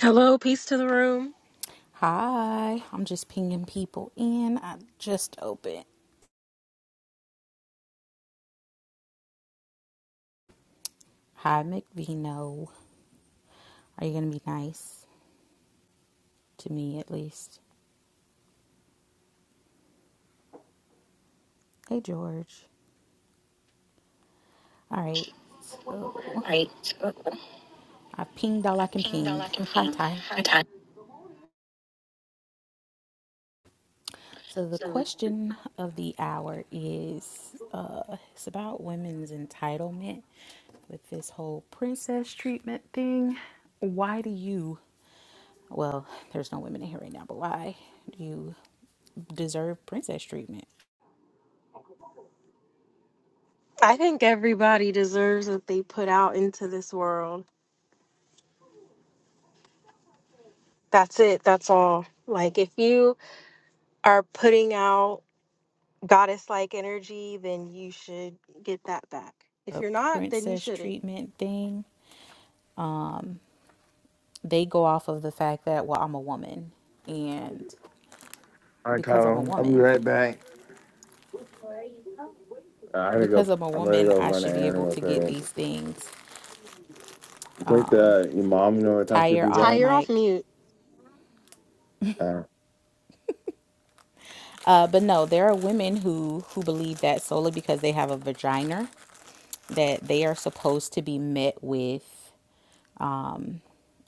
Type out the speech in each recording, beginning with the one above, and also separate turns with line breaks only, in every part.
Hello, peace to the room.
Hi, I'm just pinging people in. I just opened. Hi, McVino. Are you going to be nice to me at least? Hey, George. All right, so I've pinged all I can ping. Hi, Ty. So the question of the hour is uh, it's about women's entitlement with this whole princess treatment thing. Why do you, well, there's no women in here right now, but why do you deserve princess treatment?
I think everybody deserves what they put out into this world. That's it. That's all. Like, if you are putting out goddess like energy, then you should get that back. If
a
you're not, then you
princess
shouldn't.
treatment thing, they go off of the fact that, well, I'm a woman. And
All right,
because I'm a
Kyle. I'll be
woman,
right back. Uh, I gotta
because
go.
I'm a
I'm gonna
woman,
go
I
run
should
an
be able
errand
to get
real
these
quick.
things.
You take the your mom You know what time she'll
Tire
be
off
Ty,
back?
you're off
mic.
mute.
Uh,
Uh, but no, there are women who who believe that solely because they have a vagina that they are supposed to be met with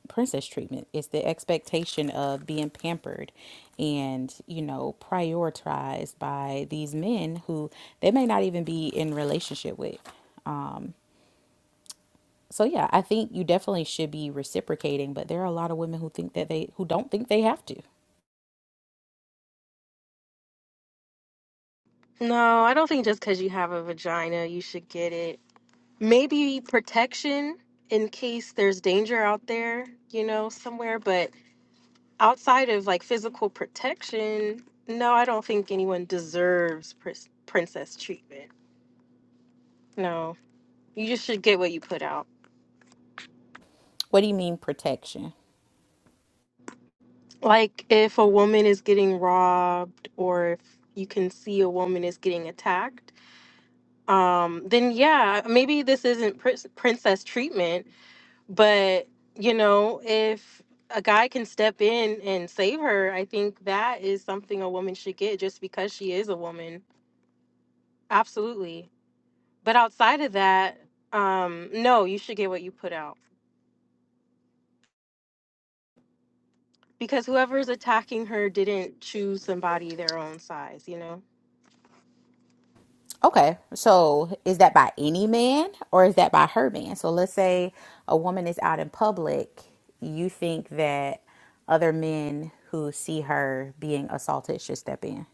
princess treatment. It's the expectation of being pampered and, you know, prioritized by these men who they may not even be in relationship with. So yeah, I think you definitely should be reciprocating, but there are a lot of women who think that they who don't think they have to.
No, I don't think just because you have a vagina, you should get it. Maybe protection in case there's danger out there, you know, somewhere, but outside of like physical protection, no, I don't think anyone deserves pr- princess treatment. No, you just should get what you put out.
What do you mean protection?
Like if a woman is getting robbed or if you can see a woman is getting attacked, um, then yeah, maybe this isn't prin- princess treatment, but you know, if a guy can step in and save her, I think that is something a woman should get just because she is a woman. Absolutely. But outside of that, um, no, you should get what you put out because whoever's attacking her didn't choose somebody their own size, you know?
Okay, so is that by any man or is that by her man? So let's say a woman is out in public, you think that other men who see her being assaulted should step in.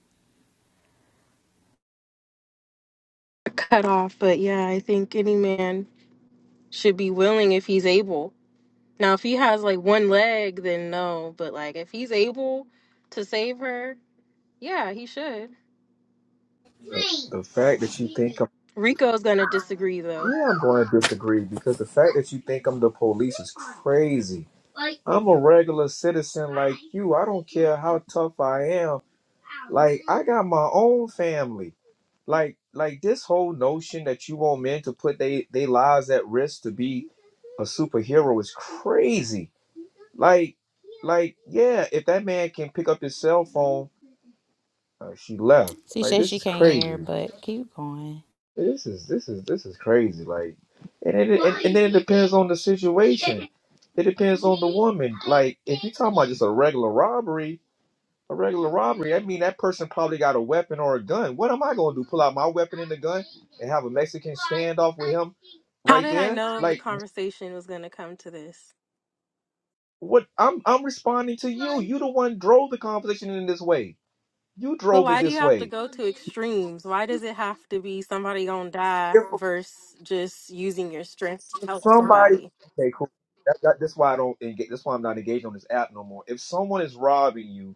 Cut off, but yeah, I think any man should be willing if he's able. Now, if he has like one leg, then no, but like if he's able to save her, yeah, he should.
The, the fact that you think I'm
Rico's gonna disagree though.
yeah, I'm going to disagree because the fact that you think I'm the police is crazy. I'm a regular citizen like you. I don't care how tough I am. Like I got my own family. Like like this whole notion that you want men to put they they lives at risk to be a superhero is crazy. Like like yeah, if that man can pick up his cell phone, uh, she left.
She
Like
says
this
she
is
can't hear,
crazy.
but keep going.
This is this is this is crazy. Like, and it, and, and then it depends on the situation. It depends on the woman. Like, if you're talking about just a regular robbery, a regular robbery, I mean that person probably got a weapon or a gun. What am I gonna do? Pull out my weapon and the gun and have a Mexican standoff with him
How
right
did I
there?
know the
Like,
conversation was gonna come to this?
what? I'm I'm responding to you. You the one drove the conversation in this way. You
But
drove it
why do you
this
have to
way.
go to extremes? Why does it have to be somebody gonna die versus just using your strength to
If
help
somebody
somebody?
Okay, cool. That, that, that's why I don't. Engage, that's why I'm not engaged on this app no more. If someone is robbing you,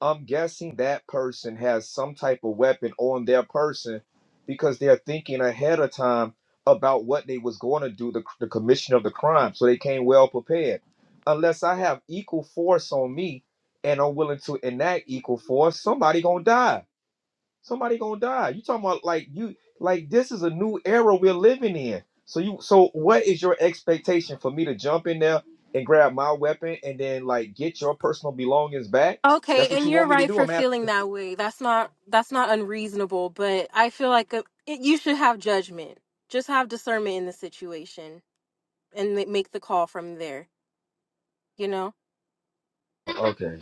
I'm guessing that person has some type of weapon on their person because they're thinking ahead of time about what they was going to do, the, the commission of the crime, so they came well prepared. Unless I have equal force on me and I'm willing to enact equal force, somebody gonna die. Somebody gonna die. You talking about like you like this is a new era we're living in. So you so what is your expectation for me to jump in there and grab my weapon and then like get your personal belongings back?
Okay,
That's what
and
you
you're
want me to
right
do?
for
I'm asking.
feeling that way. That's not that's not unreasonable, but I feel like a, it, you should have judgment. Just have discernment in the situation and ma- make the call from there. You know.
Okay.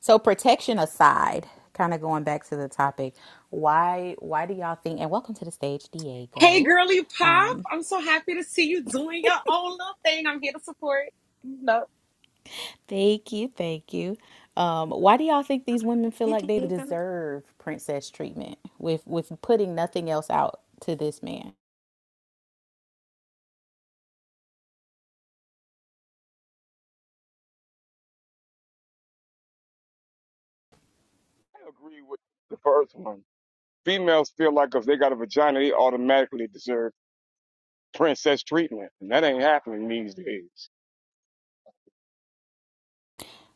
So protection aside, kind of going back to the topic, why why do y'all think? And welcome to the stage,
Hey,
Diego.
girly pop!
Um.
I'm so happy to see you doing your own little thing. I'm here to support. No,
Thank you, thank you. Um, why do y'all think these women feel
Hey,
like
do
they
you think-
deserve princess treatment with with putting nothing else out to this man?
I agree with the first one. Females feel like if they got a vagina, they automatically deserve princess treatment, and that ain't happening these days.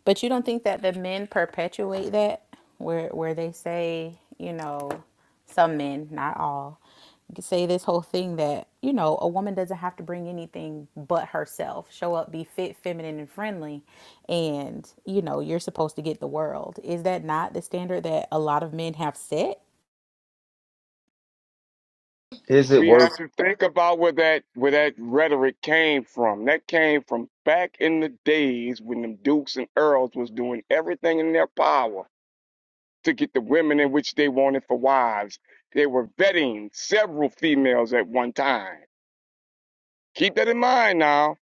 But you don't think that the men perpetuate that, where where they say, you know, some men, not all, say this whole thing that you know a woman doesn't have to bring anything but herself, show up, be fit, feminine, and friendly, and you know you're supposed to get the world. Is that not the standard that a lot of men have set?
Is it
We
work?
have to think about where that where that rhetoric came from. That came from back in the days when them dukes and earls was doing everything in their power to get the women in which they wanted for wives. They were vetting several females at one time. Keep that in mind now.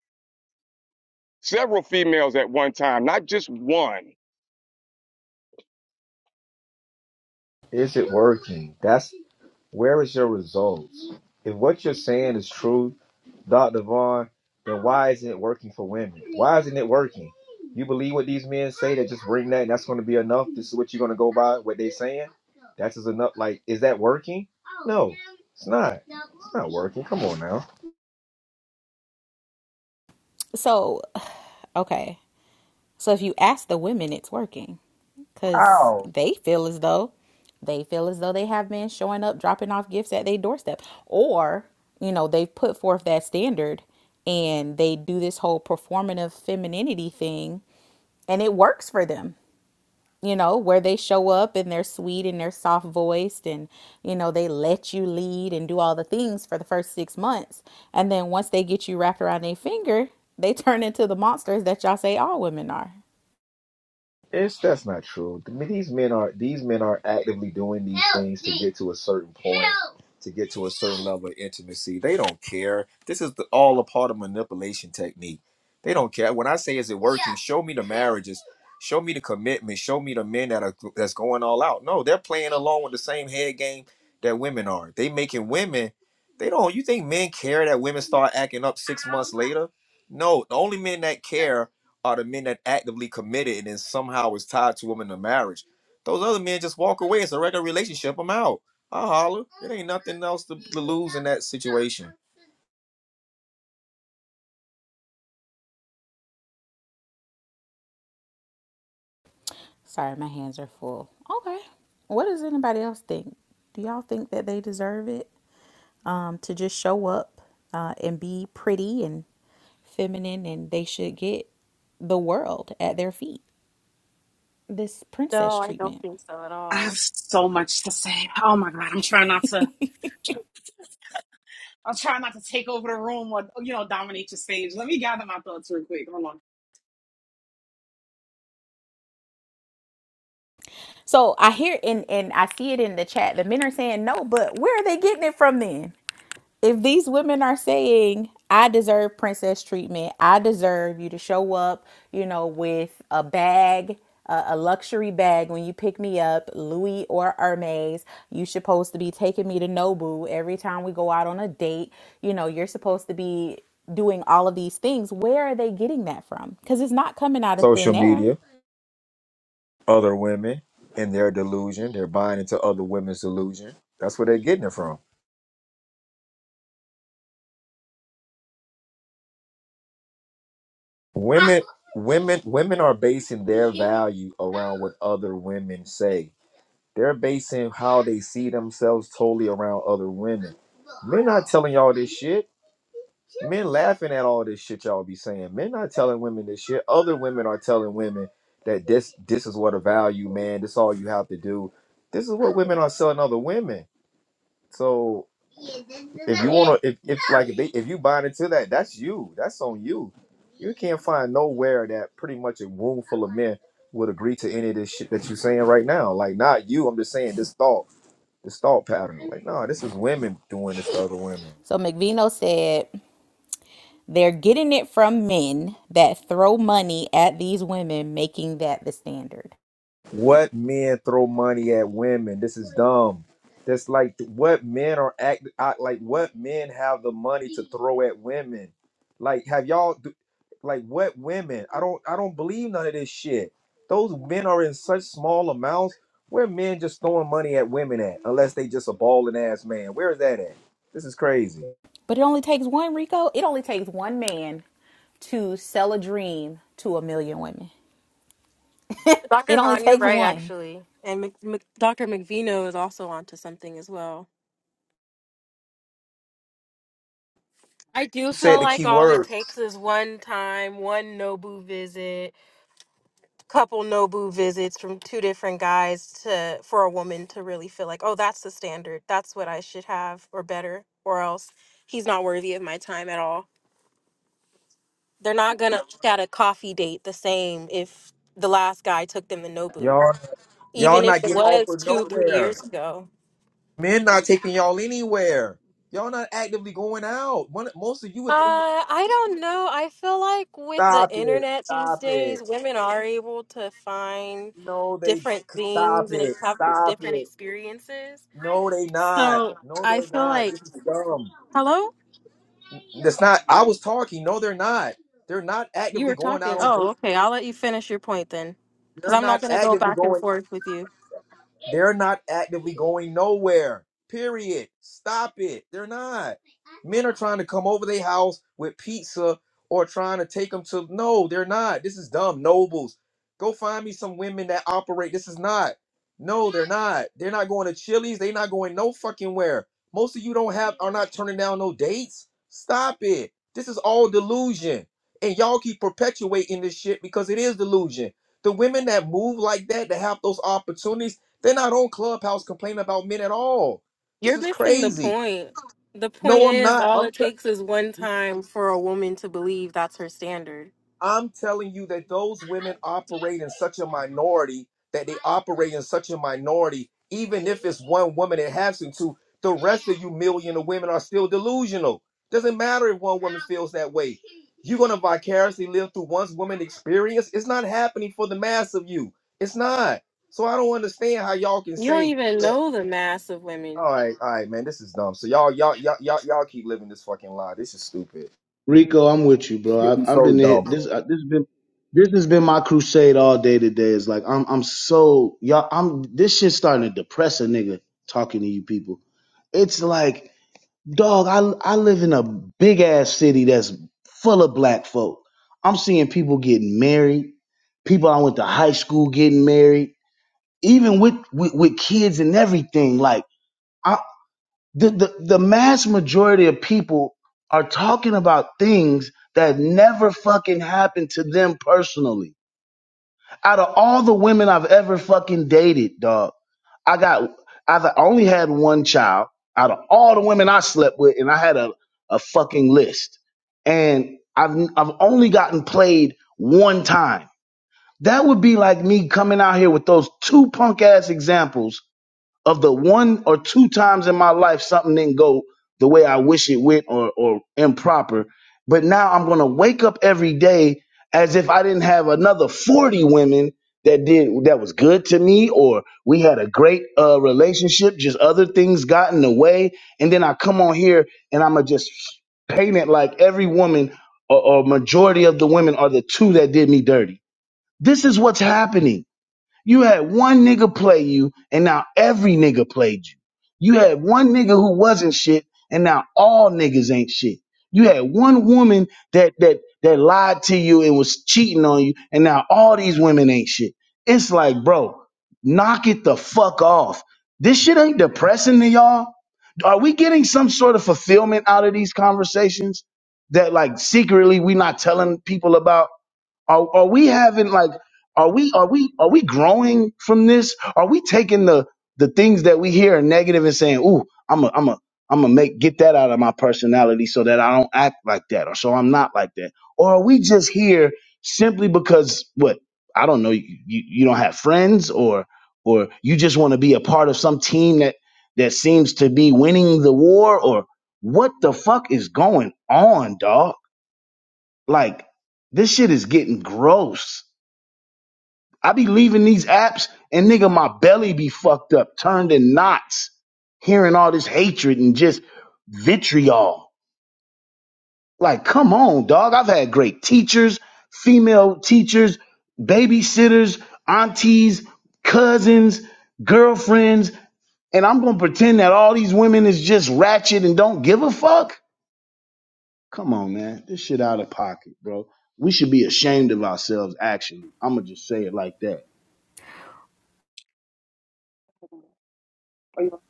Several females at one time, not just one.
Is it working? That's where is your results? If what you're saying is true, Dr. Vaughn, then why isn't it working for women? Why isn't it working? You believe what these men say that just bring that and that's gonna be enough? This is what you're gonna go by, what they are saying? That's just enough. Like, is that working? No, it's not. It's not working. Come on now.
So Okay. So if you ask the women, it's working because
Ow!
they feel as though they feel as though they have been showing up, dropping off gifts at their doorstep, or you know they've put forth that standard and they do this whole performative femininity thing, and it works for them you know, where they show up and they're sweet and they're soft voiced and, you know, they let you lead and do all the things for the first six months. And then once they get you wrapped around their finger, they turn into the monsters that y'all say all women are.
It's that's not true. The- These men are these men are actively doing these things to get to a certain point, to get to a certain level of intimacy. They don't care. This is the, all a part of manipulation technique. They don't care. When I say, "Is it working?" Show me the marriages. Show me the commitment. Show me the men that are that's going all out. No, they're playing along with the same head game that women are. They making women. They don't. You think men care that women start acting up six months later? No, the only men that care are the men that actively committed and then somehow is tied to women in marriage. Those other men just walk away. It's a regular relationship. I'm out. I holler. It ain't nothing else to, to lose in that situation.
Sorry, my hands are full. Okay. What does anybody else think? Do y'all think that they deserve it um, to just show up uh, and be pretty and feminine and they should get the world at their feet? This princess
No, I don't
treatment.
think so at
I have
all.
so much to say. Oh my god, I'm trying not to. I'm trying not to take over the room or you know dominate your stage. Let me gather my thoughts real quick. Hold on.
So I hear and and I see it in the chat. The men are saying no, but where are they getting it from then? If these women are saying, I deserve princess treatment, I deserve you to show up, you know, with a bag, a, a luxury bag when you pick me up, Louis or Hermes, you supposed to be taking me to Nobu every time we go out on a date, you know, you're supposed to be doing all of these things. Where are they getting that from? Because it's not coming out of
Social
thin air.
media, other women and their delusion. They're buying into other women's delusion. That's where they're getting it from. Women, women, women are basing their value around what other women say. They're basing how they see themselves totally around other women. We're not telling y'all this shit. Men laughing at all this shit y'all be saying. Men not telling women this shit. Other women are telling women that this this is what a value, man. This all you have to do. This is what women are selling other women. So if you wanna if, if like if, they, if you buying into that, that's you. That's on you. You can't find nowhere that pretty much a room full of men would agree to any of this shit that you're saying right now. Like not you, I'm just saying this thought, this thought pattern. Like, no, this is women doing this to other women.
So McVino said, They're getting it from men that throw money at these women, making that the standard.
What men throw money at women? This is dumb. That's like what men are act act- like. What men have the money to throw at women? Like, have y'all do- like what women? I don't. I don't believe none of this shit. Those men are in such small amounts. Where men just throwing money at women at? Unless they just a balling ass man. Where is that at? This is crazy. You
But it only takes one, Rico. It only takes one man to sell a dream to a million women.
Dr.
It only
Vaughn, you're
takes
right
one.
actually, and Mc, Mc, Dr. McVino is also onto something as well. I do
said
feel
the key
like all it
word.
takes is one time, one Nobu visit, couple Nobu visits from two different guys to for a woman to really feel like, oh, that's the standard. That's what I should have or better, or else he's not worthy of my time at all. They're not gonna look at a coffee date the same if the last guy took them to Nobu,
Y'all, y'all
even
not
if it
getting
was
offered
two, three
nowhere.
years ago.
Men not taking y'all anywhere. Y'all not actively going out. One, most of you would
Uh, I don't know. I feel like with the
stop it.
internet these
Stop it.
days, women are able to find
No, they
different
stop
things and
it.
ex- have
Stop
different
it.
experiences.
No, they not.
So
No,
I
they're
feel
not.
like,
This is dumb.
hello?
That's not. I was talking. No, they're not. They're not
You
actively
were
going
talking.
out on
Oh,
dates.
okay. I'll let you finish your point then, because
They're
I'm not
not
going to go
actively
back and
going.
forth with you.
They're not actively going nowhere. Period. Stop it. They're not. Men are trying to come over their house with pizza or trying to take them to. No, they're not. This is dumb. Nobles, go find me some women that operate. This is not. No, they're not. They're not going to Chili's. They're not going no fucking where. Most of you don't have are not turning down no dates. Stop it. This is all delusion, and y'all keep perpetuating this shit because it is delusion. The women that move like that, that have those opportunities, they're not on Clubhouse complaining about men at all. This
You're
is
missing the
crazy.
point. The point
No, I'm
is,
not.
all
I'm.
it takes is one time for a woman to believe that's her standard.
I'm telling you that those women operate in such a minority that they operate in such a minority, even if it's one woman that has to, the rest of you million of women are still delusional. Doesn't matter if one woman feels that way. You're gonna vicariously live through one woman experience. It's not happening for the mass of you. It's not. So I don't understand how y'all can
You don't
say
even
that.
know the mass of
All
women.
right, all right, man, this is dumb. So y'all, y'all, y'all, y'all, y'all keep living this fucking lie. This is stupid.
Rico, I'm with you, bro.
It'd be
I, I've
so
been
dumb, bro.
hit. This uh, this has been this has been my crusade all day today. It's like I'm I'm so y'all. I'm this shit's starting to depress a nigga talking to you people. It's like dog. I I live in a big ass city that's full of black folk. I'm seeing people getting married. People I went to high school getting married. Even with with, with kids and everything. Like I the, the, the mass majority of people are talking about things that never fucking happened to them personally. Out of all the women I've ever fucking dated, dog, I got, I've only had one child out of all the women I slept with, and I had a, a fucking list. And I've, I've only gotten played one time. That would be like me coming out here with those two punk ass examples of the one or two times in my life something didn't go the way I wish it went or, or improper. But now I'm going to wake up every day as if I didn't have another 40 women that did that was good to me or we had a great uh, relationship just other things got in the way and then i come on here and i'm gonna just paint it like every woman or, or majority of the women are the two that did me dirty this is what's happening you had one nigga play you, and now every nigga played you. You had one nigga who wasn't shit, and now all niggas ain't shit. You had one woman that that that lied to you and was cheating on you, and now all these women ain't shit. It's like, bro, knock it the fuck off. This shit ain't depressing to y'all. Are we getting some sort of fulfillment out of these conversations that like secretly we not telling people about? Are, are we having like are we are we are we growing from this? Are we taking the the things that we hear are negative and saying, "Ooh, I'm a I'm a I'm gonna make get that out of my personality so that I don't act like that or so I'm not like that." Or are we just here simply because what? I don't know, you you, you don't have friends or or you just want to be a part of some team that that seems to be winning the war or what the fuck is going on, dog? Like this shit is getting gross. I be leaving these apps and nigga, my belly be fucked up, turned in knots, hearing all this hatred and just vitriol. Like, come on, dog. I've had great teachers, female teachers, babysitters, aunties, cousins, girlfriends, and I'm gonna pretend that all these women is just ratchet and don't give a fuck. Come on, man. This shit out of pocket, bro. We should be ashamed of ourselves, actually. I'ma just say it like that.
Hold on. Are you-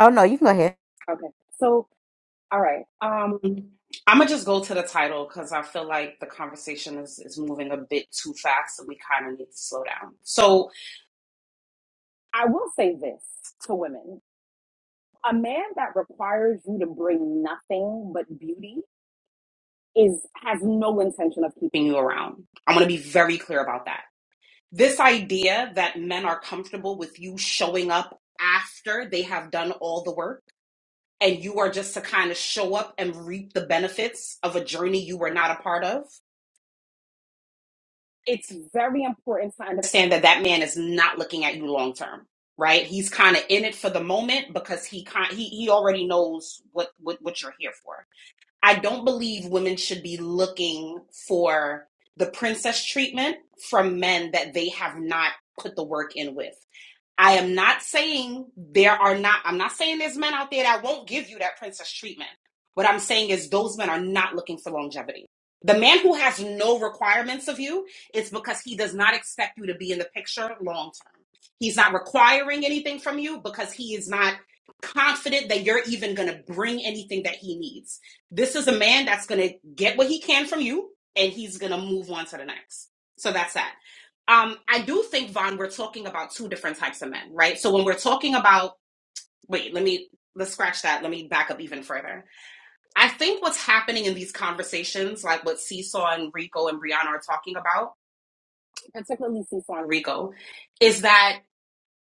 Oh, no, you can go ahead.
Okay. So, all right. Um, I'm gonna just go to the title because I feel like the conversation is is moving a bit too fast, and we kind of need to slow down. So, I will say this to women. a man that requires you to bring nothing but beauty is has no intention of keeping you around. I want to be very clear about that. This idea that men are comfortable with you showing up after they have done all the work and you are just to kind of show up and reap the benefits of a journey you were not a part of. It's very important to understand that that man is not looking at you long term, right? He's kind of in it for the moment because he kind he, he already knows what, what what you're here for. I don't believe women should be looking for the princess treatment from men that they have not put the work in with. I am not saying there are not, I'm not saying there's men out there that won't give you that princess treatment. What I'm saying is those men are not looking for longevity. The man who has no requirements of you is because he does not expect you to be in the picture long term. He's not requiring anything from you because he is not confident that you're even going to bring anything that he needs. This is a man that's going to get what he can from you and he's going to move on to the next. So that's that. Um, I do think, Vaughn, we're talking about two different types of men, right? So when we're talking about, wait, let me, let's scratch that. Let me back up even further. I think what's happening in these conversations, like what Seesaw and Rico and Brianna are talking about, particularly Seesaw and Rico, is that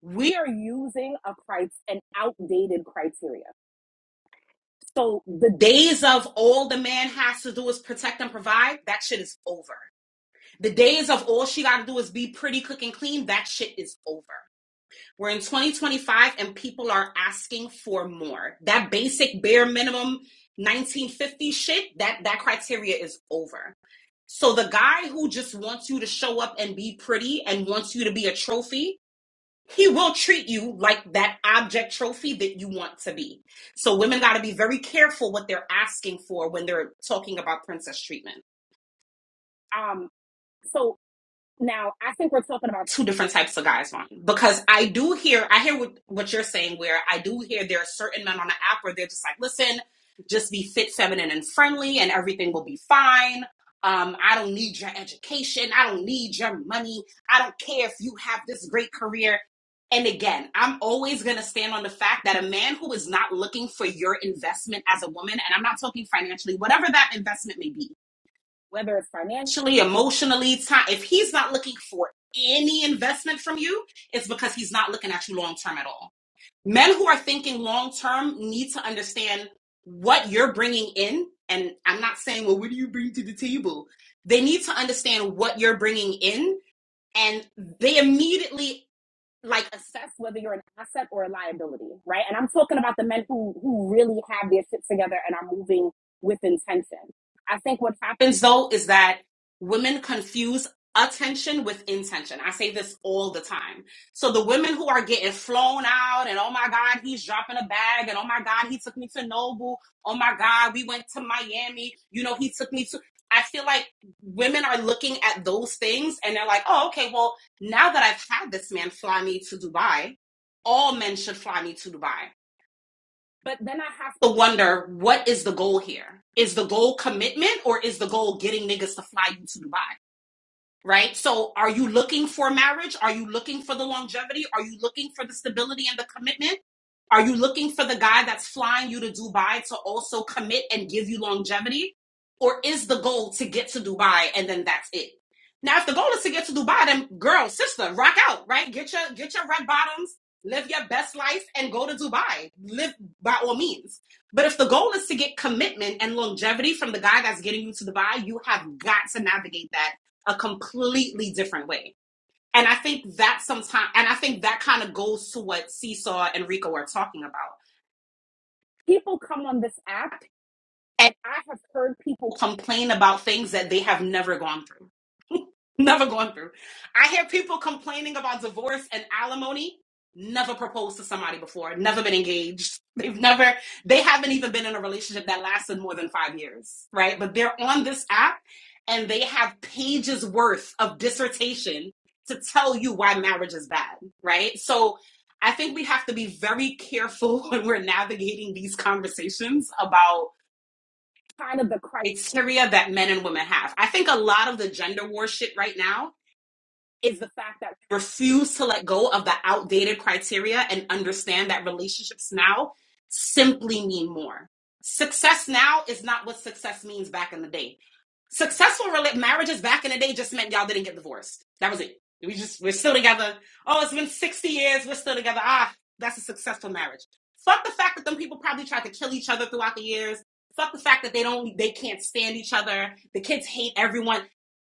we are using a cri- an outdated criteria. So the days of all the man has to do is protect and provide, that shit is over. The days of all she got to do is be pretty, cook, and clean, that shit is over. We're in 2025 and people are asking for more. That basic bare minimum 1950 shit, that that criteria is over. So the guy who just wants you to show up and be pretty and wants you to be a trophy, he will treat you like that object trophy that you want to be. So women got to be very careful what they're asking for when they're talking about princess treatment. Um. So. about two different types of guys, Vaughn, because I do hear, I hear what, what you're saying, where I do hear there are certain men on the app where they're just like, listen, just be fit, feminine, and friendly, and everything will be fine. Um, I don't need your education. I don't need your money. I don't care if you have this great career. And again, I'm always going to stand on the fact that a man who is not looking for your investment as a woman, and I'm not talking financially, whatever that investment may be, whether it's financially, emotionally, time, if he's not looking for any investment from you, it's because he's not looking at you long term at all. Men who are thinking long term need to understand what you're bringing in. And I'm not saying, well, what do you bring to the table? They need to understand what you're bringing in. And they immediately like assess whether you're an asset or a liability, right? And I'm talking about the men who who really have their shit together and are moving with intention. I think what happens though is that women confuse attention with intention. I say this all the time. So the women who are getting flown out and oh my god, he's dropping a bag and oh my god, he took me to Noble. Oh my god, we went to Miami. You know, he took me to I feel like women are looking at those things and they're like, "Oh, okay, well, now that I've had this man fly me to Dubai, all men should fly me to Dubai. But then I have to wonder what is the goal here? Is the goal commitment or is the goal getting niggas to fly you to Dubai? right? So are you looking for marriage? Are you looking for the longevity? Are you looking for the stability and the commitment? Are you looking for the guy that's flying you to Dubai to also commit and give you longevity? Or is the goal to get to Dubai and then that's it? Now, if the goal is to get to Dubai, then girl, sister, rock out, right? Get your get your red bottoms, live your best life, and go to Dubai. Live by all means. But if the goal is to get commitment and longevity from the guy that's getting you to Dubai, you have got to navigate that a completely different way. And I think that sometimes, and I think that kind of goes to what Seesaw and Rico are talking about. People come on this app and I have heard people complain about things that they have never gone through. Never gone through. I hear people complaining about divorce and alimony. Never proposed to somebody before. Never been engaged. They've never, they haven't even been in a relationship that lasted more than five years, right? But they're on this app and they have pages worth of dissertation to tell you why marriage is bad, right? So I think we have to be very careful when we're navigating these conversations about kind of the Christ. It's criteria that men and women have. I think a lot of the gender war shit right now is the fact that we refuse to let go of the outdated criteria and understand that relationships now simply mean more. Success now is not what success means back in the day. Successful rela- marriages back in the day just meant y'all didn't get divorced. That was it. We just we're still together. Oh, it's been 60 years, we're still together. Ah, that's a successful marriage. Fuck the fact that them people probably tried to kill each other throughout the years. Fuck the fact that they don't they can't stand each other. The kids hate everyone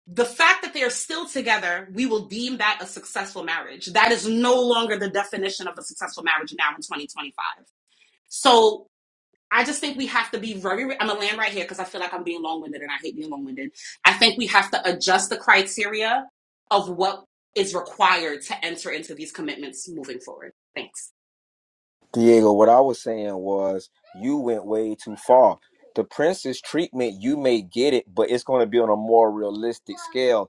the fact that they are still together, we will deem that a successful marriage. That is no longer the definition of a successful marriage now in 2025. So I just think we have to be very, I'm going to land right here because I feel like I'm being long winded and I hate being long winded. I think we have to adjust the criteria of what is required to enter into these commitments moving forward. Thanks.
Diego, what I was saying was you went way too far. The Prince's treatment, you may get it, but it's going to be on a more realistic scale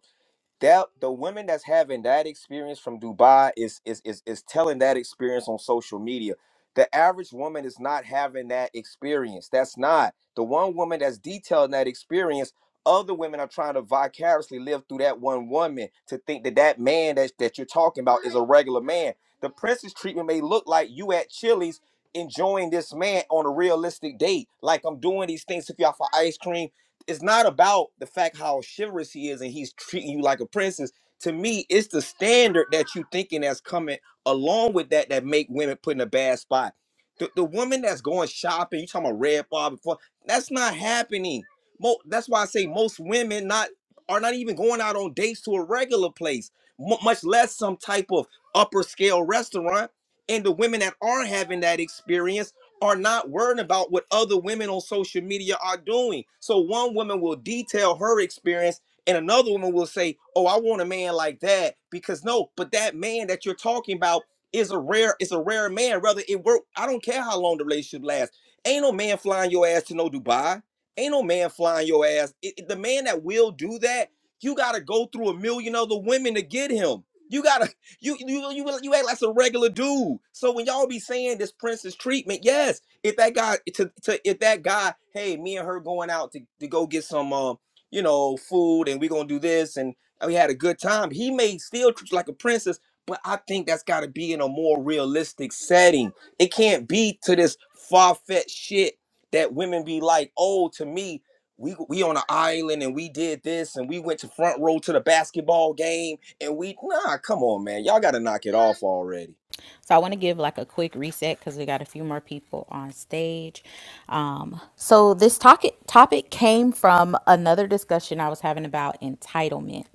that the women that's having that experience from Dubai is is is is telling that experience on social media. The average woman is not having that experience. That's not the one woman that's detailing that experience. Other women are trying to vicariously live through that one woman to think that that man that, that you're talking about is a regular man. The princess treatment may look like you at Chili's enjoying this man on a realistic date. Like I'm doing these things if y'all for ice cream it's not about the fact how chivalrous he is and he's treating you like a princess. To me, it's the standard that you thinking that's coming along with that that make women put in a bad spot. The, the woman that's going shopping, you talking about red bar before, that's not happening. Mo, that's why I say most women not are not even going out on dates to a regular place, mu much less some type of upper scale restaurant. And the women that are having that experience are not worrying about what other women on social media are doing. So one woman will detail her experience and another woman will say, "Oh, I want a man like that." Because no, but that man that you're talking about is a rare is a rare man. Rather it work. I don't care how long the relationship lasts. Ain't no man flying your ass to no Dubai. Ain't no man flying your ass. It- it- the man that will do that, you got to go through a million other women to get him. You got to you you you you act like some regular dude. So when y'all be saying this princess treatment, yes, if that guy to, to if that guy, hey, me and her going out to, to go get some um, you know, food and we gonna do this and we had a good time. He may still treat you like a princess, but I think that's gotta be in a more realistic setting. It can't be to this far-fetched shit that women be like, oh, to me, we we on an island and we did this and we went to front row to the basketball game and we nah, come on, man. Y'all gotta knock it off already.
So I want to give like a quick reset because we got a few more people on stage. Um, so this topic topic came from another discussion I was having about entitlement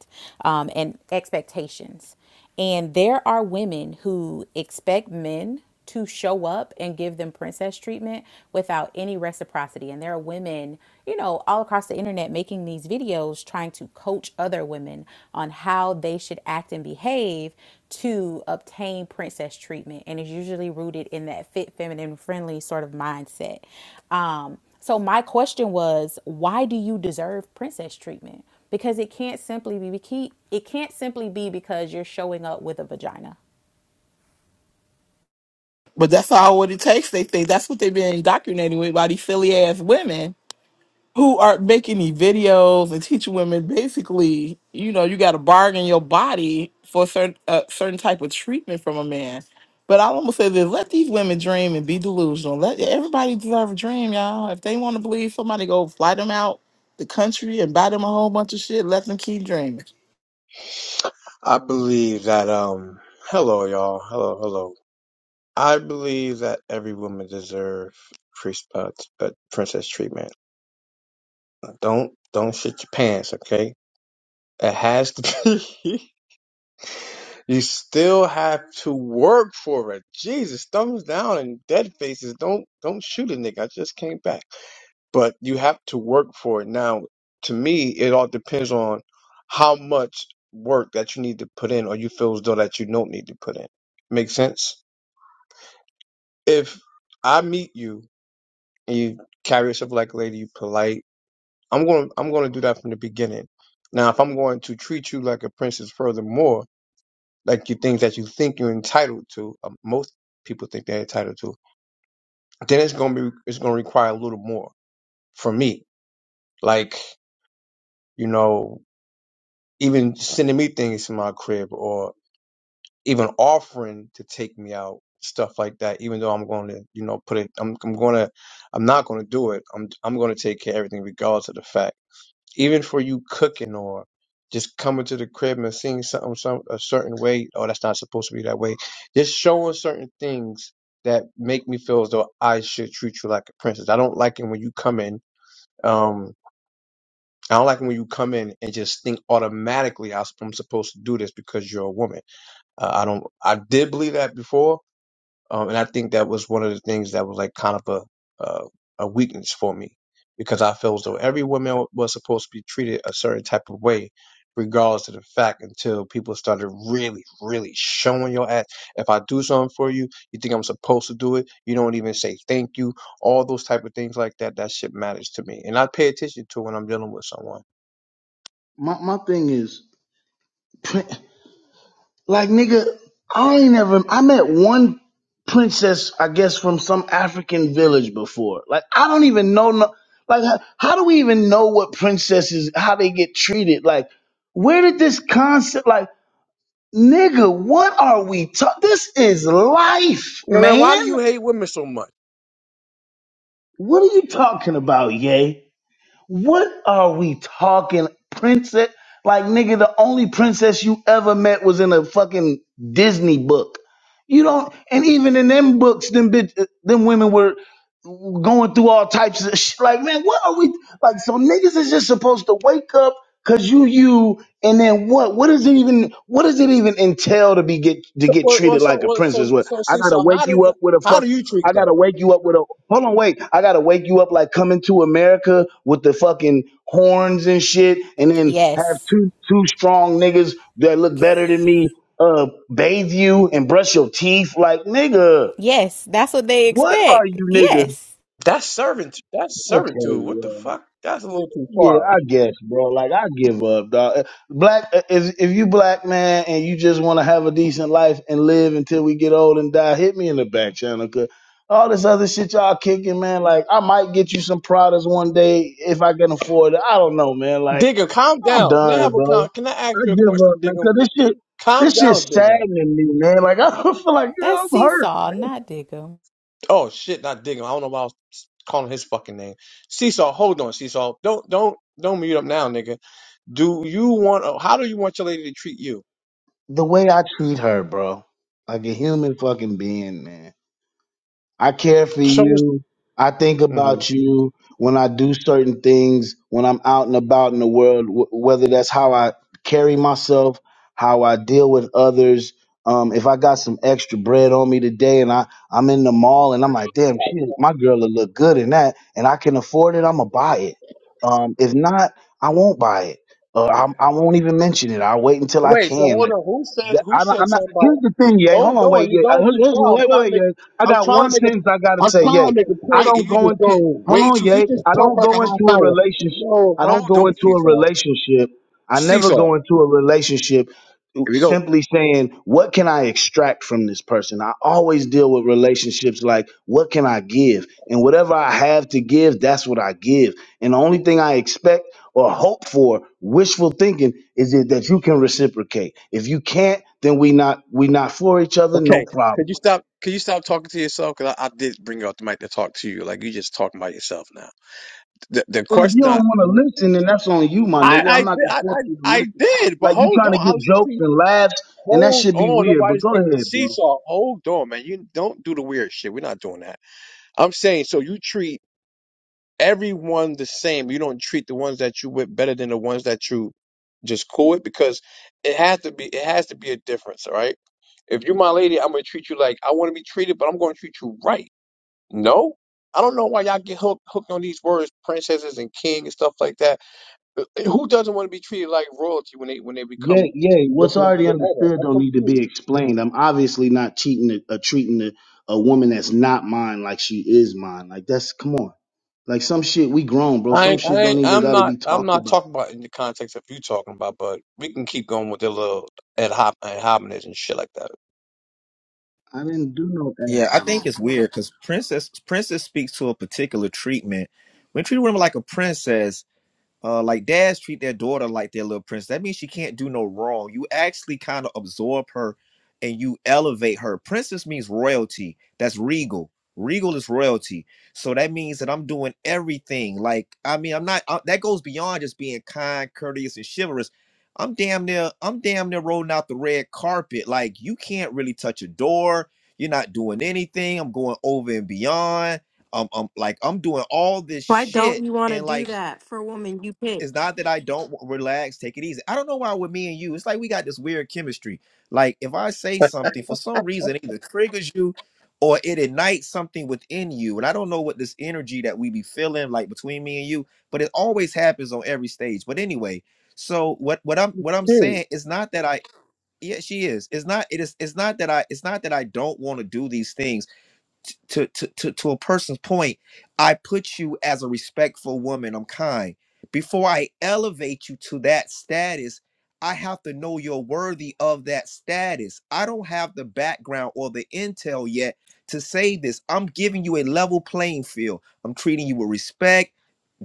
um, and expectations. And there are women who expect men to show up and give them princess treatment without any reciprocity. And there are women, you know, all across the internet making these videos trying to coach other women on how they should act and behave to obtain princess treatment. And it's usually rooted in that fit, feminine, friendly sort of mindset. Um, so my question was, why do you deserve princess treatment? Because it can't simply be it can't simply be because you're showing up with a vagina.
But that's all what it takes. They think that's what they've been indoctrinating with by these silly ass women who are making these videos and teaching women basically, you know, you got to bargain your body for a certain a certain type of treatment from a man. But I almost say this: let these women dream and be delusional. Let everybody deserve a dream, y'all. If they want to believe somebody, go fly them out the country and buy them a whole bunch of shit. Let them keep dreaming.
I believe that um hello y'all. Hello, hello. I believe that every woman deserves priest, uh, t- uh, princess treatment. Don't don't shit your pants, okay? It has to be. you still have to work for it. Jesus, thumbs down and dead faces. Don't don't shoot a nigga. I just came back. But you have to work for it. Now, to me, it all depends on how much work that you need to put in or you feel as though that you don't need to put in. Make sense? if I meet you and you carry yourself like a lady, you polite, I'm going to I'm going to do that from the beginning. Now, if I'm going to treat you like a princess, furthermore, like you things that you think you're entitled to, uh, most people think they're entitled to, then it's going to be it's going to require a little more from me. Like you know, even sending me things from my crib, or. even offering to take me out, stuff like that, even though I'm going to, you know, put it, I'm, I'm going to, I'm not going to do it. I'm, I'm going to take care of everything regardless of the fact. Even for you cooking or just coming to the crib and seeing something some, a certain way, oh, that's not supposed to be that way. Just showing certain things that make me feel as though I should treat you like a princess. I don't like it when you come in, um, I don't like it when you come in and just think automatically I- am supposed to do this because you're a woman. Uh, I don't. I did believe that before, um, and I think that was one of the things that was like kind of a, uh, a weakness for me because I feel as though every woman was supposed to be treated a certain type of way, regardless of the fact, until people started really, really showing your ass. If I do something for you, you think I'm supposed to do it. You don't even say thank you. All those type of things like that. That shit matters to me, and I pay attention to when I'm dealing with someone.
My my thing is like nigga, I ain't ever I met one princess, I guess, from some African village before. Like I don't even know no like how, how do we even know what princesses how they get treated? Like, where did this concept like nigga, what are we talking? This is life,
You know, man, why
man.
do you hate women so much?
What are you talking about, yay? What are we talking, princess? Like, nigga, the only princess you ever met was in a fucking Disney book. You don't, and even in them books, them bitch, them women were going through all types of shit. Like, man, what are we like? So niggas is just supposed to wake up because you you, and then what? What does it even? What does it even entail to be get to
So,
get
well, well,
treated
so,
like a
well, so,
princess? What
so,
I
see,
gotta
so
wake
how
you
does
up with a
how
fucking
do you treat
I
them?
gotta wake you up with a hold on, wait. I gotta wake you up like coming to America with the fucking horns and shit, and then have
Yes.
two two strong niggas that look better than me uh bathe you and brush your teeth. Like, nigga,
Yes, that's what they
what are
expect.
you niggas?
Yes,
That's servant. That's servitude. What the
Okay,
fuck? That's a little too
Yeah,
far.
I guess, bro. Like I give up, dog. Black, uh, if if you black man and you just want to have a decent life and live until we get old and die, hit me in the back channel, cause all this other shit y'all kicking, man. Like I might get you some products one day if I can afford it. I don't know, man. Like
Digger, calm
I'm
down. Can I
done,
have a
bro.
con- Can I ask
I
you a
give up,
question,
man.
digger?
Cause this shit,
Calm
this shit
down, digger.
saddening me, man. Like I feel like yeah,
that's
I'm hurt.
seesaw, not Diggum.
Oh shit, not digger. I don't know why I was calling his fucking name. Seesaw, hold on, Seesaw. Don't don't don't mute up now, nigga. Do you want? oh, How do you want your lady to treat you?
The way I treat her, bro, like a human fucking being, man. I care for
Show us.
you. I think about you when I do certain things, when I'm out and about in the world, w- whether that's how I carry myself, how I deal with others. Um, if I got some extra bread on me today and I, I'm in the mall and I'm like, damn, she, my girl will look good in that and I can afford it, I'm going to buy it. Um, if not, I won't buy it. Uh, I, I won't even mention it. I'll wait until I
Wait, so
can. like.
hold on. Who said
That-
who
I don't,
said
I'm not.
something about
Here's the thing, yay. Hold
hold
on, wait,
on, you're
yay. Uh,
going
here-
too
Here's,
far. I'm
wait, wait,
trying to
wait,
make
yay. I
I'm
got
trying
one
to make a
sentence I gotta
I'm
say,
trying to
yay.
make a
I
point and
don't
you
go
just
into.
go
Hold
way
on,
too you
yay.
just
I
talk
don't
like a
go
half
into a
hour.
relationship.
No,
I don't
hold
go
on,
into a
Seesaw.
relationship. I never
Seesaw.
go into a relationship
Here we go.
simply saying, "What can I extract from this person?" I always deal with relationships like, "What can I give?" And whatever I have to give, that's what I give. And the only thing I expect or hope for, wishful thinking, is that that you can reciprocate. If you can't, then we not we not for each other, no
Okay, could
problem.
you stop? Could you stop talking to yourself? Because I, I did bring you out the mic to talk to you. Like you just talking about yourself now. The the
Well, if you
question
don't
I
want to listen, then that's on you, my
I
nigga.
I
I'm
did-
not gonna
I,
force
I,
you to
I
listen.
did, but
Like you
hold
trying
on.
to
I
get
was
jokes and laughs, and that
hold
should be
on.
weird. But
Nobody's
go
getting
ahead, bro.
seesaw. Hold on, man. You don't do the weird shit. We're not doing that. I'm saying so. You treat everyone the same. You don't treat the ones that you with better than the ones that you just cool with because it has to be. It has to be a difference, all right? If you're my lady, I'm gonna treat you like I want to be treated, but I'm gonna treat you right. No, I don't know why y'all get hooked hooked on these words, princesses and king and stuff like that. Uh, uh, Who doesn't want to be treated like royalty when they when they become
Yay, yay.
your
What's already
significant other?
understood
I'm
don't need to be
confused.
explained. I'm obviously not cheating a, uh treating a, a woman that's not mine like she is mine. Like that's come on. Like some shit we grown, bro.
I
Some
ain't-
shit
I
don't
ain't-
even
I'm
gotta
not
be
I'm
talked
not
about.
talking about in the context of you talking about, but we can keep going with the little ad hoc ad homonyms and shit like that.
I didn't do no ad
Yeah, I think
hominem.
it's weird because princess princess speaks to a particular treatment. We treat women like a princess, uh like dads treat their daughter like their little princess that means she can't do no wrong you actually kind of absorb her and you elevate her princess means royalty that's regal regal is royalty so that means that i'm doing everything like i mean i'm not uh, that goes beyond just being kind courteous and chivalrous i'm damn near i'm damn near rolling out the red carpet like you can't really touch a door you're not doing anything i'm going over and beyond um, i'm like i'm doing all this
Why
shit
don't you want to
and
do
like
that for a woman you
it's
picked?
not that I don't wa- relax, take it easy. I don't know why with me and you, it's like we got this weird chemistry. Like if I say something for some reason, it either triggers you or it ignites something within you. And I don't know what this energy that we be feeling like between me and you, but it always happens on every stage. But anyway, so what what I'm what I'm
Period.
saying is not that I yeah, she is. It's not it is it's not that I it's not that I don't want to do these things to, to to to a person's point i put you as a respectful woman i'm kind before i elevate you to that status i have to know you're worthy of that status i don't have the background or the intel yet to say this i'm giving you a level playing field i'm treating you with respect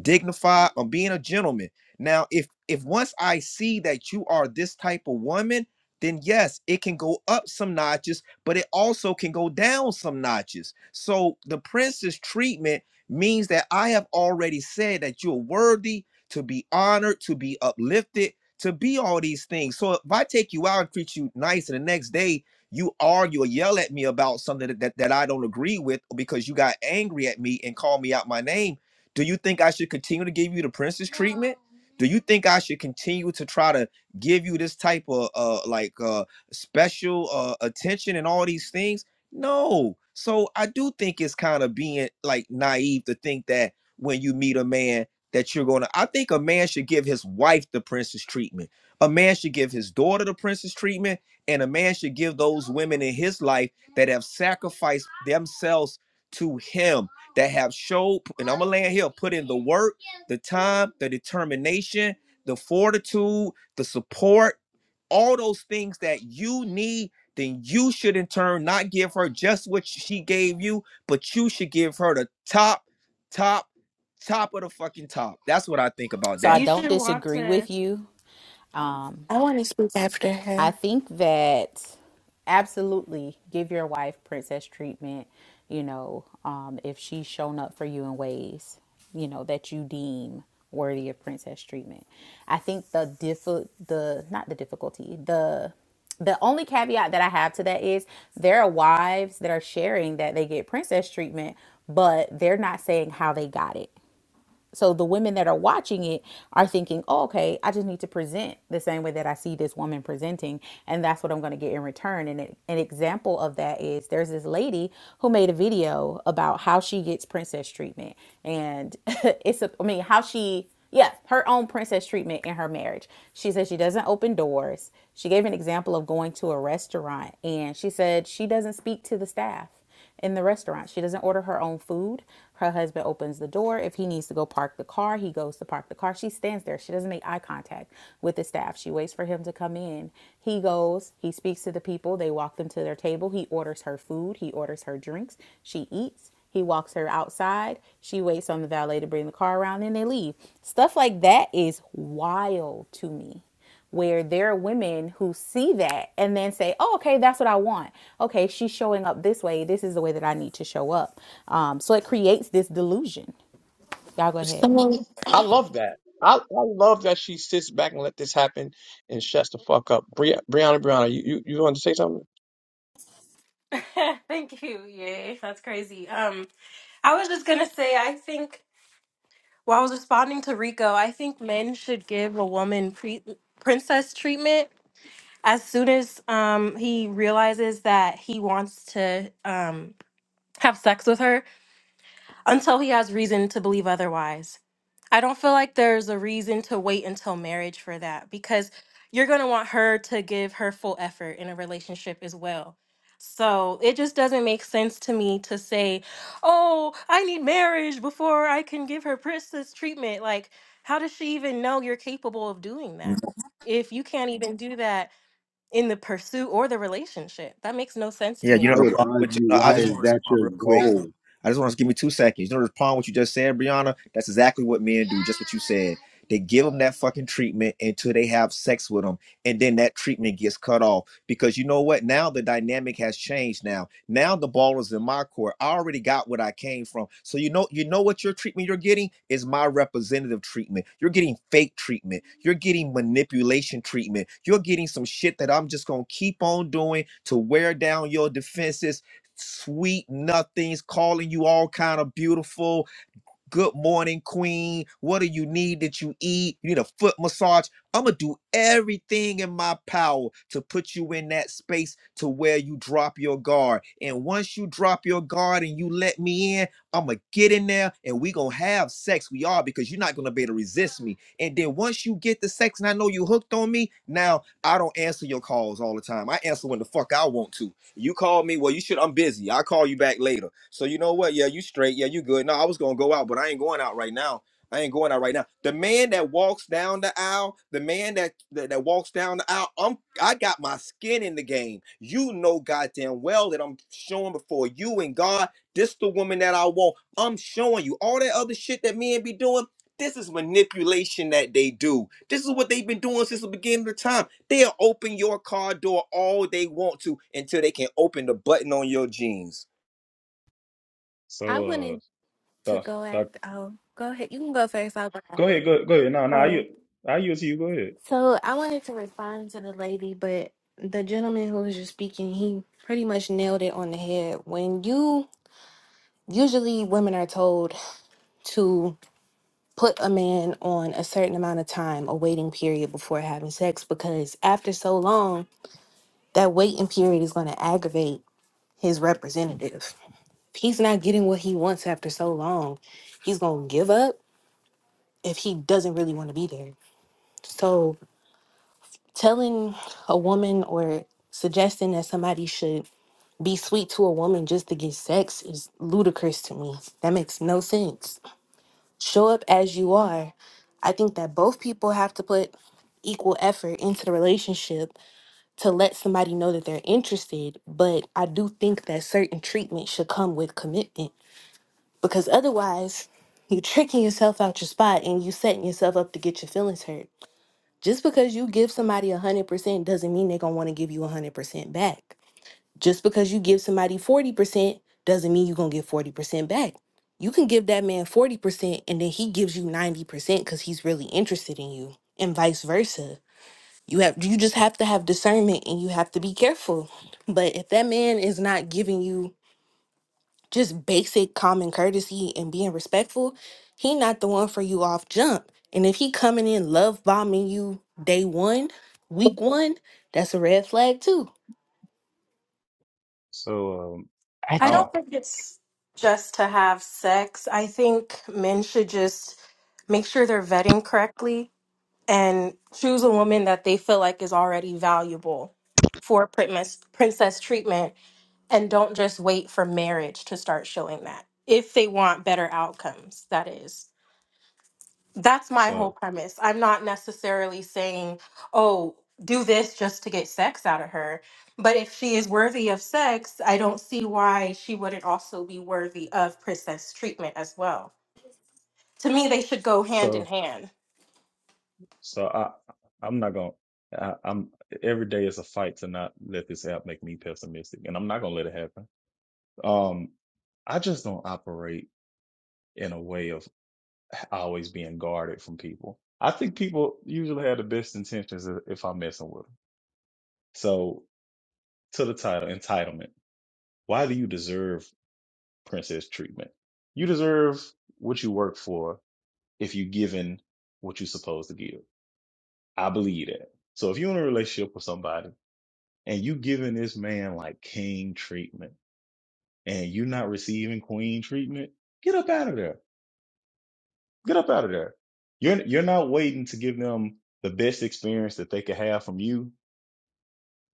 dignified or being a gentleman now if if once i see that you are this type of woman then yes it can go up some notches but it also can go down some notches so the prince's treatment means that i have already said that you're worthy to be honored to be uplifted to be all these things so if i take you out and treat you nice and the next day you argue or yell at me about something that, that, that i don't agree with because you got angry at me and called me out my name do you think I should continue to give you the princess treatment? Do you think I should continue to try to give you this type of uh like uh special uh attention and all these things? No. So I do think it's kind of being like naive to think that when you meet a man that you're going to I think a man should give his wife the princess treatment. A man should give his daughter the princess treatment and a man should give those women in his life that have sacrificed themselves to him that have showed, and I'm gonna land here, put in the work, the time, the determination, the fortitude, the support, all those things that you need, then you should in turn not give her just what she gave you, but you should give her the top, top, top of the fucking top. That's what I think about
So I
You
that.
don't
should want
disagree
to.
with you. Um,
I want to speak after
I
her.
think that absolutely give your wife princess treatment, you know, um, if she's shown up for you in ways, you know, that you deem worthy of princess treatment. I think the diff the not the difficulty, the the only caveat that I have to that is there are wives that are sharing that they get princess treatment, but they're not saying how they got it so the women that are watching it are thinking, oh, okay, I just need to present the same way that I see this woman presenting, and that's what I'm going to get in return. And it, an example of that is there's this lady who made a video about how she gets princess treatment, and it's a, I mean how she yeah, her own princess treatment in her marriage. She said she doesn't open doors. She gave an example of going to a restaurant and she said she doesn't speak to the staff in the restaurant. She doesn't order her own food. Her husband opens the door. If he needs to go park the car, he goes to park the car. She stands there. She doesn't make eye contact with the staff. She waits for him to come in. He goes, he speaks to the people. They walk them to their table. He orders her food. He orders her drinks. She eats. He walks her outside. She waits on the valet to bring the car around. and they leave. Stuff like that is wild to me where there are women who see that and then say, oh, okay, that's what I want. Okay, she's showing up this way. This is the way that I need to show up. Um, so it creates this delusion. Y'all go ahead.
Someone
I love that. I, I love that she sits back and let this happen and shuts the fuck up. Bri- Brianna, Brianna, you, you you want to say something?
Thank you. Yay, that's crazy. Um, I was just gonna say, I think while I was responding to Rico, I think men should give a woman pre- princess treatment as soon as um he realizes that he wants to um have sex with her. until he has reason to believe otherwise. I don't feel like there's a reason to wait until marriage for that because you're going to want her to give her full effort in a relationship as well. So it just doesn't make sense to me to say, oh, I need marriage before I can give her princess treatment. Like, how does she even know you're capable of doing that if you can't even do that in the pursuit or the relationship? That makes no sense to
Yeah, you
me.
know
I
the
would
problem with
argue
no, I
why
just want
is
to
that
respond
your
real quick.
goal?
I just want to give me two seconds. You know the problem with what you just said, Brianna? That's exactly what men do. Just what you said. They give them that fucking treatment until they have sex with them, and then that treatment gets cut off because you know what? Now the dynamic has changed. Now, now the ball is in my court. I already got what I came from. So you know, you know what your treatment you're getting is my representative treatment. You're getting fake treatment. You're getting manipulation treatment. You're getting some shit that I'm just gonna keep on doing to wear down your defenses. Sweet nothings, calling you all kind of beautiful, Good morning, queen. What do you need that you eat? You need a foot massage. I'm going to do everything in my power to put you in that space to where you drop your guard. And once you drop your guard and you let me in, I'm going to get in there and we going to have sex. We are because you're not going to be able to resist me. And then once you get the sex and I know you hooked on me, now I don't answer your calls all the time. I answer when the fuck I want to. You called me. Well, you should. I'm busy. I'll call you back later. So you know what? Yeah, you straight. Yeah, you good. No, I was gonna go out, but I ain't going out right now. I ain't going out right now. The man that walks down the aisle, the man that that, that walks down the aisle, I'm I got my skin in the game. You know goddamn well that I'm showing before you and God. This the woman that I want. I'm showing you all that other shit that men be doing. This is manipulation that they do. This is what they've been doing since the beginning of time. They'll open your car door all they want to until they can open the button on your jeans.
I
So, uh,
wanted to
doc,
go
doc,
after. Oh, go ahead. You can go first. I'll go
go
after.
ahead, go, go ahead. No, no, I, yield-
Oh,
I yield to you. Go ahead.
so I wanted to respond to the lady, but the gentleman who was just speaking, he pretty much nailed it on the head. When you usually women are told to put a man on a certain amount of time, a waiting period before having sex, because after so long, that waiting period is going to aggravate his representative. he's not getting what he wants after so long, he's going to give up if he doesn't really want to be there. So, telling a woman or suggesting that somebody should be sweet to a woman just to get sex is ludicrous to me. That makes no sense. Show up as you are. I think that both people have to put equal effort into the relationship to let somebody know that they're interested, but I do think that certain treatment should come with commitment because otherwise you're tricking yourself out your spot and you setting yourself up to get your feelings hurt just because you give somebody 100% doesn't mean they're going to want to give you 100% back just because you give somebody 40% doesn't mean you're going to get 40% back you can give that man 40% and then he gives you 90% because he's really interested in you and vice versa you have you just have to have discernment and you have to be careful but if that man is not giving you just basic common courtesy and being respectful, he not the one for you off jump. And if he coming in love bombing you day one, week one, that's a red flag too.
So, um,
I
I
I,
don't
think
think it's just to have sex. I think men should just make sure they're vetting correctly and choose a woman that they feel like is already valuable for princess princess treatment and don't just wait for marriage to start showing that. If they want better outcomes, that is. That's my whole
so,
premise. I'm not necessarily saying, oh, do this just to get sex out of her. But if she is worthy of sex, I don't see why she wouldn't also be worthy of princess treatment as well. To me, they should go hand in
so,
hand.
so I, I'm not gonna. I, I'm every day is a fight to not let this app make me pessimistic, and I'm not gonna let it happen. Um, I just don't operate in a way of always being guarded from people. I think people usually have the best intentions if if I'm messing with them. So, to the title, entitlement. Why do you deserve? princess treatment. You deserve what you work for if you are given what you're supposed to give. I believe that. So if you're in a relationship with somebody and you giving this man like king treatment and you're not receiving queen treatment, get up out of there. Get up out of there. You're you're not waiting to give them the best experience that they could have from you.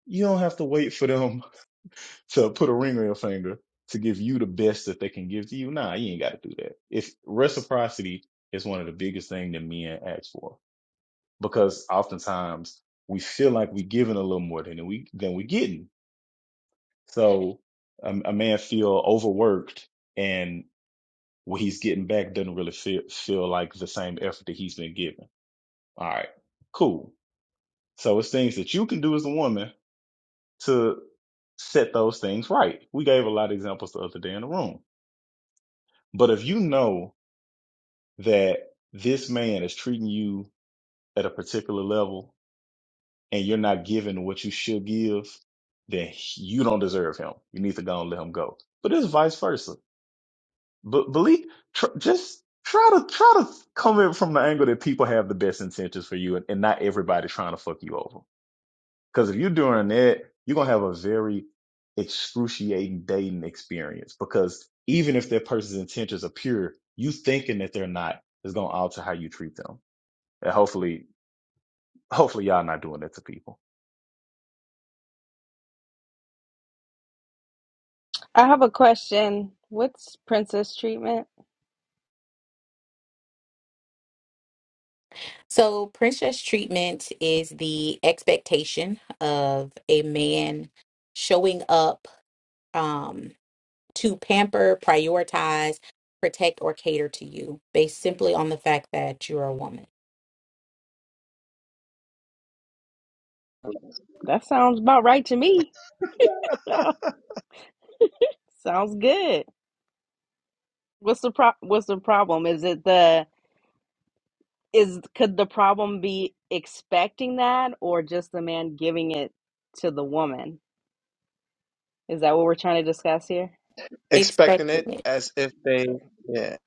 You don't have to wait for them to put a ring on your finger to give you the best that they can give to you. Nah, you ain't got to do that. It's reciprocity is one of the biggest things that men ask for because oftentimes we feel like we're giving a little more than we than we getting. So um, a man feel overworked and what he's getting back doesn't really feel feel like the same effort that he's been given. All right, cool. So it's things that you can do as a woman to set those things right. We gave a lot of examples the other day in the room But if you know that this man is treating you at a particular level and you're not giving what you should give, then you don't deserve him. You need to go and let him go. But it's vice versa. But believe, tr- just try to try to come in from the angle that people have the best intentions for you, and, and not everybody trying to fuck you over. Because if you're doing that, you're gonna have a very excruciating dating experience. Because even if that person's intentions are pure, you thinking that they're not is gonna alter how you treat them. And hopefully, hopefully y'all not doing that to people.
I have a question. What's princess treatment?
So, princess treatment is the expectation of a man showing up um, to pamper, prioritize, protect, or cater to you based simply on the fact that you're a woman.
That sounds about right to me. sounds good. What's the pro- what's the problem? Is it the is could the problem be expecting that or just the man giving it to the woman? Is that what we're trying to discuss here?
Expecting it
Expected.
as if they yeah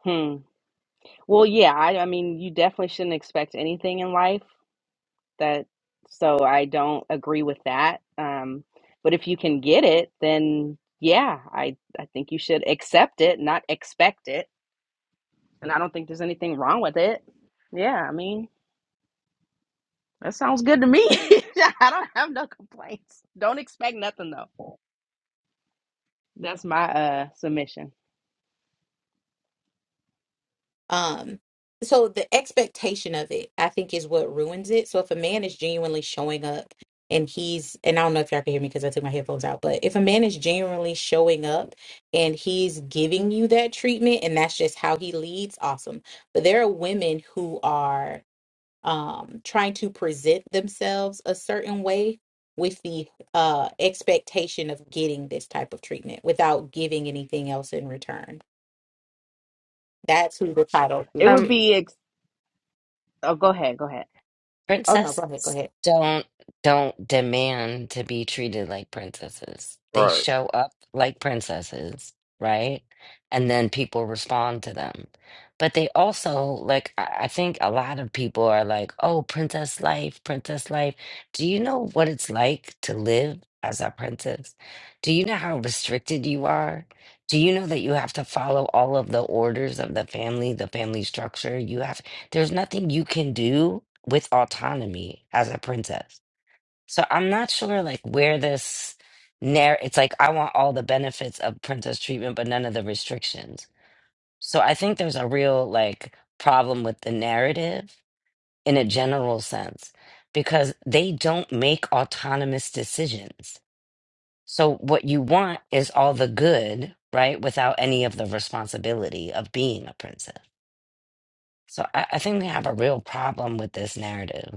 Hmm. Well, yeah, I, I mean, you definitely shouldn't expect anything in life. that so I don't agree with that. Um, but if you can get it, then yeah, I I think you should accept it, not expect it. And I don't think there's anything wrong with it. Yeah, I mean, that sounds good to me. I don't have no complaints. Don't expect nothing though. That's my uh submission.
Um, so the expectation of it, I think, is what ruins it. So if a man is genuinely showing up and he's, and I don't know if y'all can hear me because I took my headphones out, but if a man is genuinely showing up and he's giving you that treatment and that's just how he leads, awesome. But there are women who are um trying to present themselves a certain way with the uh expectation of getting this type of treatment without giving anything else in return. That's who the title is
It
here
would
um
to.
be ex- oh, go ahead, go ahead.
Oh no, go ahead, go
princesses
ahead.
don't don't demand to be treated like princesses. They
right.
show up like princesses, right? And then people respond to them. But they also like I I think a lot of people are like, "Oh, princess life, princess life." Do you know what it's like to live as a princess? Do you know how restricted you are? Do you know that you have to follow all of the orders of the family, the family structure? You have There's nothing you can do with autonomy as a princess. So I'm not sure like where this narr it's like I want all the benefits of princess treatment but none of the restrictions. So I think there's a real like problem with the narrative in a general sense because they don't make autonomous decisions. So what you want is all the good, right, without any of the responsibility of being a princess. So I, I think we have a real problem with this narrative.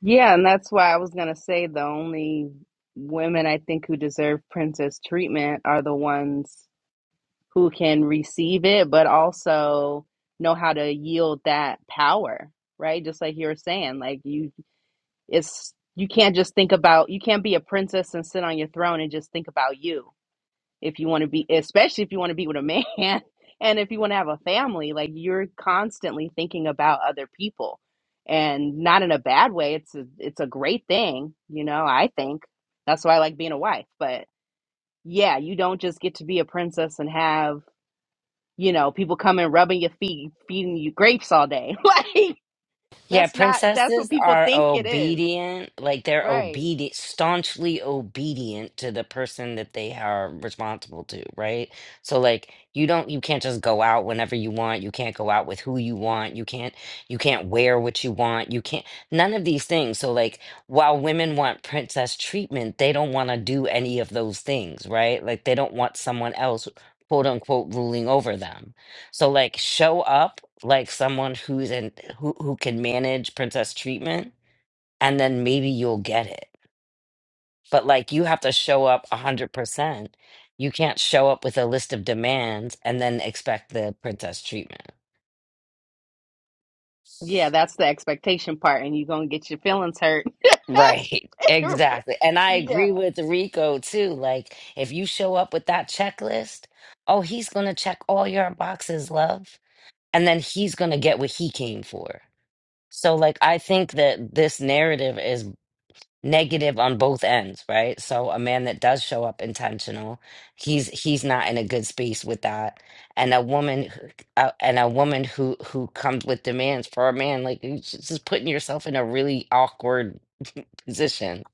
Yeah, and that's why I was gonna say the only women I think who deserve princess treatment are the ones who can receive it, but also know how to yield that power, right? Just like you were saying, like you, it's you can't just think about you can't be a princess and sit on your throne and just think about you if you want to be, especially if you want to be with a man and if you want to have a family, like you're constantly thinking about other people and not in a bad way it's a, it's a great thing you know i think that's why i like being a wife but yeah you don't just get to be a princess and have you know, people coming rubbing your feet, feeding you grapes all day. like
Yeah,
that's not that's what
princesses
people
are
think it is.
obedient, like they're
Right.
obedient, staunchly obedient to the person that they are responsible to, right? So like you don't you can't just go out whenever you want, you can't go out with who you want, you can't you can't wear what you want, you can't none of these things. So like while women want princess treatment, they don't want to do any of those things, right? Like they don't want someone else quote unquote ruling over them. So like show up like someone who's in who who can manage princess treatment and then maybe you'll get it but like you have to show up 100% you can't show up with a list of demands and then expect the princess treatment
Yeah, that's the expectation part and you're going to get your feelings hurt.
right exactly and i
yeah.
agree with rico too like if you show up with that checklist oh he's gonna check all your boxes love and then he's gonna get what he came for so like i think that this narrative is negative on both ends, right? So a man that does show up intentional, he's he's not in a good space with that. And a woman who- uh, and a woman who who comes with demands for a man, like you're just putting yourself in a really awkward position.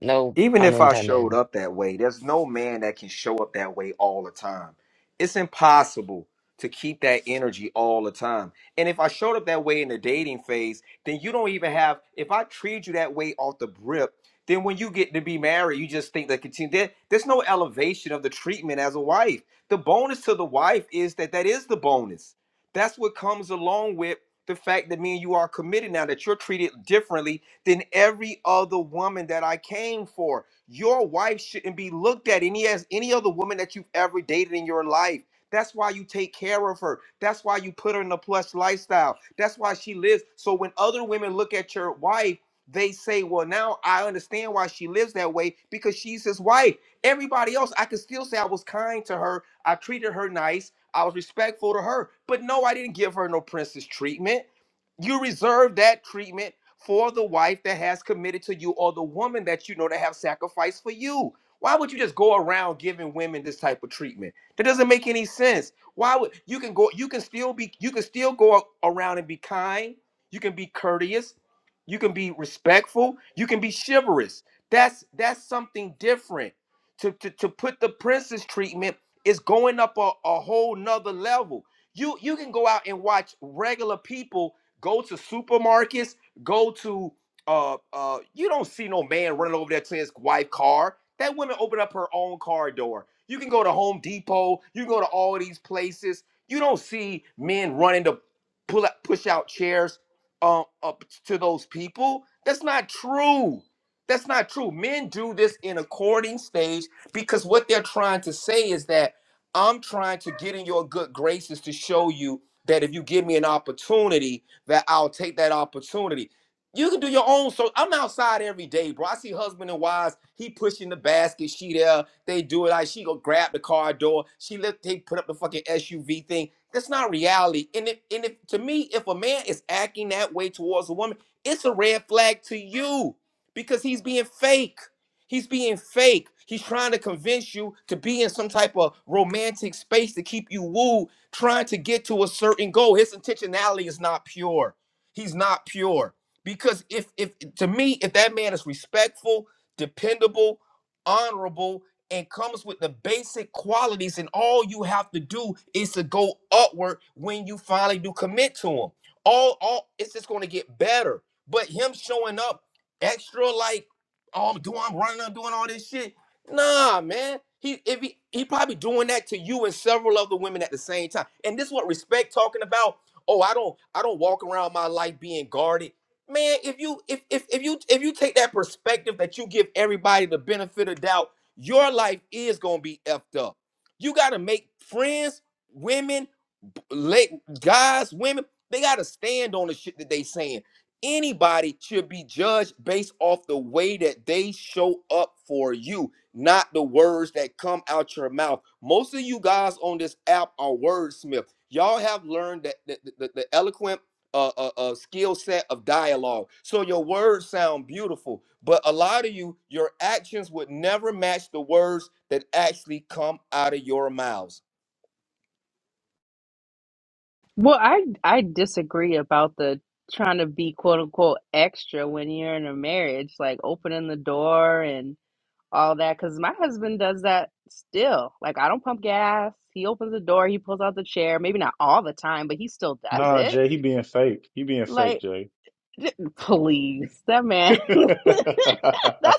No
even
pun
if I showed
intended.
up that way, there's no man that can show up that way all the time. It's impossible to keep that energy all the time. And if I showed up that way in the dating phase, then you don't even have, if I treat you that way off the rip, then when you get to be married, you just think that continue. There, there's no elevation of the treatment as a wife. The bonus to the wife is that that is the bonus. That's what comes along with the fact that me and you are committed now, that you're treated differently than every other woman that I came for. Your wife shouldn't be looked at any as any other woman that you've ever dated in your life. That's why you take care of her. That's why you put her in a plush lifestyle. That's why she lives. So when other women look at your wife, they say, Well, now I understand why she lives that way because she's his wife. Everybody else, I could still say I was kind to her. I treated her nice. I was respectful to her. But no, I didn't give her no princess treatment. You reserve that treatment for the wife that has committed to you or the woman that you know that have sacrificed for you. Why would you just go around giving women this type of treatment? That doesn't make any sense. Why would you can go you can still be you can still go around and be kind, you can be courteous, you can be respectful, you can be chivalrous. That's that's something different. To to, to put the princess treatment is going up a, a whole nother level. You you can go out and watch regular people go to supermarkets Go to uh uh you don't see no man running over there to his wife car. That woman opened up her own car door. You can go to Home Depot, you can go to all these places. You don't see men running to pull up push out chairs um up to those people. That's not true. That's not true. Men do this in a courting stage because what they're trying to say is that I'm trying to get in your good graces to show you that if you give me an opportunity, that I'll take that opportunity. You can do your own. So I'm outside every day, bro. I see husband and wives. He pushing the basket. She there. They do it. Like she go grab the car door. She lift. They put up the fucking SUV thing. That's not reality. And if and if to me, if a man is acting that way towards a woman, it's a red flag to you because he's being fake. He's being fake. He's trying to convince you to be in some type of romantic space to keep you wooed, trying to get to a certain goal. His intentionality is not pure. He's not pure. Because if if to me, if that man is respectful, dependable, honorable, and comes with the basic qualities, and all you have to do is to go upward when you finally do commit to him. All all it's just gonna get better. But him showing up extra like, oh I'm doing I'm running, I'm doing all this shit. Nah, man. He if he he probably doing that to you and several other women at the same time. And this is what respect talking about. Oh, I don't I don't walk around my life being guarded man if you if if if you if you take that perspective that you give everybody the benefit of doubt your life is gonna be effed up you gotta make friends women let guys, women, they gotta stand on the shit that they saying. Anybody should be judged based off the way that they show up for you, not the words that come out your mouth. Most of you guys on this app are wordsmith. Y'all have learned that the, the, the eloquent uh, uh, uh, skill set of dialogue. So your words sound beautiful, but a lot of you, your actions would never match the words that actually come out of your mouths.
Well, I I disagree about the trying to be quote unquote extra when you're in a marriage, like opening the door and all that cuz my husband does that still. Like I don't pump gas. He opens the door, he pulls out the chair, maybe not all the time, but he still does
Nah,
it.
Jay, he being fake. He being fake,
Like
Jay.
Please, that man. That's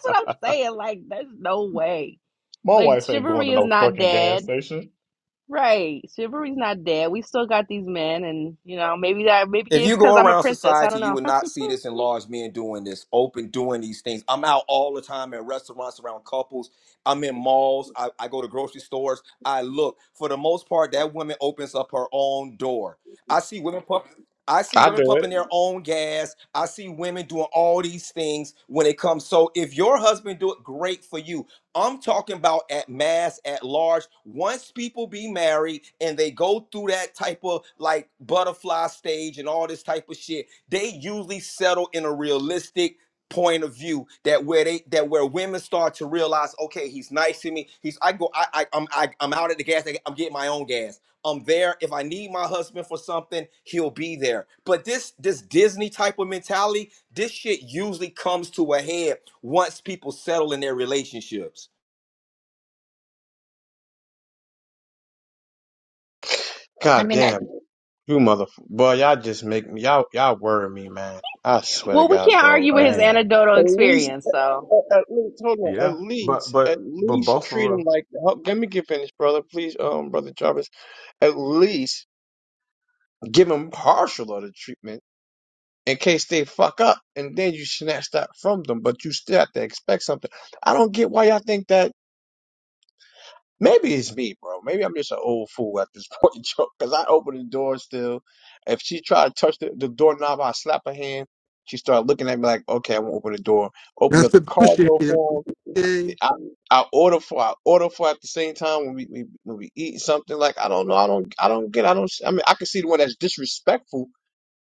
what I'm saying. Like, there's no way.
My
Like,
wife ain't going
chivalry
to
is
no
not
fucking gas
dead.
station.
Right. Chivalry's not dead. We still got these men, and, you know, maybe that, maybe
If
it's
you
because
go
I'm a
around
princess. I
society,
don't
you
know.
would not see this in large men doing this, open doing these things. I'm out all the time at restaurants around couples. I'm in malls. I, I go to grocery stores. I look. For the most part, that woman opens up her own door. I see women pump. I see
I do
women
it.
pumping their own gas. I see women doing all these things when it comes. So if your husband do it, great for you. I'm talking about at mass, at large. Once people be married and they go through that type of like butterfly stage and all this type of shit, they usually settle in a realistic point of view that where they that where women start to realize, okay, he's nice to me. He's I go I, I I'm I, I'm out at the gas. I'm getting my own gas. I'm there. If I need my husband for something, he'll be there. But this this Disney type of mentality, this shit usually comes to a head once people settle in their relationships.
I I.
God
mean, I
damn. You motherfucker. Boy, y'all just make me, y'all, y'all worry me, man. I swear to
Well, we
God,
can't
bro.
argue with
Like,
his
Man,
anecdotal
at least,
experience, so.
at, at least, hold on. At
yeah, but
least,
but
at
but
least
both of
treat him
them,
like, help. let me get finished, brother. Please, um, brother Jarvis. At least give him partial of the treatment in case they fuck up and then you snatch that from them, but you still have to expect something. I don't get why y'all think that. Maybe it's me, bro. Maybe I'm just an old fool at this point, Joe. Because I open the door still. If she tried to touch the, the doorknob, I slap her hand. She started looking at me like, "Okay, I won't open the door." Open
That's
up
the
the car
bullshit.
door for him.
Okay.
I, I order for I order for at the same time when we, we when we eat something. Like I don't know, I don't I don't get I don't I mean I can see the one that's disrespectful.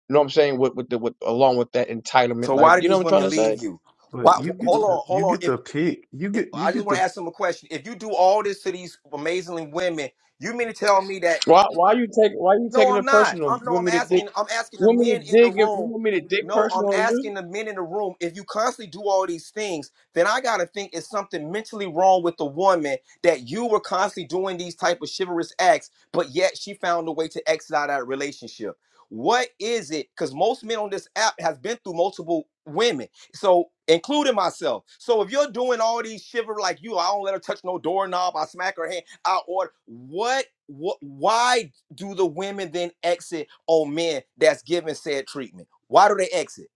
You know what I'm saying? With with the with along with that entitlement,
So
like
why
you
do
know
these
what I'm trying
women
to say.
leave you? Why,
but you get
hold
to
on,
you
hold on.
get
If,
to pick. You
if
get you
I just
get
want
to
to ask them a question, if you do all this to these amazing women, you mean to tell me that?
Why why you take why you
No,
taking
I'm
it
not.
personal?
I'm
You
no,
want
I'm
me to dig?
asking. I'm asking
You
the
want me to
men in the
dig? If you
room.
want me to dig
No, I'm
personal on you?
asking the men in the room. If you constantly do all these things, then I gotta think it's something mentally wrong with the woman that you were constantly doing these type of chivalrous acts, but yet she found a way to exit out of that relationship. What is it? Because most men on this app has been through multiple women, so including myself. So if you're doing all these shiver like you, I don't let her touch no doorknob. I smack her hand. I order. What? What? Why do the women then exit on men that's given said treatment? Why do they exit?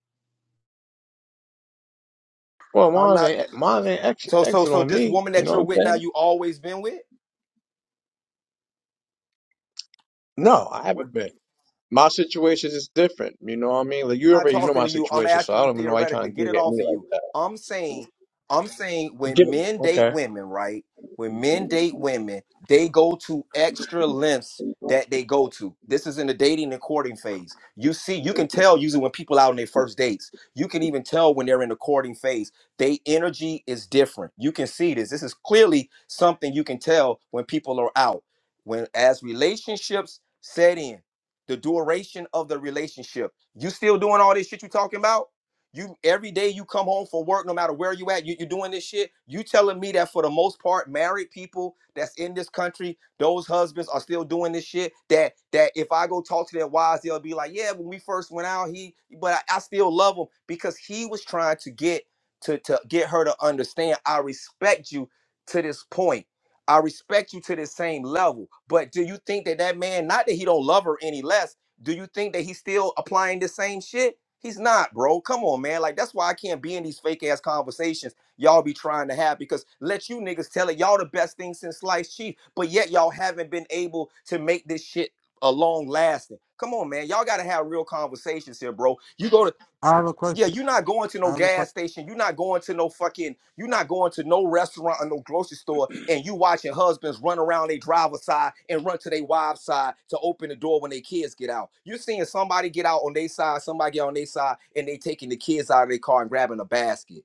Well,
I'm
mine's
not
ain't mine's ain't ex
so so
exit
so
on
this
me.
woman
You
that
know what
you're
I'm
with now
saying?
you always been with?
No, I
what?
haven't been. My situation is different. You know what I mean? Like you
not
already know
talking
my
to you. I'm
situation, so
asking
I
you
don't even know why you're trying
theoretically.
to
Get
dig
it
at
off
me
of
like
you.
that.
I'm saying, I'm saying
Get
when
it?
men
Okay.
date women, right? When men date women, they go to extra lengths that they go to. This is in the dating and courting phase. You see, you can tell usually when people out on their first dates. You can even tell when they're in the courting phase. They energy is different. You can see this. This is clearly something you can tell when people are out. When as relationships set in, the duration of the relationship. You still doing all this shit you talking about? You every day you come home from work, no matter where you at, you, you doing this shit. You telling me that for the most part, married people that's in this country, those husbands are still doing this shit. That that if I go talk to their wives, they'll be like, Yeah, when we first went out, he but I, I still love him because he was trying to get to to get her to understand I respect you to this point. I respect you to the same level. But do you think that that man, not that he don't love her any less, do you think that he's still applying the same shit? He's not, bro. Come on, man. Like that's why I can't be in these fake ass conversations y'all be trying to have because let you niggas tell it y'all the best thing since sliced cheese, but yet y'all haven't been able to make this shit a long lasting. Come on, man. Y'all gotta have real conversations here, bro. You go to
I have a question.
yeah, you're not going to
I
no
have a question.
gas station. You're not going to no fucking. You're not going to no restaurant or no grocery store, and you watching husbands run around their driver's side and run to their wives' side to open the door when their kids get out. You're seeing somebody get out on their side, somebody get on their side, and they taking the kids out of their car and grabbing a basket.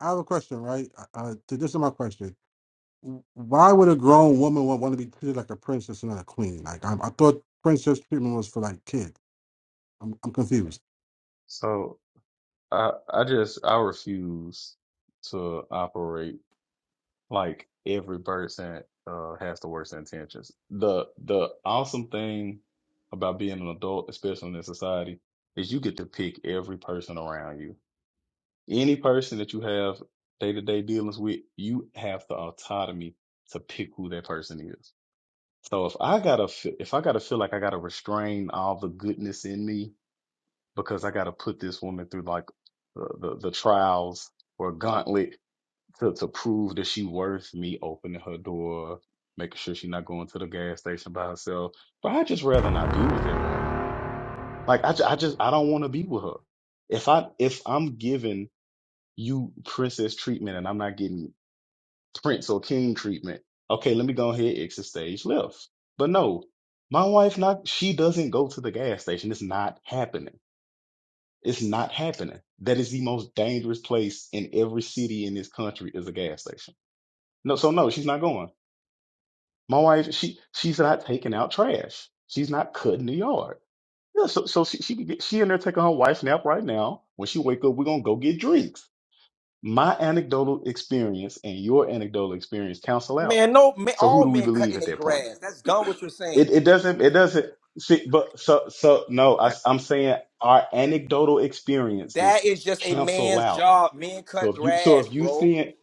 I have a question, right? Uh, to, this is my question. Why would a grown woman want, want to be treated like a princess and not a queen? Like, I, I thought princess treatment was for like kids. I'm, I'm confused.
so. I I just I refuse to operate like every person uh has the worst intentions. The the awesome thing about being an adult, especially in this society, is you get to pick every person around you. Any person that you have day to day dealings with, you have the autonomy to pick who that person is. So if I gotta fe- if I gotta feel like I gotta restrain all the goodness in me because I got to put this woman through like the, the, the trials or gauntlet to, to prove that she worth me opening her door, making sure she's not going to the gas station by herself. But I just rather not be with that woman. Like I, ju- I just I don't want to be with her. If I if I'm giving you princess treatment and I'm not getting prince or king treatment, okay, let me go ahead and exit stage left. But no, my wife not she doesn't go to the gas station. It's not happening it's not happening. That is the most dangerous place in every city in this country is a gas station. No, so no, she's not going. My wife, she she's not taking out trash. She's not cutting the yard. Yeah, so so she she, could get- she in there taking her wife's nap right now. When she wake up, we're gonna go get drinks. My anecdotal experience and your anecdotal experience cancel out.
Man, no, man,
So who
all
do we
men
believe
cutting
at
their
that point?
grass. That's done. What you're
It
saying.
it doesn't it doesn't see but so so no,
I,
I, I'm saying our anecdotal
That
experiences
is just a
cancel
man's
out
job. Men
So
cut
if you, so
grass,
if you
bro.
see it,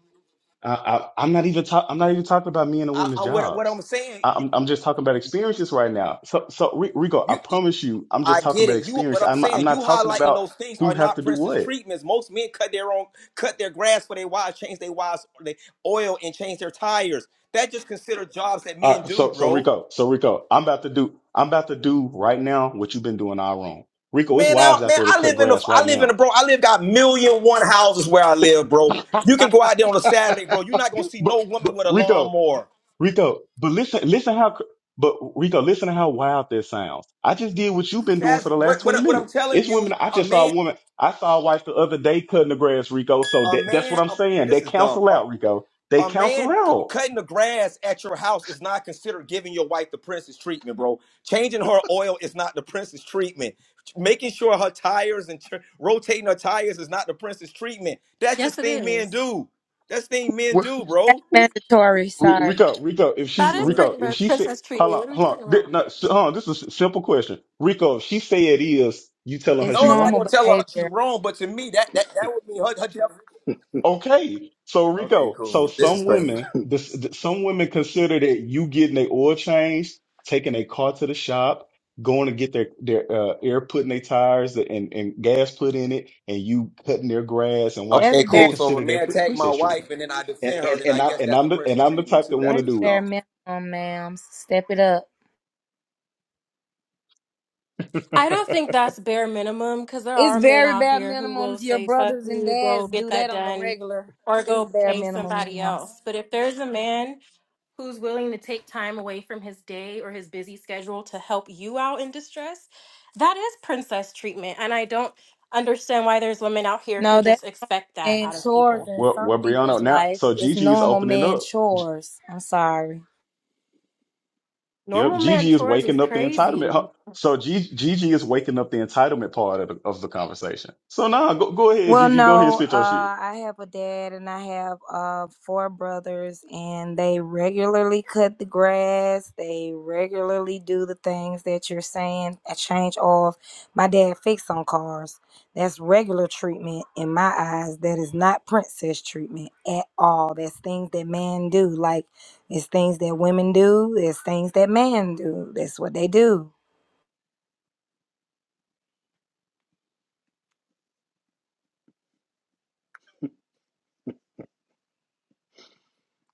I, I, I'm not even talk, I'm not even talking about men and
I,
women's
I what what
jobs.
I'm saying.
I,
You
I'm, I'm just talking about experiences right now. So, so Ri- Rico, I
you.
promise you, I'm
I
just talking
get
about
it. You, but
experience.
I'm
I'm, I'm
saying
not
you
talking
highlighting
about
those things
who
are
have
not
to do
Prince's
what.
treatments. Most men cut their own, cut their grass for their wives, change their wives, they oil and change their tires. That just considered jobs that
All
men
right,
do,
so, so
bro.
Rico, so Rico, I'm about to do, I'm about to do right now what you've been doing all wrong. Rico, it's
Man,
wives
out,
out
man.
there to
I
cut
live in a,
grass
I
right
live in a,
now.
bro. I live got million one houses where I live, bro.
but,
You can go out there on a Saturday, bro. You're not gonna see
but
no woman with a
Rico,
lawnmower.
Rico, but listen, listen how, but Rico, listen to how wild this sounds. I just did what you've been doing for
That's
the
what,
last 20
what, what I'm
minutes.
telling
It's
you.
women. I
A
just saw
man,
a woman. I saw a wife the other day cutting the grass, Rico. So
a
that, that's what
man.
I'm
A,
saying. They
this is dumb.
counsel out, Rico. They
a
counsel
man c-
out.
cutting the grass at your house is not considered giving your wife the princess treatment, bro. Changing her oil is not the princess treatment. Making sure her tires and tr- rotating her tires is not the princess treatment. That's
Yes,
just
it
thing men
is.
do. That's thing men
Well,
do,
That's
bro.
mandatory.
Ri-
Sorry,
Rico, Rico, if
That
she's
is
yeah,
Rico, if
prin-
she said,
princess
hold
treatment.
on,
What are we
hold
talking
on, Thi-
about?
no, s- hold on, this is a s- simple question. Rico, if she say it is, you telling her
it's
she
No, I'm not
normal
wrong?
gonna tell her she's
behavior.
wrong, but to me, that that that would mean her. her jeff-
Okay, so
okay,
Rico, so
cool. This is
some
crazy.
women, this th- some women consider that you getting their oil changed, taking a car to the shop, going to get their their uh, air put in their tires and and gas put in it, and you cutting their grass and watch.
That's
Okay,
They
bare.
cool. So if a
consider their
man
pre-
attacked my
princess treatment,
wife and then I
and
defend her,
and
then I
and I
guess
and
that's the
I'm the and
princess
I'm the
treatment
type that
too.
want
That's
to
That's
just
do it.
bare
dumb.
minimum, ma'am. Step it up.
I don't think that's bare minimum because there
It's
are men
very
out
bare
here who will
minimums. Your
say, fuck
brothers and
you, go
dads
get
do
that
that on the
done,
regular.
or
It's
go
bare
pay
minimum,
somebody
ma'am.
else. But if there's a man who's willing to take time away from his day or his busy schedule to help you out in distress. That is princess treatment. And I don't understand why there's women out here who
No, that's
just expect that
man
out of
chores
people.
in
Well,
some
well, Brianna,
people's
now
life.
so
It's
Gigi is
normal
opening
man
up.
chores. I'm sorry.
Yep,
Normal man
Gigi is
chores is
waking up the entitlement.
crazy.
huh? So G- Gigi is waking up the entitlement part of the, of the conversation. So now nah, go go ahead,
Well,
Gigi. Go ahead,
no,
spit
uh,
your shit.
I have a dad and I have uh, four brothers, and they regularly cut the grass. They regularly do the things that you're saying, a change of. My dad fixed on cars. That's regular treatment in my eyes. That is not princess treatment at all. That's things that men do. Like, it's things that women do, it's things that men do. That's what they do.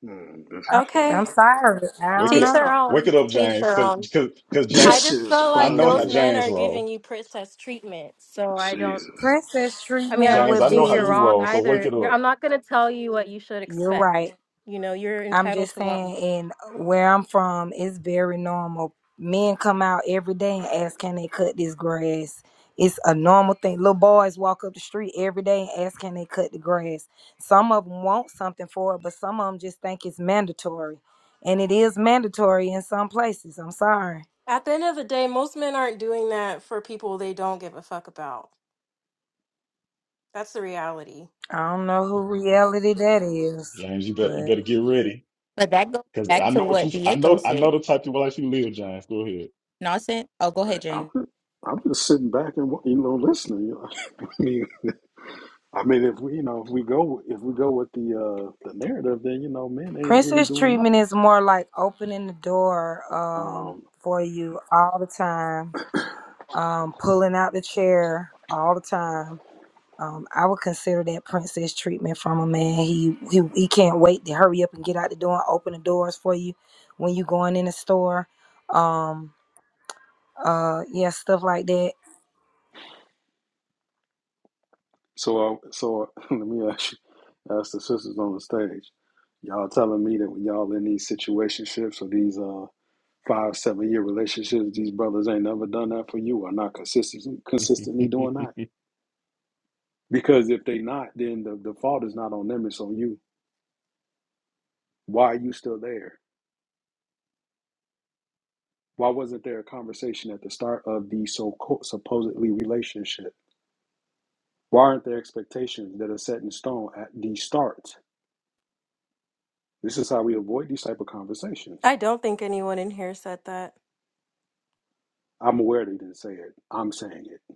mm, this
I-
is funny.
Okay.
I'm sorry. I
Wake
don't
it
Teach
up,
their
know.
wake
own.
it up,
Teach
James.
their
Because
own.
because because James,
I
This shit
just
is
feel
I
like
know how
those
funny.
men
James
are
roll.
giving you princess treatment. So I don't.
Jesus,
Princess
I mean, I
treatment
James,
don't
I
would
know
think
how
you're
you
be.
wrong
roll. So wake
either.
it
You're,
up,
I'm not going to tell you what you should
You're right.
expect. You know, you're
I'm
entitled
just
to want.
saying, and where I'm from, it's very normal. Men come out every day and ask, can they cut this grass? It's a normal thing. Little boys walk up the street every day and ask, can they cut the grass? Some of them want something for it, but some of them just think it's mandatory. And it is mandatory in some places. I'm sorry.
At the end of the day, most men aren't doing that for people they don't give a fuck about. That's the reality.
I don't know who reality that is,
James. You better you
but
better get ready.
But that goes
Because
back
I
to
know what you.
what
I
Diego
know I know
said.
the type of life you live, James. Go ahead.
Nonsense. Oh, go
I-
ahead,
I'm
James.
just, I'm just sitting back and wa- you know listening. You know? I mean, I mean, if we you know if we go if we go with the uh the narrative, then you know men ain't really
princess
doing
treatment
nothing.
is more like opening the door um,
Um,
for you all the time um, pulling out the chair all the time. Um, I would consider that princess treatment from a man. He, he he can't wait to hurry up and get out the door and open the doors for you when you going in the store. Um, uh, yeah, stuff like that.
so uh, so let me ask you, ask the sisters on the stage. Y'all telling me that when y'all in these situationships or these uh five seven year relationships, these brothers ain't never done that for you or not consistently consistently doing that. Because if they not, then the, the fault is not on them, it's on you. Why are you still there? Why wasn't there a conversation at the start of the so supposedly relationship? Why aren't there expectations that are set in stone at the start? This is how we avoid these type of conversations.
I don't think anyone in here said that.
I'm aware they didn't say it. I'm saying it.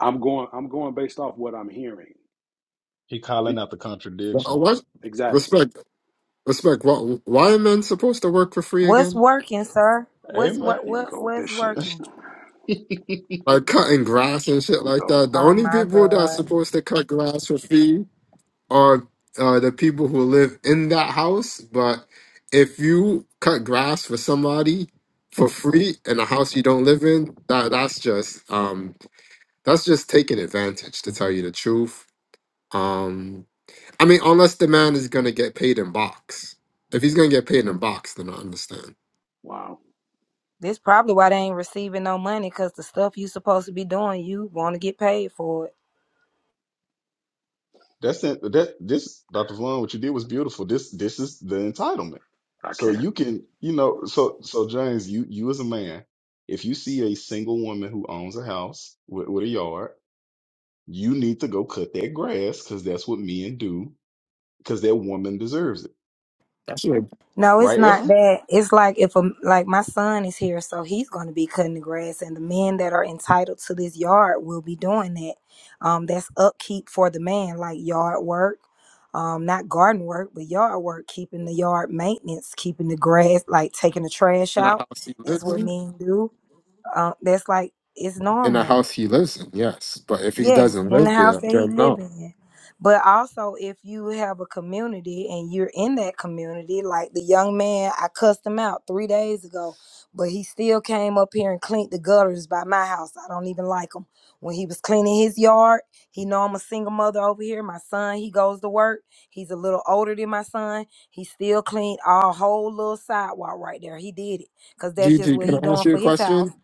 I'm going. I'm going based off what I'm hearing.
he calling
Be-
out the
Oh,
contradiction.
what?
exactly.
Respect, respect. What? why are men supposed to work for free
What's
again?
working, sir? What's
Amen.
what
Here we
what
go with
what's
this shit.
working?
Like cutting grass and
Here
shit
we
like
go.
that. The
Oh
only
my
people that's
God,
supposed to cut grass for free are uh, the people who live in that house. But if you cut grass for somebody for free in a house you don't live in, that that's just um that's just taking advantage. To tell you the truth, um, I mean, unless the man is gonna get paid in box. If he's gonna get paid in box, then I understand.
Wow.
this probably why they ain't receiving no money because the stuff you supposed to be doing, you want to get paid for it.
That's it. That this Dr. Vaughn, what you did was beautiful. This this is the entitlement.
I
So
can't.
you can, you know, so so James, you you as a man, if you see a single woman who owns a house with, with a yard, you need to go cut that grass because that's what men do. Because that woman deserves it,
No, it's
right,
not
Ephraim?
that. It's like if a like my son is here, so he's going to be cutting the grass, and the men that are entitled to this yard will be doing that. Um, that's upkeep for the man, like yard work, um, not garden work, but yard work, keeping the yard maintenance, keeping the grass, like taking the trash
In a
out.
house he
That's
lives
what
in?
men do. Uh, that's like it's
In a
normal.
house he lives in, yes. But if he
Yes,
doesn't
in
live
the house
there,
that he
then
live
no.
in. But also if you have a community and you're in that community, like the young man, I cussed him out three days ago, but he still came up here and cleaned the gutters by my house. I don't even like him. When he was cleaning his yard, he know I'm a single mother over here. My son, he goes to work. He's a little older than my son. He still cleaned our whole little sidewalk right there. He did it. Cause that's just
Gigi,
what
can
he
I ask
doing
you a
for his house.
question?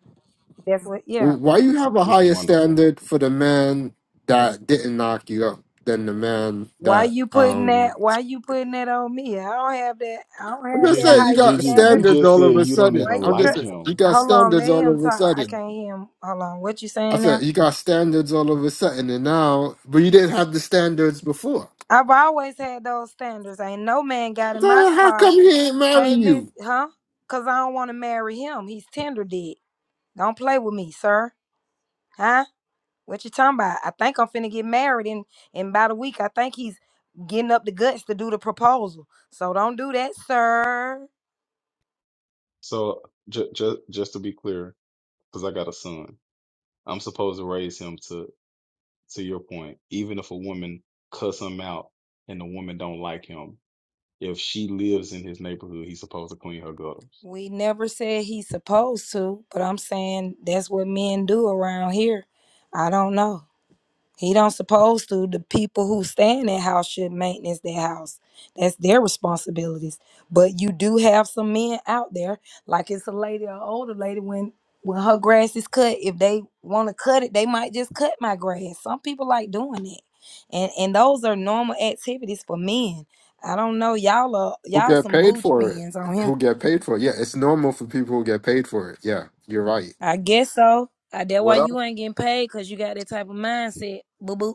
That's what yeah.
Why you have a
This
higher
wonderful,
standard for the man that didn't knock you up than the man
Why
that
you putting
um
that? Why you putting that on me? I don't have that. I don't
I'm
have
just
that
saying
Gigi,
you
higher
got
Gigi,
standard.
you
standards
just
all of
said
a
you don't
sudden.
even
Why you
I'm just
like
try?
saying you
him.
got
Hold on, let
standards all
him
of a
talk. I
sudden.
can't hear him. Hold on. What you
I
saying
said
now?
you got standards all of a sudden and now but you didn't have the standards before.
I've always had those standards. Ain't no man got in
So
my
how come
car.
he ain't
Hey,
marrying you?
listen, huh? Cause I don't want to marry him. He's tender dead. Don't play with me, sir. Huh? What you talking about? I think I'm finna get married in in about a week. I think he's getting up the guts to do the proposal. So don't do that, sir.
So just just just to be clear, because I got a son, I'm supposed to raise him to. to your point, even if a woman cuss him out and the woman don't like him, if she lives in his neighborhood, he's supposed to clean her gutters.
We never said he's supposed to, but I'm saying that's what men do around here. I don't know. He don't supposed to. The people who stay in that house should maintenance their house. That's their responsibilities. But you do have some men out there, like it's a lady or older lady when when her grass is cut, if they want to cut it, they might just cut my grass. Some people like doing it. And and those are normal activities for men. I don't know. Y'all are
Who
y'all
get
some
paid
bougie
for it?
men on here.
Who get paid for it? Yeah, it's normal for people who get paid for it. Yeah, you're right.
I guess so. I, that why you ain't getting paid because you got that type of mindset. Boo boo.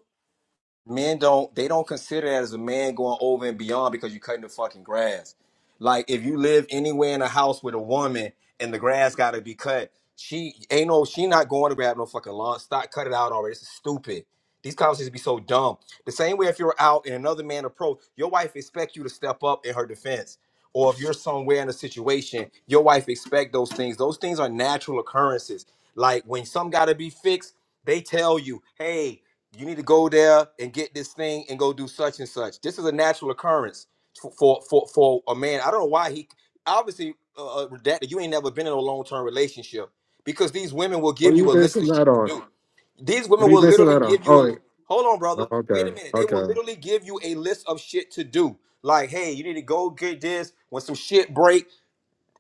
men don't they don't consider that as a man going over and beyond because you're cutting the fucking grass. Like if you live anywhere in a house with a woman and the grass gotta be cut, she ain't no she not going to grab no fucking lawn. Stop cut it out already. This is stupid. These conversations be so dumb. The same way if you're out and another man approach, your wife expect you to step up in her defense. Or if you're somewhere in a situation, your wife expect those things. Those things are natural occurrences. Like when some gotta be fixed, they tell you, hey, you need to go there and get this thing and go do such and such. This is a natural occurrence for for for, for a man. I don't know why he obviously uh, uh, that you ain't never been in a long term relationship because these women will
What
give
are
you
you
a list of
basing
shit
that
to
on?
do. These
What
women
are you
will
basing
literally
that on?
give you
Oh,
a
wait.
hold on, brother.
Oh,
Wait a
okay,
minute. They will
okay.
literally give you a list of shit to do. Like, hey, you need to go get this when some shit break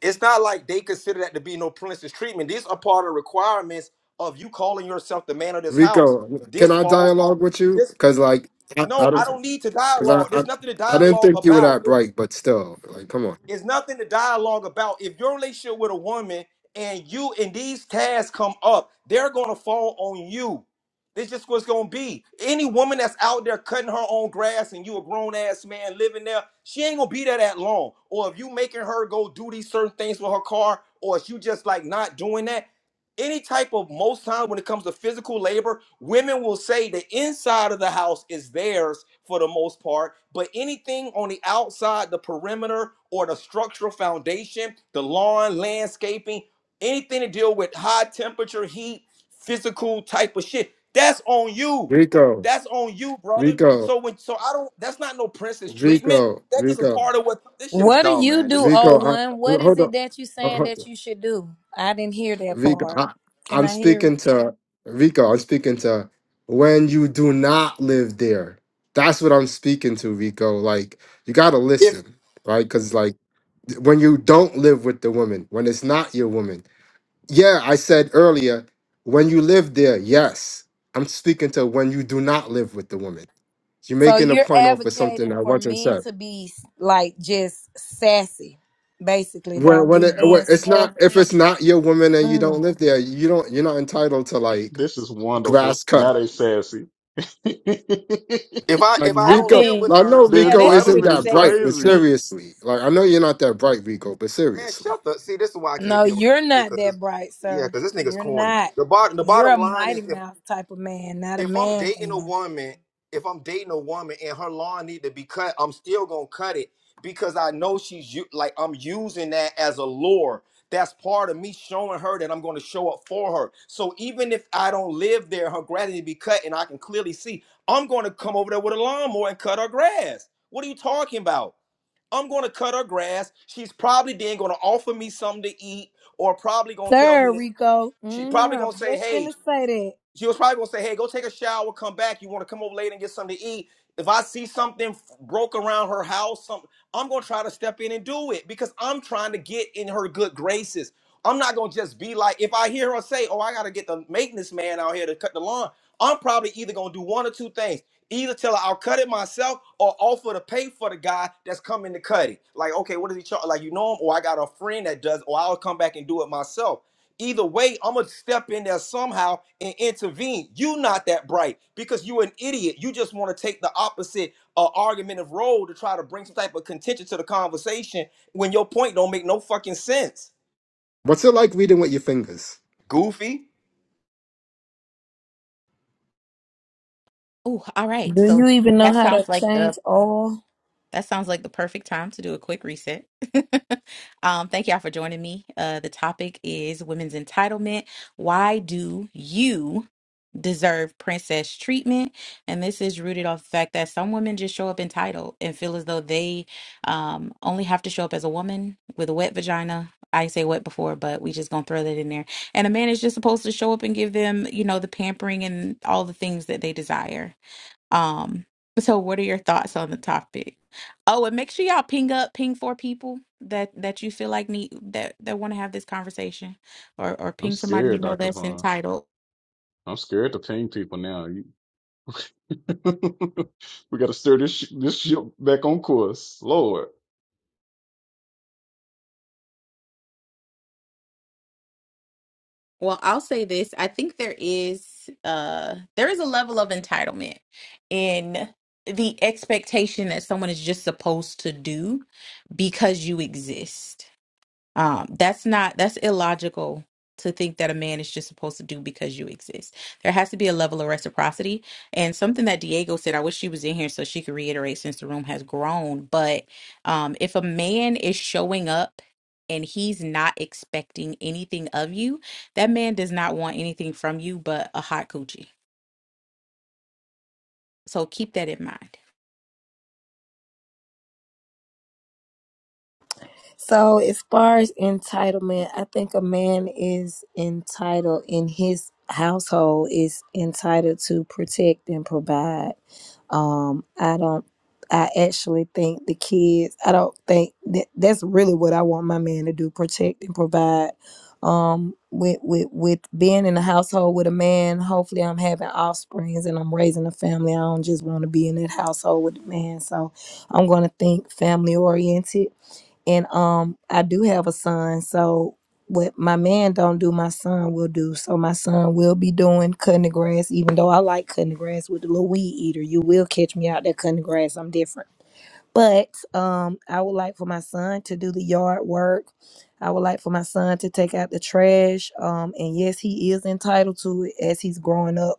it's not like they consider that to be no princess treatment. These are part of requirements of you calling yourself the man of this house.
Rico, can
This
I
falls on
dialogue with you?
this.
Because like I,
No,
I
I
don't,
don't need to
because I,
dialogue.
I
There's nothing to
I didn't
dialogue
think you were
about.
that bright, but still, like, come on,
It's nothing to dialogue about. If your relationship with a woman and you and these tasks come up, they're gonna fall on you. This just what's gonna be. Any woman that's out there cutting her own grass and you a grown ass man living there, she ain't gonna be there that long. Or if you making her go do these certain things with her car, or if you just like not doing that, any type of most times when it comes to physical labor, women will say the inside of the house is theirs for the most part, but anything on the outside, the perimeter or the structural foundation, the lawn, landscaping, anything to deal with high temperature, heat, physical type of shit, that's on you.
Rico,
That's on you, brother.
Rico,
So when so I don't that's not no princess treatment.
Rico,
That's just a
Rico,
part of what this shit is
What do
dumb,
you
man. This
do,
is
O
Rico.
stupid.
I,
one? What is
hold
it that you saying
on.
that you should do? I didn't hear that
Vika,
part.
I,
Can
I'm
I hear it?
speaking to Vika. I'm speaking to when you do not live there. That's what I'm speaking to, Rico. Like you gotta
If
listen, right? Because like when you don't live with the woman, when it's not your woman. Yeah, I said earlier when you live there. Yes, I'm speaking to when you do not live with the woman. You're
So
making a
you're
point off of something
advocating
I
for
wasn't
men
said.
to be like just sassy, basically.
When
Don't
when,
do
it, when
men
it's
stuff.
not if it's not your woman and you don't
Mm.
live there, you don't you're not entitled to like
This is wonderful.
grass
Now
cut.
they sassy. the
if I
Like
if I
I
don't
Rico,
live
mean,
with
I
her,
know
yeah,
Rico
that's
isn't
pretty
entitlement is
that bright,
sassy
but
to
crazy.
me.
seriously, like I know you're not that bright, Rico, but
Man,
seriously,
shut the. See, this is why I can't
No,
be on
you're not
because
that bright,
yeah,
sir.
because this nigga's
You're
corny.
not.
The bottom the
You're
bottom
a
line is
mighty
if
mouth type of man, not a
if I'm
man
dating a
man.
woman, if I'm dating a woman and her lawn need to be cut, I'm still gonna cut it because I know she's u- like I'm using that as a lure. That's part of me showing her that I'm going to show up for her. So even if I don't live there, her grass need to be cut, and I can clearly see I'm going to come over there with a lawnmower and cut her grass. What are you talking about? I'm going to cut her grass. She's probably then going to offer me something to eat or probably going to tell me
Sir
that
Rico.
she
hmm
probably
I
going
was
to say,
just
"Hey,
finna say
she was probably gonna say, "Hey, go take a shower, come back. You want to come over later and get something to eat." If I see something broke around her house, some, I'm gonna try to step in and do it because I'm trying to get in her good graces. I'm not gonna just be like, if I hear her say, "Oh, I gotta get the maintenance man out here to cut the lawn," I'm probably either gonna do one or two things. Either tell her I'll cut it myself, or offer to pay for the guy that's coming to cut it. Like, okay, what does he charge? Like, you know him, or I got a friend that does, or I'll come back and do it myself either way, I'm gonna step in there somehow and intervene. You not that bright because you an idiot. You just want to take the opposite uh, argument of role to try to bring some type of contention to the conversation when your point don't make no fucking sense.
what's it like reading with your fingers?
Goofy,
Oh, all
that.
right.
Do
So
you even know
that
how to
sounds like the
change oil?
That sounds like the perfect time to do a quick reset. um, thank y'all for joining me. Uh, the topic is women's entitlement. Why do you deserve princess treatment? And this is rooted off the fact that some women just show up entitled and feel as though they um, only have to show up as a woman with a wet vagina. I didn't say wet before, but we just gonna throw that in there. And a man is just supposed to show up and give them, you know, the pampering and all the things that they desire um, so what are your thoughts on the topic? Oh, and make sure y'all ping up, ping four people that that you feel like need that that want to have this conversation, or or
I'm
ping somebody you
scared,
know
Dr.
that's
Vaughn.
entitled.
I'm scared to ping people now. we got to steer this sh- this ship back on course. Lord.
Well, I'll say this: I think there is uh there is a level of entitlement in the expectation that someone is just supposed to do because you exist Um, that's not that's illogical to think that a man is just supposed to do because you exist. There has to be a level of reciprocity. And something that Diego said, I wish she was in here so she could reiterate since the room has grown. But um, if a man is showing up and he's not expecting anything of you, that man does not want anything from you but a hot coochie. So keep that in mind.
So, as far as entitlement, I think a man is entitled in his household is entitled to protect and provide. Um, I don't. I actually think the kids. I don't think that that's really what I want my man to do: protect and provide. Um, with with with being in a household with a man, hopefully I'm having offsprings and I'm raising a family. I don't just want to be in that household with a man. So I'm gonna think family oriented and um I do have a son, so what my man don't do, my son will do. So my son will be doing cutting the grass, even though I like cutting the grass with the little weed eater. You will catch me out there cutting the grass. I'm different. But um I would like for my son to do the yard work. I would like for my son to take out the trash. Um and yes, he is entitled to it as he's growing up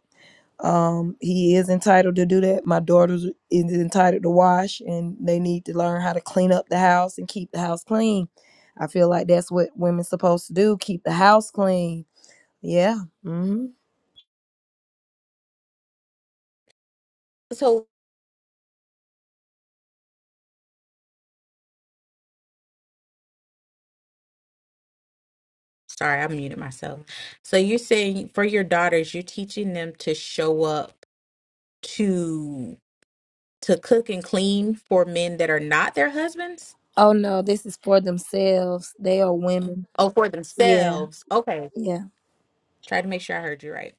um, he is entitled to do that. My daughter's is entitled to wash, and they need to learn how to clean up the house and keep the house clean. I feel like that's what women's supposed to do: keep the house clean. Yeah. hmm
So sorry, I muted myself. So you're saying for your daughters, you're teaching them to show up to to cook and clean for men that are not their husbands?
Oh no, this is for themselves. They are women.
Oh, for
Yeah,
themselves. Okay.
yeah.
Try to make sure I heard you right.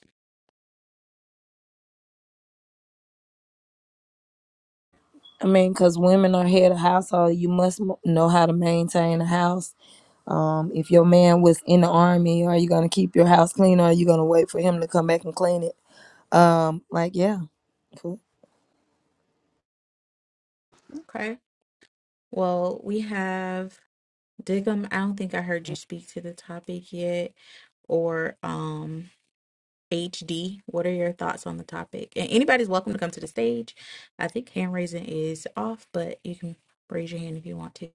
I mean, because women are head of household, you must m- know how to maintain a house. Um, if your man was in the army, are you gonna keep your house clean, or are you gonna wait for him to come back and clean it? Um, like yeah. Cool.
Okay. Well, we have Digum. I don't think I heard you speak to the topic yet. Or um HD. What are your thoughts on the topic? And anybody's welcome to come to the stage. I think hand raising is off, but you can raise your hand if you want to.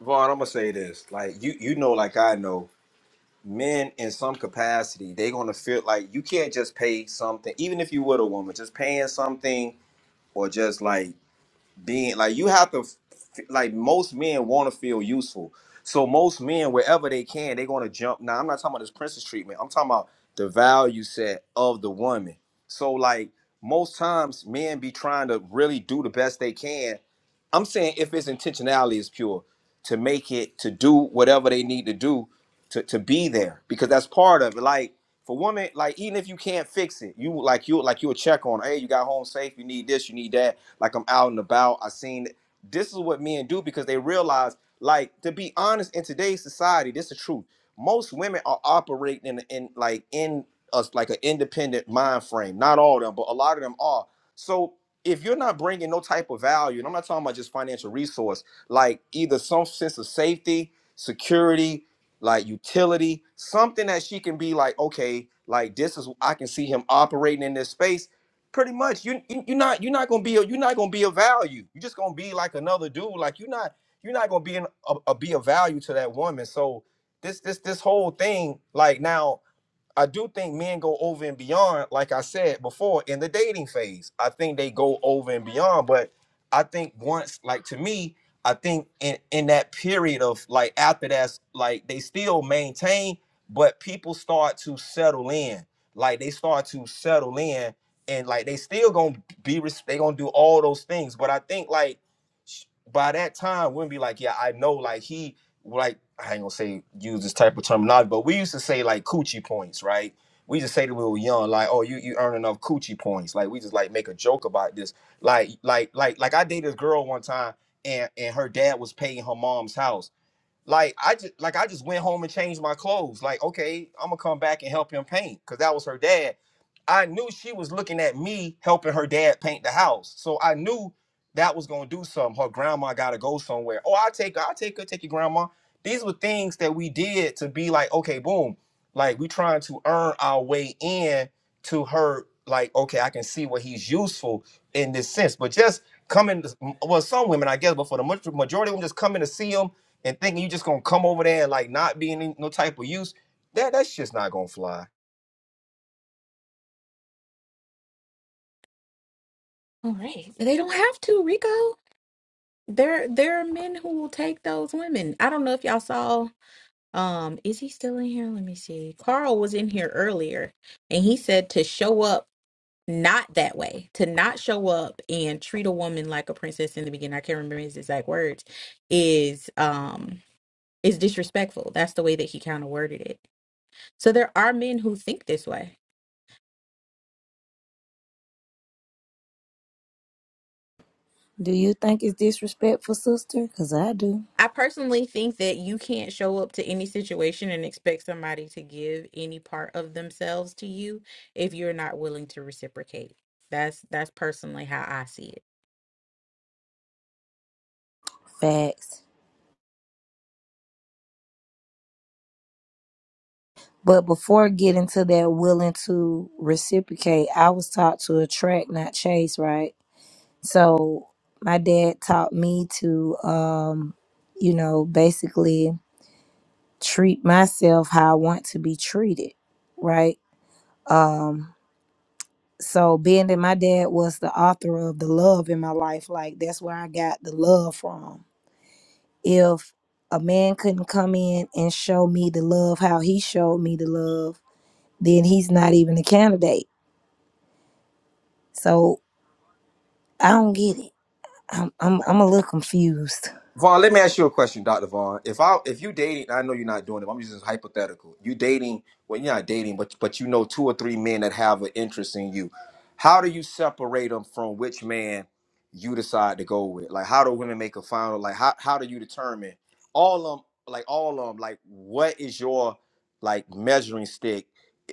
Vaughn. I'm gonna say this. Like you, you know, like I know. Men in some capacity, they gonna feel like you can't just pay something, even if you were a woman, just paying something or just like being like you have to f- like most men want to feel useful. So most men, wherever they can, they're gonna jump. Now I'm not talking about this princess treatment. I'm talking about the value set of the woman. So like most times, men be trying to really do the best they can. I'm saying if its intentionality is pure, to make it to do whatever they need to do to to be there because that's part of it. Like for women, like even if you can't fix it, you like you like you'll check on. Hey, you got home safe. You need this. You need that like I'm out and about. I seen it. this is what men do because they realize, like, to be honest, in today's society, this is the truth. Most women are operating in, in like in us like an independent mind frame. Not all of them, but a lot of them are. So if you're not bringing no type of value, and I'm not talking about just financial resource, like either some sense of safety, security, like utility, something that she can be like, okay, like this is I can see him operating in this space Pretty much, you, you you're not you're not gonna be a, you're not gonna be of value. You're just gonna be like another dude. Like you're not you're not gonna be an, a, a be of value to that woman. So this this this whole thing, like now I do think men go over and beyond, like I said before, in the dating phase. I think they go over and beyond, but I think once, like to me, I think in in that period of like after that's like they still maintain, but people start to settle in. Like they start to settle in, and like they still gonna be res- they gonna do all those things. But I think like sh- by that time, women be like, yeah, I know, like he like I ain't gonna say use this type of terminology, but we used to say like coochie points, right? We just say that we were young, like, oh, you you earn enough coochie points. Like we just like make a joke about this. Like like like like I dated a girl one time and and her dad was paying her mom's house. Like I just like I just went home and changed my clothes. Like, okay, I'm gonna come back and help him paint because that was her dad. I knew she was looking at me helping her dad paint the house. So I knew that was gonna do something. Her grandma gotta go somewhere. Oh, I'll take her, I'll take her, take your grandma. These were things that we did to be like, okay, boom. Like we trying to earn our way in to her, like, okay, I can see what he's useful in this sense. But just coming to, well, some women, I guess, but for the maj- majority of them just coming to see him and thinking you just gonna come over there and like not be any no type of use, that that's just not gonna fly.
All right. They don't have to, Rico. There there are men who will take those women. I don't know if y'all saw Um, is he still in here? Let me see. Carl was in here earlier and he said to show up not that way, to not show up and treat a woman like a princess in the beginning. I can't remember his exact words, is um is disrespectful. That's the way that he kind of worded it. So there are men who think this way.
Do you think it's disrespectful, sister? Because I do.
I personally think that you can't show up to any situation and expect somebody to give any part of themselves to you if you're not willing to reciprocate. That's that's personally how I see it.
Facts. But before getting to that willing to reciprocate, I was taught to attract, not chase, right? So my dad taught me to, um, you know, basically treat myself how I want to be treated, right? Um, so being that my dad was the author of the love in my life, like that's where I got the love from if a man couldn't come in and show me the love how he showed me the love, then he's not even a candidate. So I don't get it. I'm I'm I'm a little confused.
Vaughn, let me ask you a question, Dr. Vaughn. If I if you dating, I know you're not doing it, but I'm using this hypothetical. You dating, well, you're not dating, but but you know two or three men that have an interest in you. How do you separate them from which man you decide to go with? Like how do women make a final like how how do you determine all of them like all of them like what is your like measuring stick?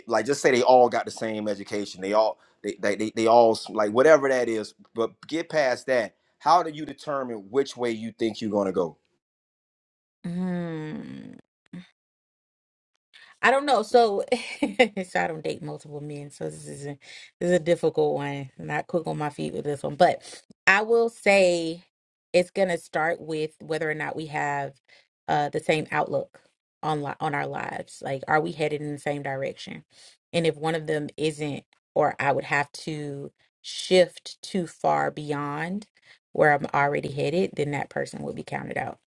Like just say they all got the same education. They all they they, they, they all like whatever that is, but get past that how do you determine which way you think you're gonna go?
Mm, I don't know. So, so I don't date multiple men. So this is a, this is a difficult one. I'm not quick on my feet with this one, but I will say it's gonna start with whether or not we have uh the same outlook on li on our lives. Like, are we headed in the same direction? And if one of them isn't, or I would have to shift too far beyond where I'm already headed, then that person would be counted out.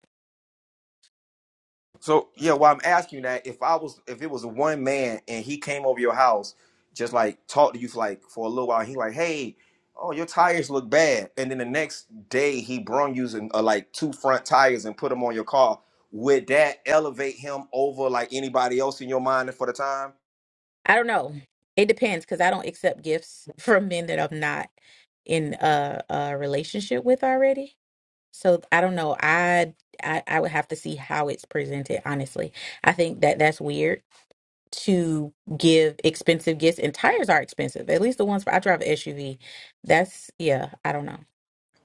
So yeah, well, I'm asking that if I was if it was one man and he came over your house, just like talked to you for like for a little while, he like, hey, oh your tires look bad, and then the next day he brung you some, uh, like two front tires and put them on your car. Would that elevate him over like anybody else in your mind for the time?
I don't know. It depends because I don't accept gifts from men that I'm not in a, a relationship with already. So I don't know. I, I I would have to see how it's presented. Honestly, I think that that's weird to give expensive gifts, and tires are expensive. At least the ones for I drive an SUV. That's yeah. I don't know.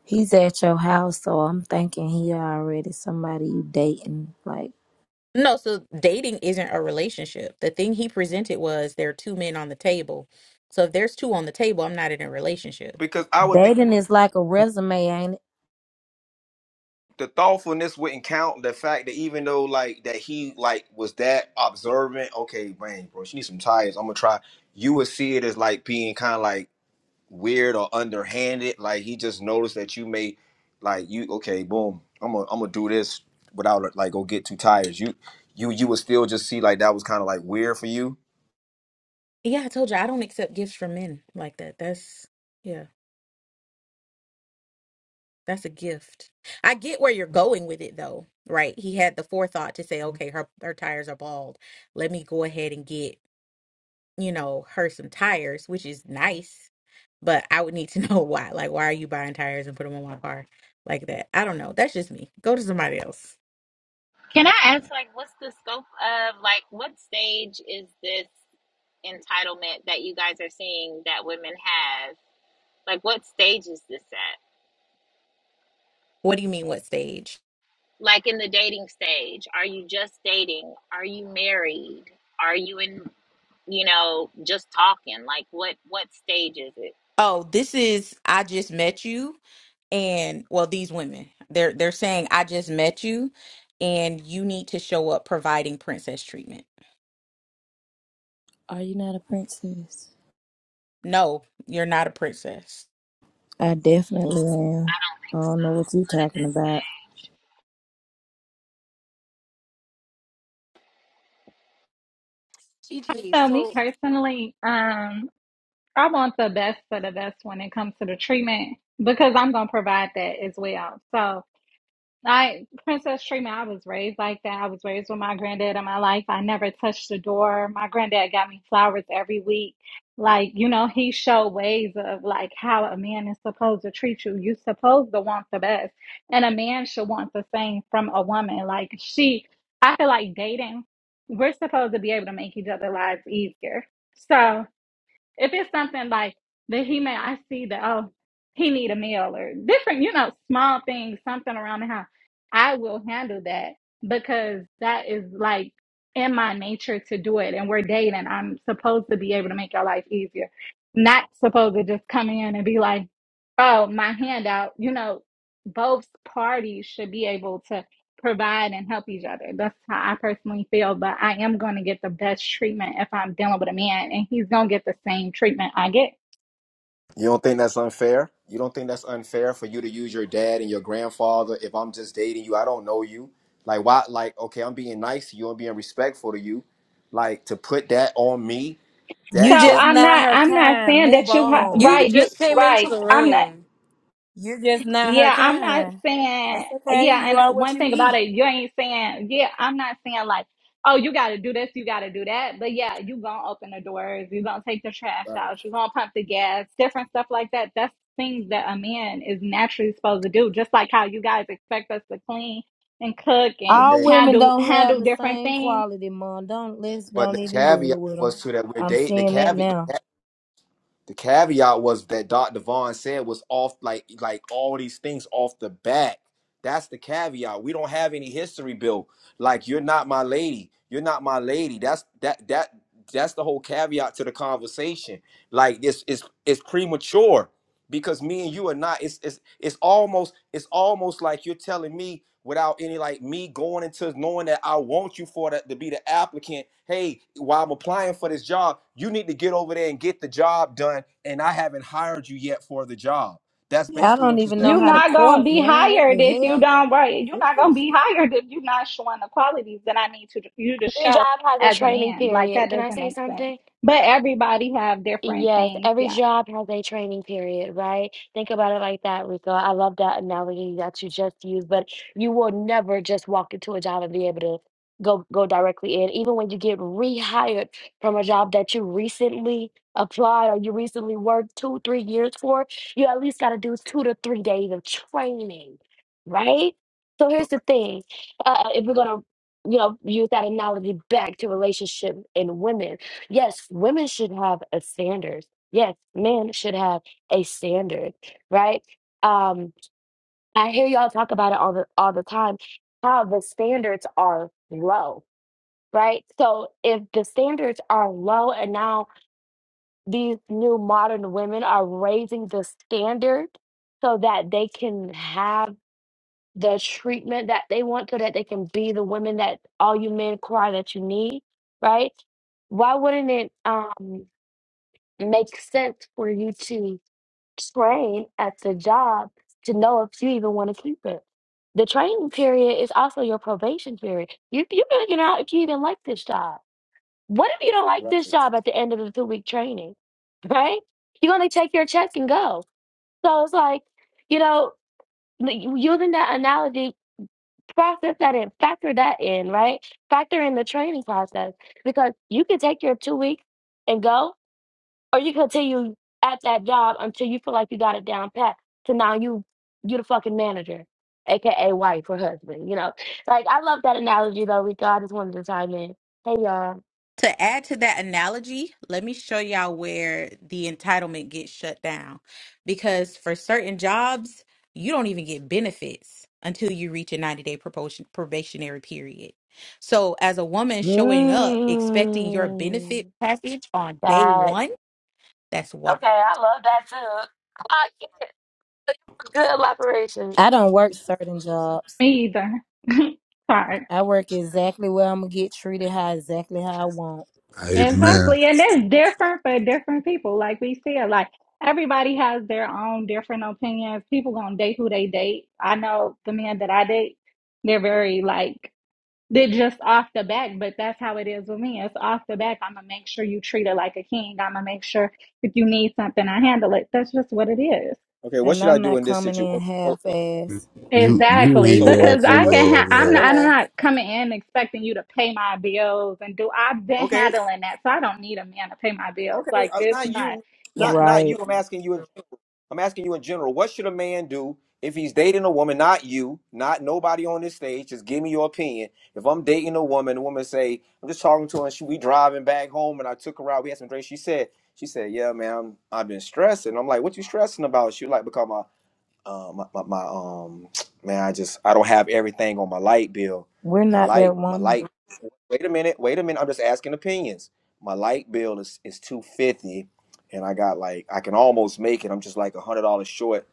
He's at your house, so I'm thinking he already somebody you dating. Like
No, so dating isn't a relationship. The thing he presented was there are two men on the table. So if there's two on the table, I'm not in a relationship.
Because I would think.
dating is like a resume, ain't it?
the thoughtfulness wouldn't count. The fact that even though like that he like was that observant, okay, man, bro, she needs some tires. I'm gonna try. You would see it as like being kind of like weird or underhanded. Like he just noticed that you may like you okay, boom. I'm gonna I'm gonna do this without like go get two tires. You you you would still just see like that was kind of like weird for you
Yeah, I told you I don't accept gifts from men like that. That's yeah, that's a gift. I get where you're going with it though, right? He had the forethought to say, okay, her her tires are bald. Let me go ahead and get, you know, her some tires, which is nice, but I would need to know why. Like, why are you buying tires and put them on my car like that? I don't know. That's just me. Go to somebody else.
Can I ask, like, what's the scope of, like, what stage is this entitlement that you guys are seeing that women have? Like, what stage is this at?
What do you mean what stage?
Like, in the dating stage, are you just dating? Are you married? Are you in, you know, just talking? Like, what what stage is it?
Oh, this is I just met you and well these women. They're they're saying I just met you and you need to show up providing princess treatment.
Are you not a princess?
No, you're not a princess.
I definitely am. I don't know what you talking about.
GG.
So me
So
personally, um, I want the best for the best when it comes to the treatment because I'm gonna provide that as well. So I, Princess Trina, I was raised like that. I was raised with my granddad in my life. I never touched the door. My granddad got me flowers every week. Like, you know, he showed ways of like how a man is supposed to treat you. You're supposed to want the best. And a man should want the same from a woman. Like, she, I feel like dating, we're supposed to be able to make each other lives easier. So, if it's something like that he may I see that oh he need a meal or different, you know, small things, something around the house, I will handle that because that is like in my nature to do it and we're dating. I'm supposed to be able to make your life easier. Not supposed to just come in and be like, oh, my handout, you know, both parties should be able to provide and help each other. That's how I personally feel. But I am going to get the best treatment if I'm dealing with a man, and he's going to get the same treatment I get.
You don't think that's unfair? You don't think that's unfair for you to use your dad and your grandfather if I'm just dating you? I don't know you. Like why like okay, I'm being nice to you, I'm being respectful to you. Like to put that on me, that
So
You just
that
I'm
not
not.
her
I'm not
kind.
saying
Move
that you ha-
You
on.
right. You
just
oh,
came into
right.
the
I'm not.
room.
You're just not her
Yeah, I'm not
kind.
saying,
That's okay.
yeah,
You are
and
what
one
you
thing about
eat.
it, you ain't saying, yeah, I'm not saying like, oh, you got to do this, you got to do that. But yeah, you going to open the doors, you going to take the trash
right.
out, you going to pump the gas, different stuff like that. That's things that a man is naturally supposed to do, just like how you guys expect us to clean and cook and
All
Okay.
women
handle
don't have
handle
the
different
same
things
quality, Mom. Don't let's
But
don't
the
even do it
caveat
with them.
was to that we're
I'm
dating the
seeing that
caveat.
now.
The caveat was that Dr. Vaughn said was off like like all these things off the bat. That's the caveat. We don't have any history built. Like you're not my lady. You're not my lady. That's that that that's the whole caveat to the conversation. Like this is it's it's premature because me and you are not it's it's it's almost it's almost like you're telling me without any like me going into knowing that I want you for that to be the applicant hey while I'm applying for this job you need to get over there and get the job done and I haven't hired you yet for the job that's
I
basically
don't
what you're
even know
You're
saying
how to
not gonna
court,
be
man. What
hired
the
if you
hell?
don't work. You're not gonna be hired if you're not showing the qualities that I need to you to
Your
show
job has a
as a
training
man. Like
period.
that
Can I
doesn't
say
make sense.
something?
But everybody have different
Yes,
things.
every
Yeah,
job has a training period, right? Think about it like that, Rico. I love that analogy that you just used, but you will never just walk into a job and be able to go go directly in. Even when you get rehired from a job that you recently applied or you recently worked two, three years for, you at least got to do two to three days of training, right? So here's the thing. Uh, if we're gonna, you know, use that analogy back to relationship and women Yes, women should have a standard. Yes, men should have a standard, right? Um, I hear y'all talk about it all the all the time, how the standards are low, right? So if the standards are low and now these new modern women are raising the standard so that they can have the treatment that they want, so that they can be the women that all you men cry that you need, right? Why wouldn't it um makes sense for you to train at the job to know if you even want to keep it. The training period is also your probation period. You you figuring out if you even like this job. What if you don't like this
right
job at the end of the two week training? Right? You're gonna take your check and go. So it's like, you know, n- using that analogy, process that in, factor that in, right? Factor in the training process because you can take your two weeks and go or you continue at that job until you feel like you got it down pat to now you you the fucking manager aka wife or husband you know like i love that analogy though rico i just wanted to chime in hey y'all
To add to that analogy, let me show y'all where the entitlement gets shut down because for certain jobs, you don't even get benefits until you reach a 90-day probation probationary period. So, as a woman showing up expecting your benefit
mm,
package on day
that
1 That's why.
okay i love that too Ah, yeah. good elaboration
I don't work certain jobs.
me either. Sorry.
I work exactly where I'm gonna get treated how exactly how I want,
Hey
okay
man,
Exactly, and it's different for different people. Like we said, like everybody has their own different opinions. People gonna date who they date. I know the men that I date, they're very like They're just off the back, but that's how it is with me. It's off the back. I'm gonna make sure you treat it like a king. I'm gonna make sure if you need something, I handle it. That's just what it is.
okay what
and
should I
I'm
do
not
in this
coming
situation
in
so,
half
so
ass.
you you
Exactly,
ain't
so
gotta
what
because
so
I
do
what
can.
should a
all
Ha-
man
I'm
that.
not.
hold
I'm
on
not coming in expecting you to pay my bills and do. I've been
okay
handling that, so I don't need a man to pay my bills.
Okay,
Like
uh,
this,
not
not.
you,
Yeah.
not not you.
Right?
I'm asking you in general. I'm asking you in general. What should a man do if he's dating a woman? Not you, not nobody on this stage. Just give me your opinion. If I'm dating a woman, the woman say, I'm just talking to her. And she, we driving back home, and I took her out. We had some drinks. She said, she said, yeah, man, I'm, I've been stressing. I'm like, what you stressing about? She like, because my, uh, my, my, my, um, man, I just, I don't have everything on my light bill.
We're
My
not that
light, my
woman.
light Wait a minute. Wait a minute. I'm just asking opinions. My light bill is is two fifty, and I got like I can almost make it. I'm just like a hundred dollars short.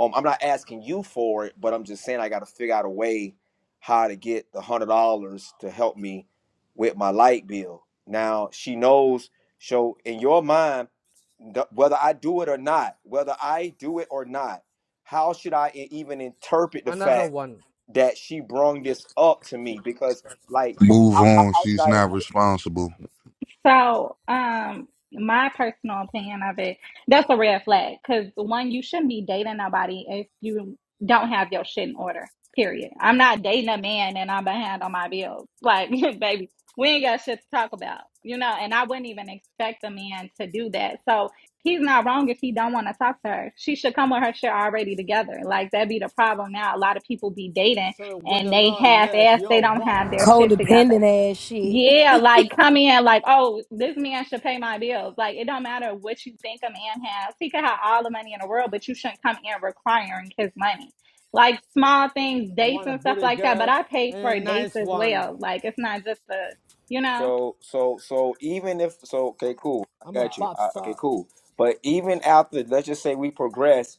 Um, I'm not asking you for it, but I'm just saying I got to figure out a way how to get the hundred dollars to help me with my light bill. Now she knows. So in your mind th- whether I do it or not, whether I do it or not, how should I e- even interpret the
another
fact
one.
that she brung this up to me? Because like,
Move
how, how,
on.
how should
She's
I?
not responsible.
So, um, my personal opinion of it, that's a red flag. Because one, you shouldn't be dating nobody if you don't have your shit in order. Period. I'm not dating a man and I'm behind on my bills. Like, baby, we ain't got shit to talk about, you know. And I wouldn't even expect a man to do that. So he's not wrong if he don't want to talk to her. She should come with her shit already together. Like that be the problem now. A lot of people be dating
So what
and
the
they
Lord
half
likes,
ass. They
your
don't
walk.
have their shit together.
Codependent ass shit.
Yeah, like come in like, oh, this man should pay my bills. Like it don't matter what you think a man has. He could have all the money in the world, but you shouldn't come in requiring his money. Like small things,
I
dates
want a
and stuff
booty
like that. But
girl
I pay
and a
for dates
nice
as
one.
well. Like it's not just a you know,
So so so even if so, okay, cool, I
I'm a
got you.
pop
I, okay,
star.
cool. But even after, let's just say we progress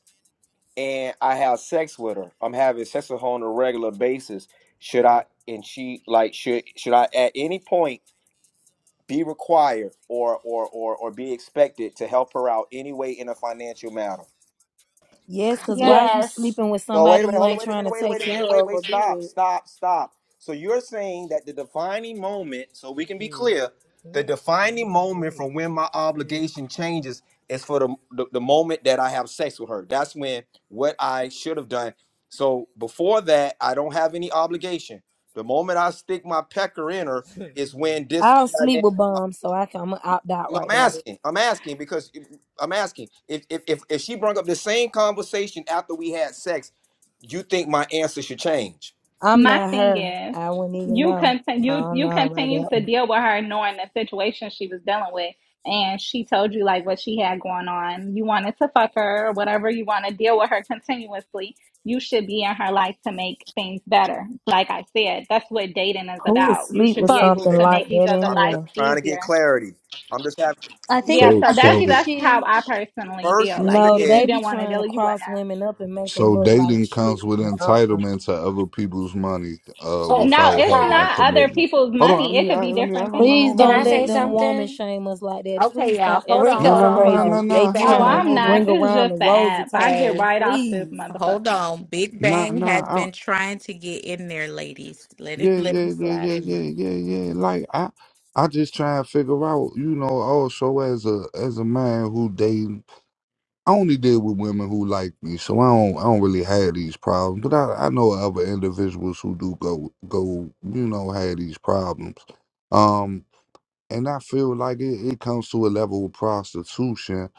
and I have sex with her, I'm having sex with her on a regular basis. Should
Hey,
I? And she like should should I at any point? be required or or or or be expected to help her out anyway in a financial matter.
Yes, because why
yes.
is you
yes
sleeping with
So wait
somebody
a minute,
you
hold on,
ain't
wait a
trying
minute,
to
wait a
take
minute, wait,
care
wait,
of
wait,
or be
stop,
with?
stop, stop. So you're saying that the defining moment, so we can be
Kiki.
clear, the defining moment
Ooh,
from when
Kiki,
my
Kiki.
obligation changes is for the the, the moment that I have sex with her. That's when what I should have done. So before that, I don't have any obligation. The moment I stick my pecker in her is
Uh,
when this
I don't sleep with bums, so I can, I'm going to opt out
No, I'm
right there.
asking. I'm asking because I'm asking if if if, if she brought up the same conversation after we had sex, you think my answer should change?
I'm
My
not
thing
her.
is,
I wouldn't even
you
know. I
continue you
don't
you
know about
continue
that
to
one.
deal with her knowing the situation she was dealing with, and she told you like what she had going on. You wanted to fuck her or whatever. You want to deal with her continuously. You should be in her life to make things better. Like I said, that's what dating is
Who would
about. You
sleep
should
with
be
But
able
something
to make
like
each
that
other
I'm
life
just
anyway?
trying to get
easier.
clarity. I'm just having.
I think
Yeah,
if
So
so
I
that's
think if
so
that's
she
how I personally
First,
feel.
you
Like
No,
if
said,
they
you
be
didn't want to
trying to
deal, you wouldn't.
cross
have.
women up and make them
so
look like
dating comes
shit.
with
Uh-uh.
entitlement to other people's money, uh,
oh,
No,
without
it's
having a
hey,
not other
commitment.
people's
Hold on, I
money. It
mean,
could
I,
be
let me. I,
different
no, no,
things.
Please
no, no,
can i
don't
say
let them
no,
woman
something
shame us like that.
Okay,
Please
y'all.
stop
Hold on,
answering
no,
this
hold
no,
on,
no,
rico
hold
no, no,
on.
crazy.
Big
They
no. Hold
Oh,
trying
Bang.
on,
to
I'm
hold
not.
ring
on.
This is
around
just
the
the
rosy
app. I
type
get
shit.
Hey,
right off this
Please.
hold
motherfucker.
on. Big
Nah,
Bang has
nah. I,
been trying to get in there, ladies. Let it
yeah,
let him
yeah, yeah,
slide
yeah,
in there.
yeah, yeah, yeah. Like I, I just try and figure out, you know, also as a as a man who dates. I only deal with women who like me, so I don't I don't really have these problems. But I, I know other individuals who do go go you know have these problems, um, and I feel like it, it comes to a level of prostitution,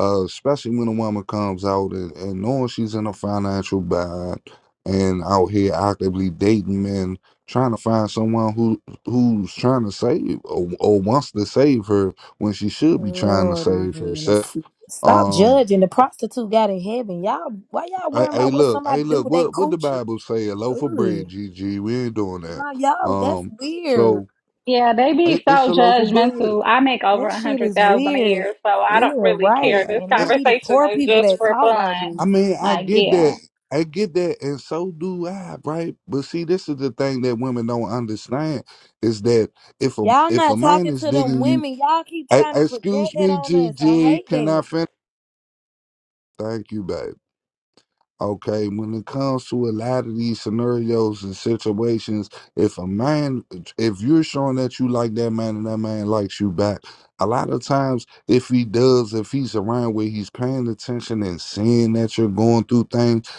uh, especially when a woman comes out and, and knowing she's in a financial bind and out here actively dating men, trying to find someone who who's trying to save or, or wants to save her when she should be trying to
Oh, these
save
men are
herself.
sick. Stop
Um,
judging. The prostitute got in heaven. Y'all, why y'all
Hey,
worrying
hey,
about what
look,
somebody
hey,
do
look.
with they
What what the
coochie?
Bible say? A loaf of bread,
Ugh.
GG. We ain't doing that.
Nah, y'all, that's
Um,
weird.
so
Yeah, they be
it, it's
so
a loaf of bread.
judgmental. I make over
That
a
shit
hundred
is
thousand a
weird.
year, so I don't
Yeah,
really
right.
care.
Uh,
This
And they
uh,
be the
conversation
poor
is
people
just
that
for
talk like
fun.
this.
I mean, I
Like,
get
yeah.
that. I get that, and so do I, right? But see, this is the thing that women don't understand is that if a
Y'all
if a
not
man
talking
is
to them
digging you,
women. Y'all keep
I,
trying to project
excuse
that
me,
on us. I
GG,
hate
can
that.
I finish? Thank you, baby. Okay, when it comes to a lot of these scenarios and situations, if a man, if you're showing that you like that man and that man likes you back, a lot of times, if he does, if he's around where he's paying attention and seeing that you're going through things,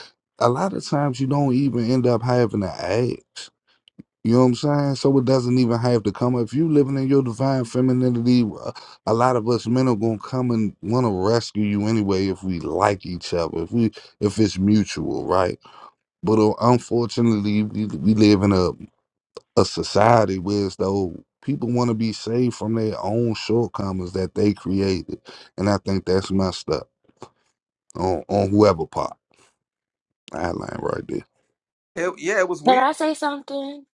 a lot of times you don't even end up having to ask. You know what I'm saying? So it doesn't even have to come. If you living in your divine femininity, uh, a lot of us men are gonna come and want to rescue you anyway if we like each other, if we if it's mutual, right? But uh, unfortunately, we, we live in a a society where it's though people want to be saved from their own shortcomings that they created, and I think that's messed up on on whoever part. I line right there.
"Hell, "Yeah, it was
can
weird."
i say something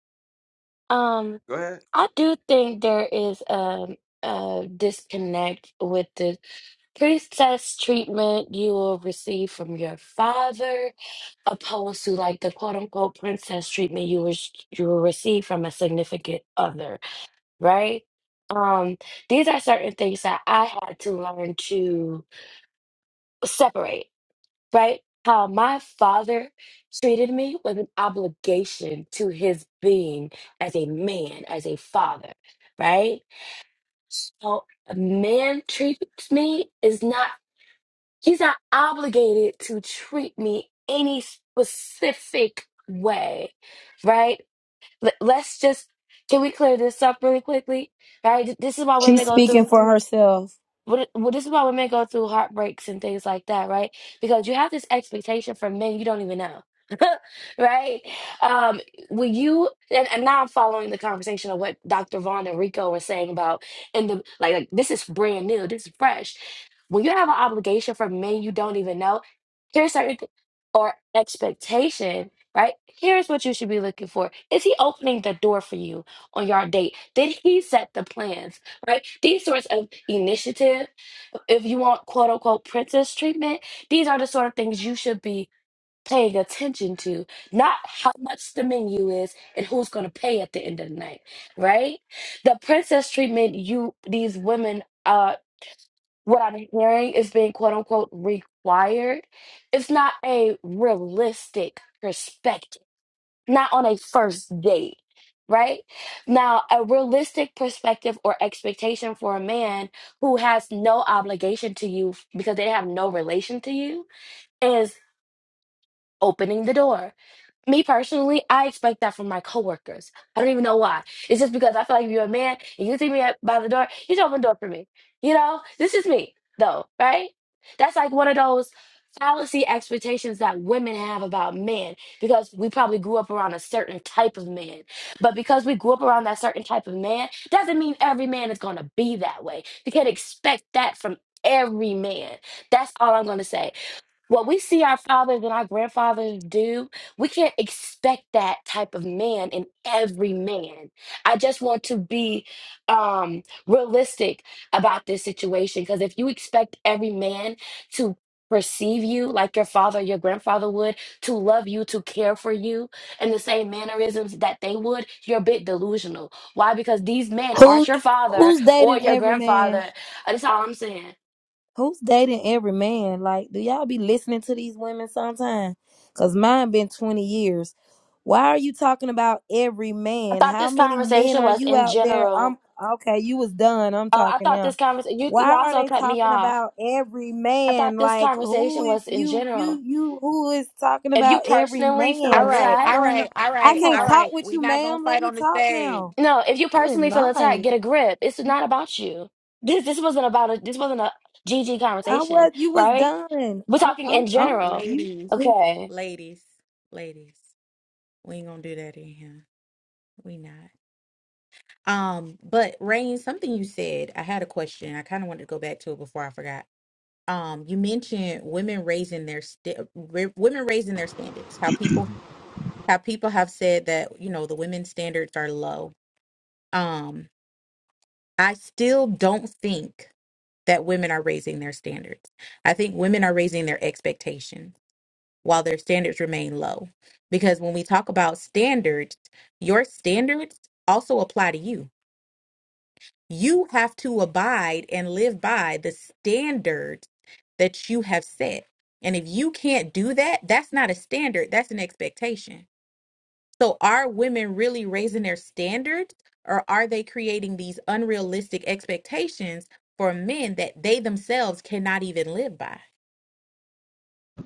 um
Go ahead.
I do think there is um, a disconnect with the princess treatment you will receive from your father, opposed to like the quote unquote princess treatment you was you will receive from a significant other, right? Um, these are certain things that I had to learn to separate, right? How my father treated me was an obligation to his being as a man, as a father, right? So a man treats me is not, he's not obligated to treat me any specific way, right? Let- Let's just, can we clear this up really quickly? Right? This is why
She's
women go through
speaking for herself.
what, it- well, this is why women go through heartbreaks and things like that, right? Because you have this expectation from men you don't even know, right? Um, when you and, and now I'm following the conversation of what Dr. Vaughn and Rico were saying about, and the like, like, this is brand new, this is fresh. When you have an obligation from men you don't even know, here's certain th- or expectation, right? Here's what you should be looking for. Is he opening the door for you on your date? Did he set the plans? right? These sorts of initiative, if you want quote unquote princess treatment, these are the sort of things you should be paying attention to, not how much the menu is and who's going to pay at the end of the night, right? The princess treatment you these women uh what I'm hearing is being quote unquote required. It's not a realistic perspective not on a first date, right? Now, a realistic perspective or expectation for a man who has no obligation to you because they have no relation to you is opening the door me personally, I expect that from my coworkers. I don't even know why. It's just because I feel like if you're a man and you see me at, by the door, you should open the door for me. You know, this is me though, right? That's like one of those fallacy expectations that women have about men because we probably grew up around a certain type of man. But because we grew up around that certain type of man, doesn't mean every man is going to be that way. You can't expect that from every man. That's all I'm going to say what we see our fathers and our grandfathers do, we can't expect that type of man in every man. I just want to be um, realistic about this situation because if you expect every man to perceive you like your father, your grandfather would, to love you, to care for you in the same mannerisms that they would, you're a bit delusional. Why? Because these men aren't
Who,
your father
who's
or
dating
your
every man?
grandfather. That's all I'm saying.
Who's dating every man? Like, do y'all be listening to these women sometime? Cause mine been 20 years. Why are you talking about every
I
man?
thought
How
this
many men
conversation
are
was
you
in
out there?
general
I'm okay, you was done. I'm
Uh, I
talking
thought this
now.
conversation. You you
Why are
also
they
cut me
talking
off.
about every
I thought
man?
this
Like who
conversation
is
was in
you you
general.
you who is talking
If you
about every
personally feel
All
man? What
right,
is
attacked,
all
going
right,
on?
all
I
right,
come
can't
all
on.
talk
right.
with
We're
you,
not gonna
ma'am. Let
fight
me
on the
talk
stage.
now.
No, if you
Good
personally feel attacked,
night.
get a grip. It's not about you. This this wasn't about a this wasn't a GG
I
conversation,
was you was
right?
done.
We're
I,
talking
I'm
in
I'm
general.
you.
Ladies,
Okay.
ladies, ladies. We ain't gonna do that in here. We not. Um, but Rain, something you said, I had a question. I kind of wanted to go back to it before I forgot um you mentioned women raising their st- women raising their standards how people how people have said that you know the women's standards are low um i still don't think that women are raising their standards i think women are raising their expectations while their standards remain low because when we talk about standards your standards also apply to you you have to abide and live by the standards that you have set and if you can't do that that's not a standard that's an expectation So are women really raising their standards or are they creating these unrealistic expectations for men that they themselves cannot even live by?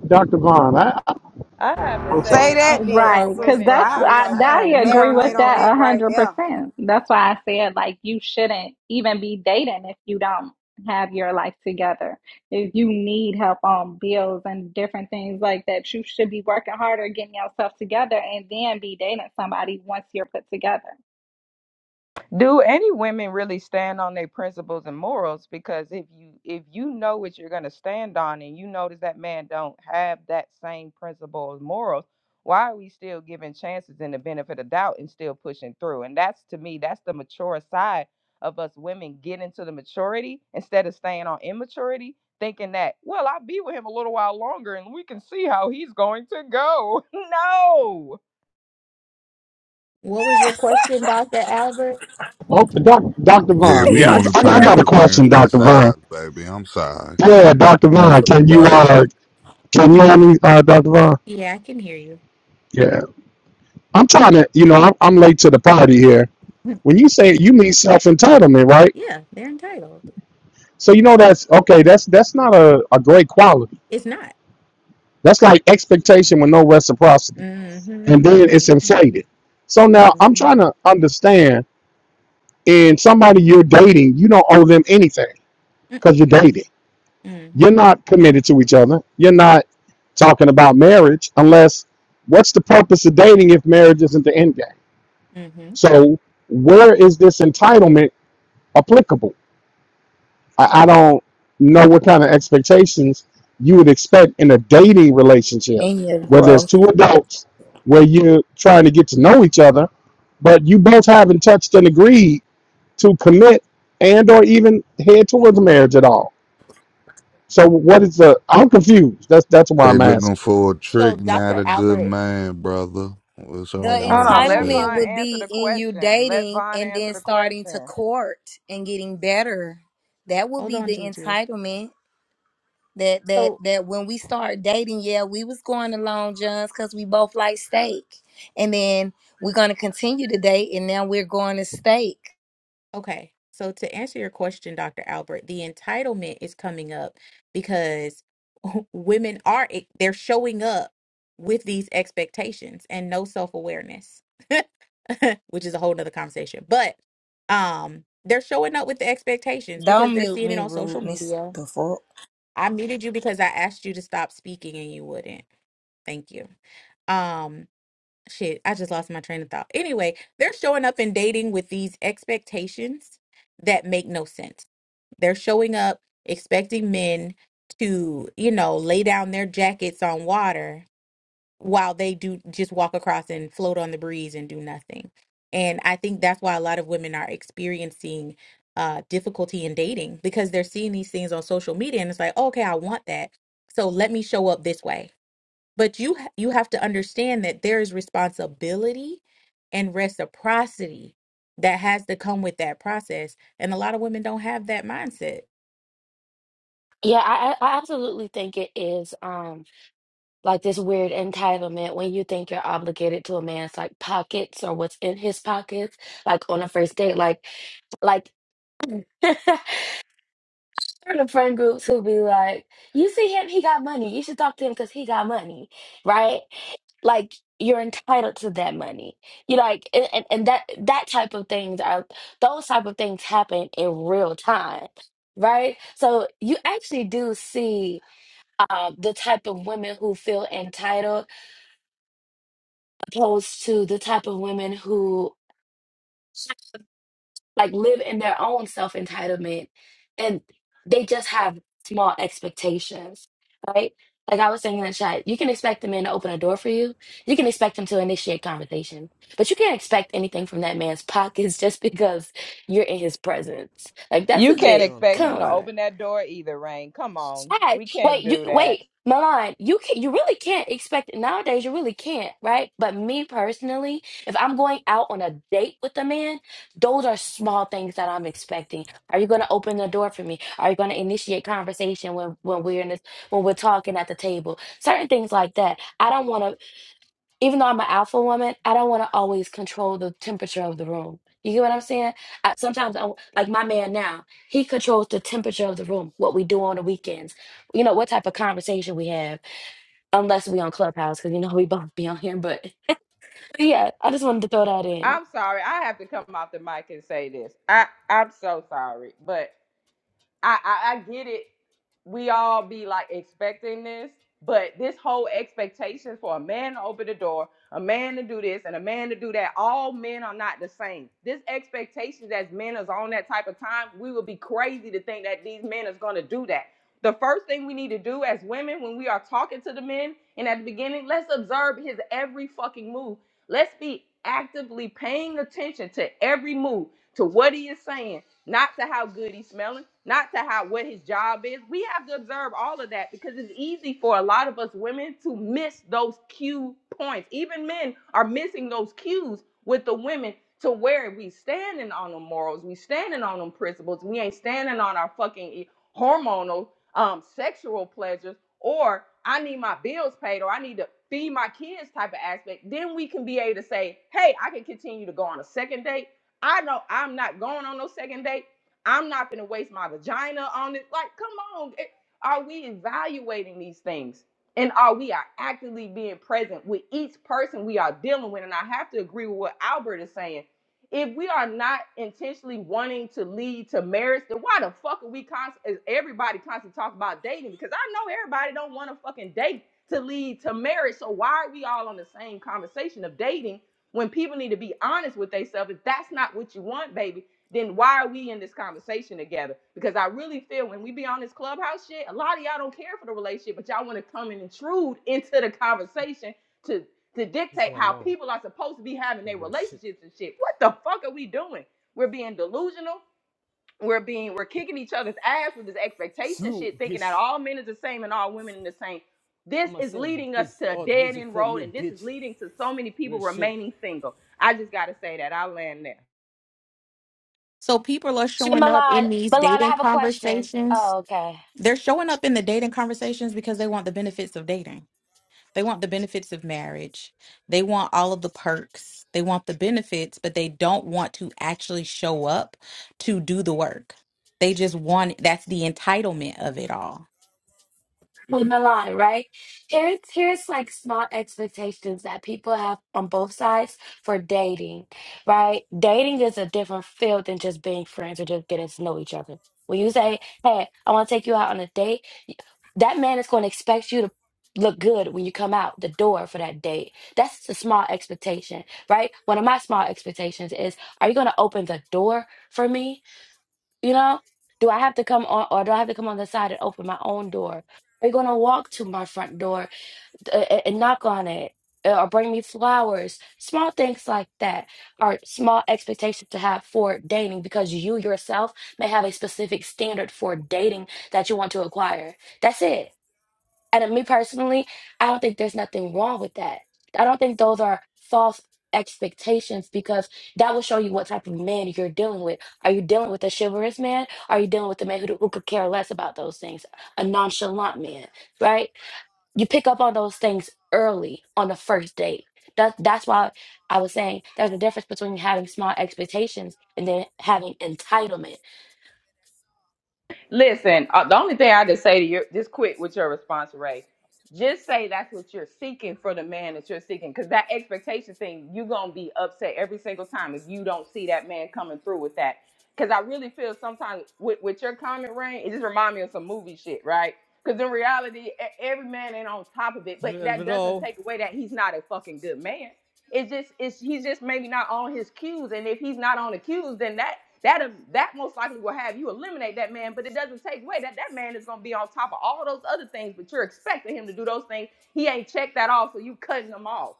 Dr. Vaughn, I, I,
I have to
I'm
say,
sorry.
Say
and
that
also
then,
our
Right, because
women,
sister.
and
that's
I'll,
also
I,
I wanted
I'll
to
I
say,
agree
our
with
marinate on
that a
that
women,
right
hundred
there.
percent. That's why I said like you shouldn't even be dating if you don't have your life together. If you need help on bills and different things like that, you should be working harder, getting yourself together, and then be dating somebody once you're put together.
do any women really stand on their principles and morals because if you if you know what you're going to stand on and you notice that man don't have that same principles morals why are we still giving chances and the benefit of doubt and still pushing through and that's to me that's the mature side of us women getting to the maturity instead of staying on immaturity thinking that well i'll be with him a little while longer and we can see how he's going to go no
What was your question, Dr. Albert?
Oh, doc, Dr.
Yeah,
Vaughn,
we
yeah,
only
I, I, I
paying
got a
for things
question,
that
Dr. Vaughn.
size, baby. I'm sorry.
Yeah,
We ain't
Dr.
paying
Vaughn,
for
can you,
nobody else.
uh, can you hear me, uh, Dr. Vaughn?
Yeah, I can hear you.
Yeah. I'm trying to, you know, I'm, I'm late to the party here. When you say you mean self-entitlement, right?
Yeah, they're entitled.
So, you know, that's, okay, that's, that's not a, a great quality.
It's not.
That's like expectation with no reciprocity.
Mm-hmm.
And then it's
Mm-hmm.
inflated. So now I'm
Mm-hmm.
trying to understand, in somebody you're dating, you don't owe them anything because
Mm-mm.
you're dating.
Mm-hmm.
You're not committed to each other. You're not talking about marriage unless what's the purpose of dating if marriage isn't the end game?
Mm-hmm.
So where is this entitlement applicable? I, I don't know what kind of expectations you would expect in a dating relationship
in your
where there's
growth.
two adults where you're trying to get to know each other, but you both haven't touched and agreed to commit and or even head towards marriage at all. So what is the I'm confused. That's that's why
They
I'm asking.
looking for a
So
trick, not
Dr.
a good
Albert,
man, brother. It's
The
hold on,
Hold
already
on,
hold on,
let
big.
entitlement
Von
would
established.
answer
be
the
in you
question. Let
dating
Von
and
answer
then
the
starting to
question.
court and getting better. That would
Hold
be
on,
the
Gigi.
entitlement. That that
So.
that when we start dating, yeah, we was going to Long John's because we both like steak, and then we're gonna continue to date, and now we're going to steak.
Okay. So to answer your question, Dr. Albert, the entitlement is coming up because women are e, they're showing up with these expectations and no self-awareness, which is a whole nother conversation. But um they're showing up with the expectations because
Don't
they're
mute
seeing it
me,
on social
rudeness.
media.
The fuck.
I muted you because I asked you to stop speaking and you wouldn't. Thank you. Um shit, I just lost my train of thought. Anyway, they're showing up and dating with these expectations that make no sense. They're showing up expecting men to, you know, lay down their jackets on water while they do just walk across and float on the breeze and do nothing. And I think that's why a lot of women are experiencing uh difficulty in dating because they're seeing these things on social media and it's like, okay, I want that. So let me show up this way but you ha- you have to understand that there is responsibility and reciprocity that has to come with that process, and a lot of women don't have that mindset.
Yeah, I I I absolutely think it is um like this weird entitlement when you think you're obligated to a man's like pockets or what's in his pockets, like on a first date, like like There are the friend groups who be like, "You see him? He got money. You should talk to him because he got money, right? Like you're entitled to that money. You like, and, and, and that that type of things are those type of things happen in real time, right? So you actually do see uh, the type of women who feel entitled opposed to the type of women who. like live in their own self entitlement and they just have small expectations, right? Like I was saying in the chat, you can expect a man to open a door for you. You can expect him to initiate conversation, but you can't expect anything from that man's pockets just because you're in his presence. Like that's
You
a
Fuck
can't
bit,
don't
expect
tell
come
him
him
to
on.
open
nigga.
that door either, Rain. Come on.
Yes.
We can't
Wait, you
do that.
wait, Milan, you can you really can't expect it nowadays you really can't, right? But me personally, if I'm going out on a date with a man, those are small things that I'm expecting. Are you gonna open the door for me? Are you gonna initiate conversation when when we're in this when we're talking at the table? Certain things like that. I don't wanna even though I'm an alpha woman, I don't want to always control the temperature of the room. You get what I'm saying? I, sometimes, I, like my man now, he controls the temperature of the room, what we do on the weekends, you know, what type of conversation we have, unless we on Clubhouse, because you know we both be on here. But, but yeah, I just wanted to throw that in.
I'm sorry. I have to come off the mic and say this. I, I'm so sorry. But I, I I get it. We all be like expecting this, but this whole expectation for a man to open the door, a man to do this, and a man to do that. All men are not the same. This expectation as men is on that type of time. We would be crazy to think that these men is going to do that. The first thing we need to do as women when we are talking to the men and at the beginning, let's observe his every fucking move. Let's be actively paying attention to every move, to what he is saying, not to how good he's smelling, not to how what his job is. We have to observe all of that because it's easy for a lot of us women to miss those cue points. Even men are missing those cues with the women to where we standing on them morals, we standing on them principles, we ain't standing on our fucking e, hormonal um sexual pleasures or I need my bills paid or I need to feed my kids type of aspect, then we can be able to say, hey, I can continue to go on a second date I know I'm not going on no second date. I'm not gonna waste my vagina on it. Like, come on. It- are we evaluating these things? And are we are actively being present with each person we are dealing with? And I have to agree with what Albert is saying. If we are not intentionally wanting to lead to marriage, then why the fuck are we constantly? everybody constantly talking about dating? Because I know everybody don't want to fucking date to lead to marriage. So why are we all on the same conversation of dating when people need to be honest with themselves, if that's not what you want, baby, then why are we in this conversation together? Because I really feel when we be on this clubhouse shit, a lot of y'all don't care for the relationship, but y'all want to come and intrude into the conversation to to
Bitch is
dictate how
alone.
people are supposed to be having
Don't
their
give a shit.
relationships and shit. What the fuck are we doing? We're being delusional we're being we're kicking each other's ass with this expectation
Slew,
shit, thinking that
bitch.
all men is the same and all women are the same. This
I'ma
is
sing
leading us
this
to a
old
dead
music
end
for
road,
you,
and this is
bitch.
leading to so many people
Real shit.
remaining single. I just gotta say that I land there.
So people are
Shit,
showing up
Milan,
in these
Milan, I
dating
have a question.
conversations.
Oh, okay.
They're showing up in the dating conversations because they want the benefits of dating. They want the benefits of marriage. They want all of the perks. They want the benefits, but they don't want to actually show up to do the work. They just want that's the entitlement of it all.
with Milan, right? Here's here's like small expectations that people have on both sides for dating, right? Dating is a different field than just being friends or just getting to know each other. When you say, "Hey, I want to take you out on a date," y- that man is going to expect you to look good when you come out the door for that date. That's a small expectation, right? One of my small expectations is, "Are you going to open the door for me?" You know, do I have to come on, or do I have to come on the side and open my own door? They're gonna walk to my front door uh, and, and knock on it, uh, or bring me flowers. Small things like that are small expectations to have for dating because you yourself may have a specific standard for dating that you want to acquire. That's it. And uh, me personally, I don't think there's nothing wrong with that. I don't think those are false expectations because that will show you what type of man you're dealing with. Are you dealing with a chivalrous man? Are you dealing with a man who, who could care less about those things? A nonchalant man, right? You pick up on those things early on the first date. That, that's why I was saying there's a difference between having small expectations and then having entitlement.
Listen, uh, the only thing I just say to you, just quit with your response, Ray. Just say that's what you're seeking for the man that you're seeking, because that expectation thing, you're gonna be upset every single time if you don't see that man coming through with that. Because I really feel sometimes with, with your comment, Ray, it just remind me of some movie shit, right? Because in reality, e- every man ain't on top of it, but
Real
that doesn't
bro.
take away that he's not a fucking good man. It's just it's he's just maybe not on his cues, and if he's not on the cues, then that that um, that most likely will have you eliminate that man, but it doesn't take away that that man is going to be on top of all those other things. But you're expecting him to do those things. He ain't checked that off, so you cutting them off.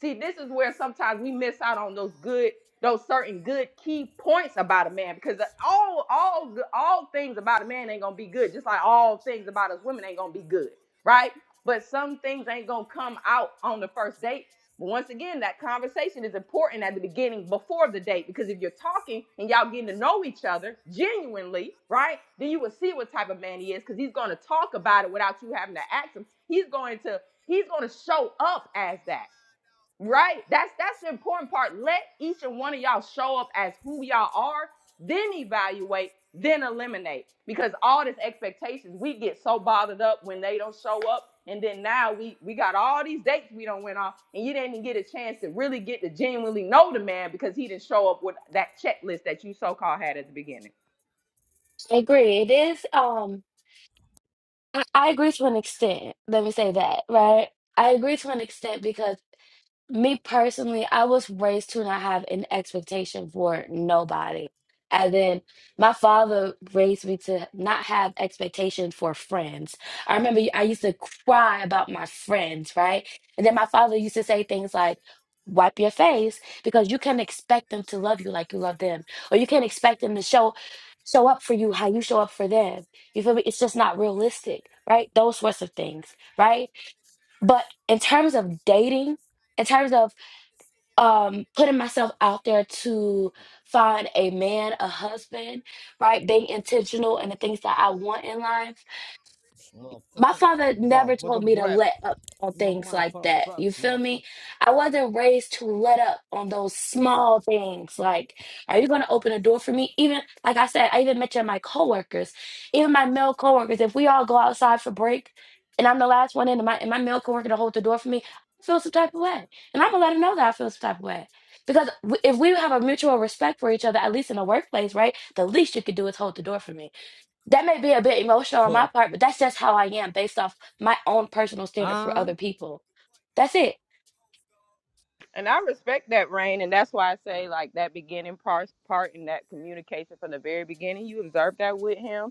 See, this is where sometimes we miss out on those good, those certain good key points about a man because all all all things about a man ain't gonna be good, just like all things about us women ain't gonna be good, right? But some things ain't gonna come out on the first date but once again, that conversation is important at the beginning before the date because if you're talking and y'all getting to know each other genuinely, right? Then you will see what type of man he is because he's going to talk about it without you having to ask him. He's going to he's going to show up as that. Right? That's that's the important part. Let each and one of y'all show up as who y'all are, then evaluate, then eliminate. Because all these expectations, we get so bothered up when they don't show up. And then now we we got all these dates we don't went off, and you didn't even get a chance to really get to genuinely know the man because he didn't show up with that checklist that you so called had at the beginning.
I agree. It is. Um, I, I agree to an extent. Let me say that, right? I agree to an extent because me personally, I was raised to not have an expectation for nobody. And then my father raised me to not have expectations for friends. I remember I used to cry about my friends, right? And then my father used to say things like, wipe your face because you can't expect them to love you like you love them. Or you can't expect them to show show up for you how you show up for them. You feel me? It's just not realistic, right? Those sorts of things, right? But in terms of dating, in terms of um putting myself out there to find a man a husband right being intentional and the things that i want in life my
Motherfucker.
father
Bob,
never
what the
told me to
rap?
let up on
In my
things
mind
like
for
that.
a rap,
You feel
motherfucker.
me? I wasn't raised to let up on those small things. Like, are you going to open a door for me? Even, like I said, I even mentioned my coworkers, even my male coworkers. If we all go outside for break and I'm the last one in, and my, and my male coworker to hold the door for me, I feel some type of way. And I'm going to let him know that I feel some type of way. Because w- if we have a mutual respect for each other, at least in the workplace, right? The least you could do is hold the door for me that may be a bit emotional on my
Fuck.
part, but that's just how I am based off my own personal standard for
Ah.
other people. That's it.
And I respect that, Rain, and that's why I say like that beginning part part and that communication from the very beginning. You observed that with him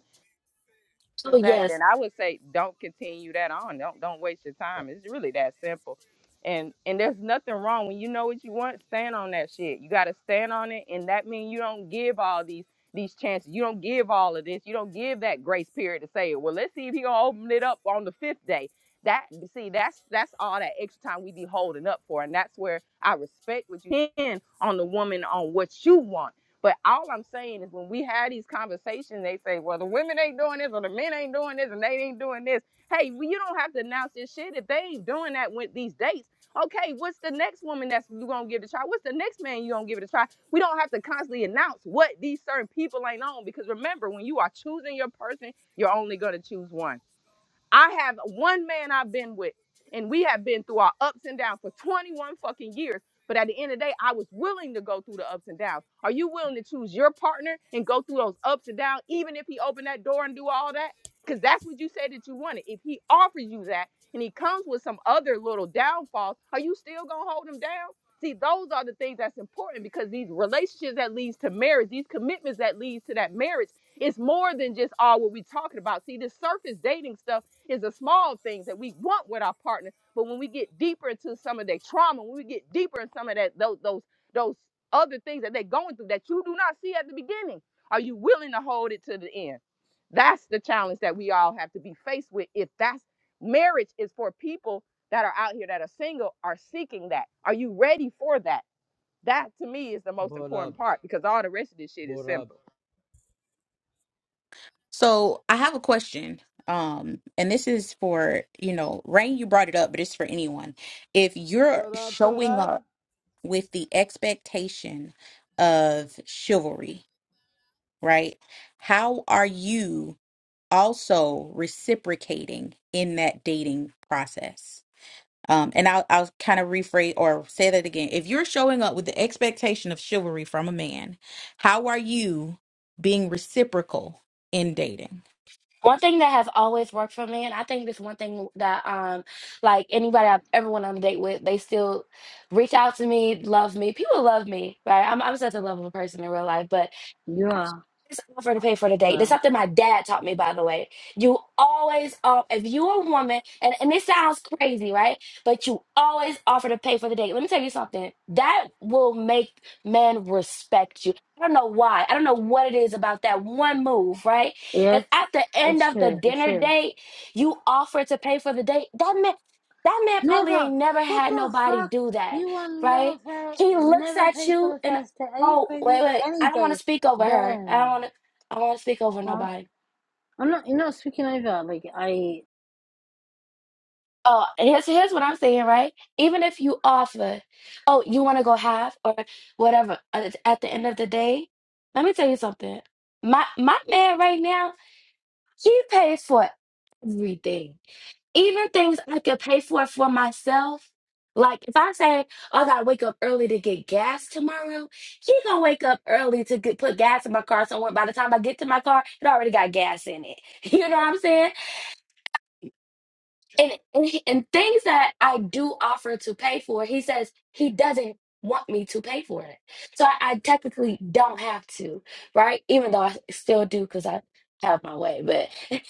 So
as that, then
yes,
I would say don't continue that on. Don't don't waste your
Uh,
time. It's really that simple. And and there's nothing wrong when you know what you want, stand on that shit. You gotta stand on it, and that means you don't give all these these chances. You don't give all of this. You don't give that grace period to say, well, let's see if he gonna open it up on the fifth day. That see, that's that's all that extra time we be holding up for. And that's where I respect what you can on the woman on what you want but all I'm saying is when we have these conversations, they say, well, the women ain't doing this or the men ain't doing this and they ain't doing this. Hey, well, you don't have to announce this shit if they ain't doing that with these dates. Okay, what's the next woman that's you gonna give it a try? What's the next man you gonna give it a try? We don't have to constantly announce what these certain people ain't on because remember, when you are choosing your person, you're only gonna choose one. I have one man I've been with, and we have been through our ups and downs for 21 fucking years. But at the end of the day, I was willing to go through the ups and downs. Are you willing to choose your partner and go through those ups and downs, even if he opened that door and do all that? Because that's what you said that you wanted. If he offers you that and he comes with some other little downfalls, are you still gonna hold him down? See, those are the things that's important because these relationships that leads to marriage, these commitments that leads to that marriage, it's more than just all what we talking about. See, this surface dating stuff is the small things that we want with our partner. But when we get deeper into some of their trauma, when we get deeper in some of that those those those other things that they're going through that you do not see at the beginning, are you willing to hold it to the end? That's the challenge that we all have to be faced with. If that's marriage is for people that are out here that are single are seeking that. Are you ready for that? That to me is the most
Bora,
important part because all the rest of this shit is
bora,
simple.
So I have a question. Um, and this is for, you know, Rain, you brought it up, but it's for anyone. If you're
tarab,
showing
tarab.
up with the expectation of chivalry, right? How are you also reciprocating in that dating process? Um, and I'll I'll kind of rephrase or say that again. If you're showing up with the expectation of chivalry from a man, how are you being reciprocal in dating?
one thing that has always worked for me, and I think this one thing that um like anybody I've ever went on a date with, they still reach out to me, love me. People love me, right? I'm I'm such a lovable person in real life, but
You are
always offer to pay for the date. That's
fuck.
something my dad taught me, by the way. You always, uh, if you're a woman, and, and this sounds crazy, right? But you always offer to pay for the date. Let me tell you something. That will make men respect you. I don't know why. I don't know what it is about that one move, right? If
Yes,
at the end
it's
of the
true. It's
dinner
true.
date, you offer to pay for the date, that man, that man probably ain't
Never.
never
What
had
the
nobody
fuck?
do that,
You will
right?
never pay.
He looks
Never
at
pay for
you
the
and
first date. Are you
Oh, wait,
crazy?
wait.
Any
I don't want
date,
to speak over her. I don't want
damn.
to. I don't want to speak over
Huh?
nobody.
I'm not. You're not speaking over. Like I.
Oh, here's here's what I'm saying, right? Even if you offer, oh, you want to go half or whatever. At at the end of the day, let me tell you something. My my man right now, he pays for everything. even things I could pay for for myself. Like if I say, "Oh, I gotta wake up early to get gas tomorrow," he gonna wake up early to get, put gas in my car. So when- by the time I get to my car, it already got gas in it. You know what I'm saying? And and, he- and things that I do offer to pay for, he says he doesn't want me to pay for it. So I, I technically don't have to, right? Even though I still do because I have my way. But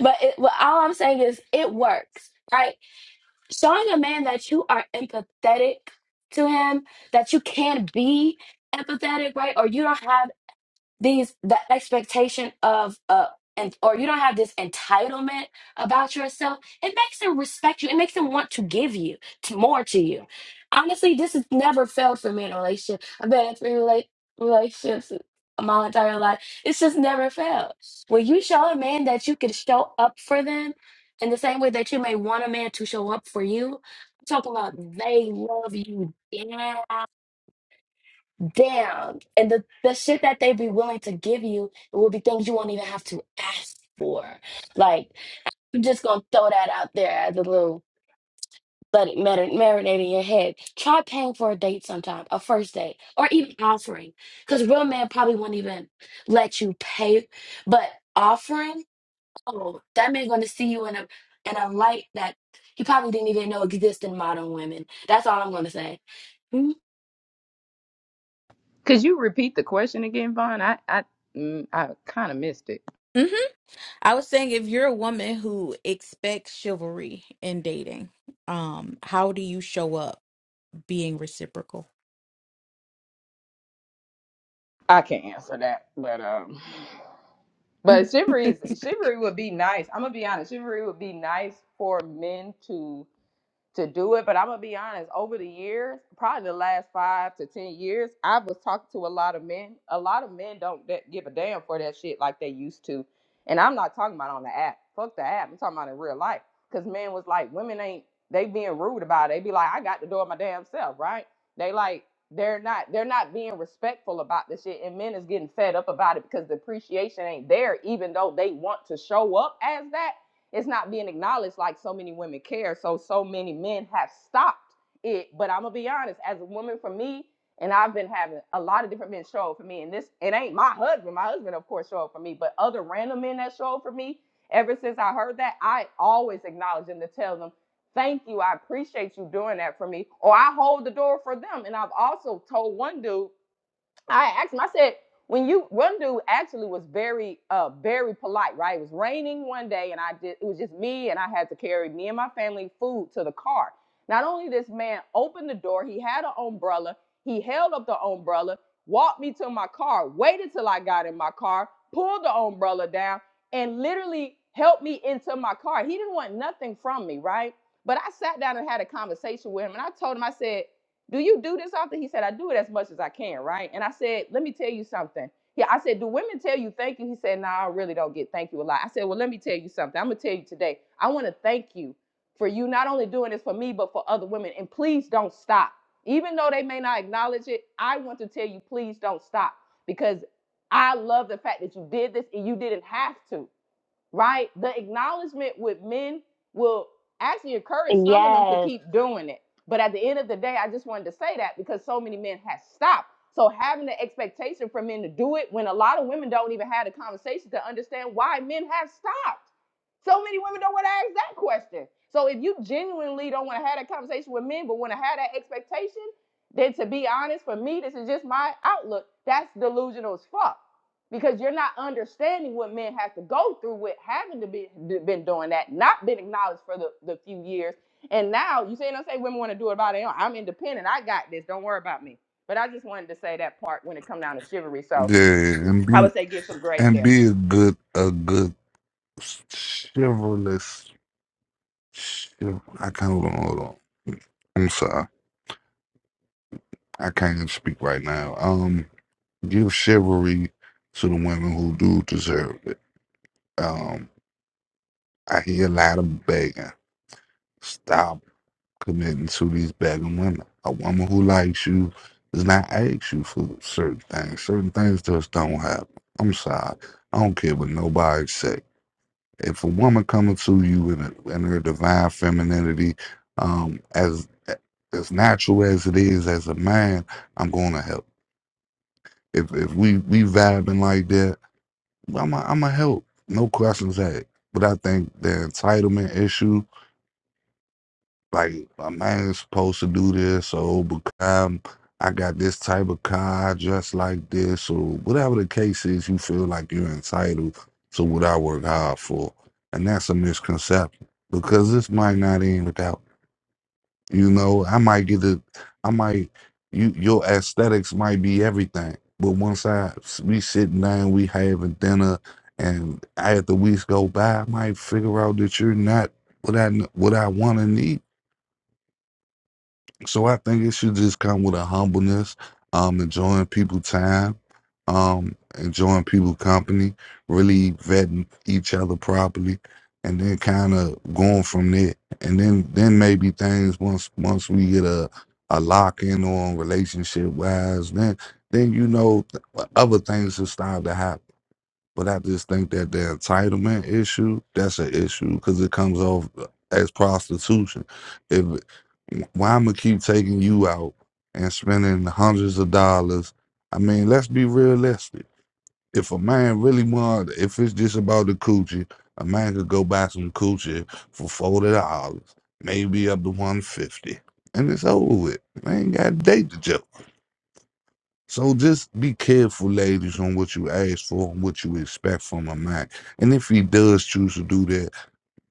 but it, but all I'm saying is it works, right? showing a man that you are empathetic to him, that you can be empathetic, right? Or you don't have these the expectation of uh and or you don't have this entitlement about yourself it makes them respect you it makes them want to give you to more to you honestly this has never failed for me in a relationship i've been in three rela- relationships my entire life it's just never failed when you show a man that you can show up for them in the same way that you may want a man to show up for you i'm talking about they love you down Damn. And the, the shit that they be willing to give you will be things you won't even have to ask for. Like, I'm just gonna throw that out there as a little let it marinate, marinate in your head. Try paying for a date sometime, a first date, or even offering. Because real men probably won't even let you pay. But offering, oh, that man gonna see you in a in a light that he probably didn't even know existed in modern women. That's all I'm gonna say. Mhm.
Could you repeat the question again, Vaughn? I I mm, I kind of missed it.
Mm-hmm. I was saying if you're a woman who expects chivalry in dating, um, how do you show up being reciprocal?
I can't answer that, but um, but chivalry is
All
chivalry would be nice. I'm gonna be honest. Chivalry would be nice for men to to do it. But I'm gonna be honest, over the years, probably the last five to ten years, I was talking to a lot of men. A lot of men don't that give a damn for that shit like they used to. And I'm not talking about on the app. Fuck the app. I'm talking about in real life. Cause men was like, women ain't they being rude about it. They be like, I got the door my damn self, right? They like they're not they're not being respectful about this shit and men is getting fed up about it because the appreciation ain't there even though they want to show up as that it's not being acknowledged like so many women care. So so many men have stopped it. But I'm gonna be honest, as a woman for me, and I've been having a lot of different men show up for me. And this it ain't my husband. My husband, of course, show up for me, but other random men that show up for me, ever since I heard that, I always acknowledge them to tell them, thank you, I appreciate you doing that for me. Or I hold the door for them. And I've also told one dude I asked him, I said, when you one dude actually was very uh very polite, right? It was raining one day and I did it was just me and I had to carry me and my family food to the car. Not only this man opened the door, he had an umbrella, he held up the umbrella, walked me to my car, waited till I got in my car, pulled the umbrella down, and literally helped me into my car. He didn't want nothing from me, right? But I sat down and had a conversation with him and I told him, I said, do you do this often? He said, I do it as much as I can, right? And I said, let me tell you something. Yeah, I said, do women tell you thank you? He said, no, I really don't get thank you a lot. I said, well, let me tell you something. I'm gonna tell you today. I want to thank you for you not only doing this for me, but for other women. And please don't stop. Even though they may not acknowledge it, I want to tell you, please don't stop because I love the fact that you did this and you didn't have to right? The acknowledgement with men will actually encourage some of them to
Yes.
keep doing it. But at the end of the day, I just wanted to say that because so many men have stopped. So having the expectation for men to do it when a lot of women don't even have the conversation to understand why men have stopped. So many women don't want to ask that question. So if you genuinely don't want to have that conversation with men, but want to have that expectation, then to be honest, for me, this is just my outlook. That's delusional as fuck because you're not understanding what men have to go through with having to be been doing that, not been acknowledged for the, the few years. And now you say, and I say women want to do it by their own. I'm independent. I got this. Don't worry about me. But I just wanted to say that part when it come down to chivalry. So
Yeah, and
I
be
would say give some grace
and
there.
be a good a good chivalrous. chiv- I can't hold on, hold on. I'm sorry, I can't even speak right now. Um, give chivalry to the women who do deserve it. Um, I hear a lot of begging. Stop committing to these begging women. A woman who likes you does not ask you for certain things. Certain things just don't happen. I'm sorry. I don't care what nobody say. If a woman coming to you in, a, in her divine femininity, um, as as natural as it is as a man, I'm gonna help. If if we we vibing like that, I'm a, I'm a help. No questions asked. But I think the entitlement issue like a man's supposed to do this or become I got this type of car just like this or whatever the case is you feel like you're entitled to what I work hard for. And that's a misconception because this might not end without you know, I might get the I might you your aesthetics might be everything. But once I we sitting down, we having dinner and after weeks go by, I might figure out that you're not what I what I want to need so I think it should just come with a humbleness, um, enjoying people time, um, enjoying people company, really vetting each other properly, and then kind of going from there. And then then maybe things once once we get a a lock in on relationship wise, then then you know th- other things will start to happen. But I just think that the entitlement issue, that's an issue because it comes off as prostitution. If why I'm gonna keep taking you out and spending hundreds of dollars. I mean, let's be realistic. If a man really want, if it's just about the coochie, a man could go buy some coochie for forty dollars, maybe up to one fifty, and it's over with. Man ain't got to date the joke. So just be careful, ladies, on what you ask for and what you expect from a man. And if he does choose to do that,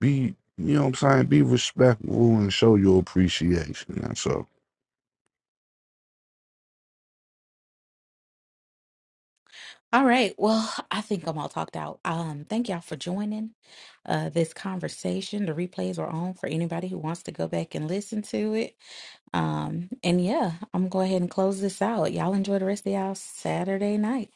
be you know what I'm saying, be respectful and show your appreciation. That's all.
right. Well, I think I'm all talked out. Um, thank y'all for joining uh this conversation. The replays are on for anybody who wants to go back and listen to it. Um, and yeah, I'm gonna go ahead and close this out. Y'all enjoy the rest of y'all Saturday night.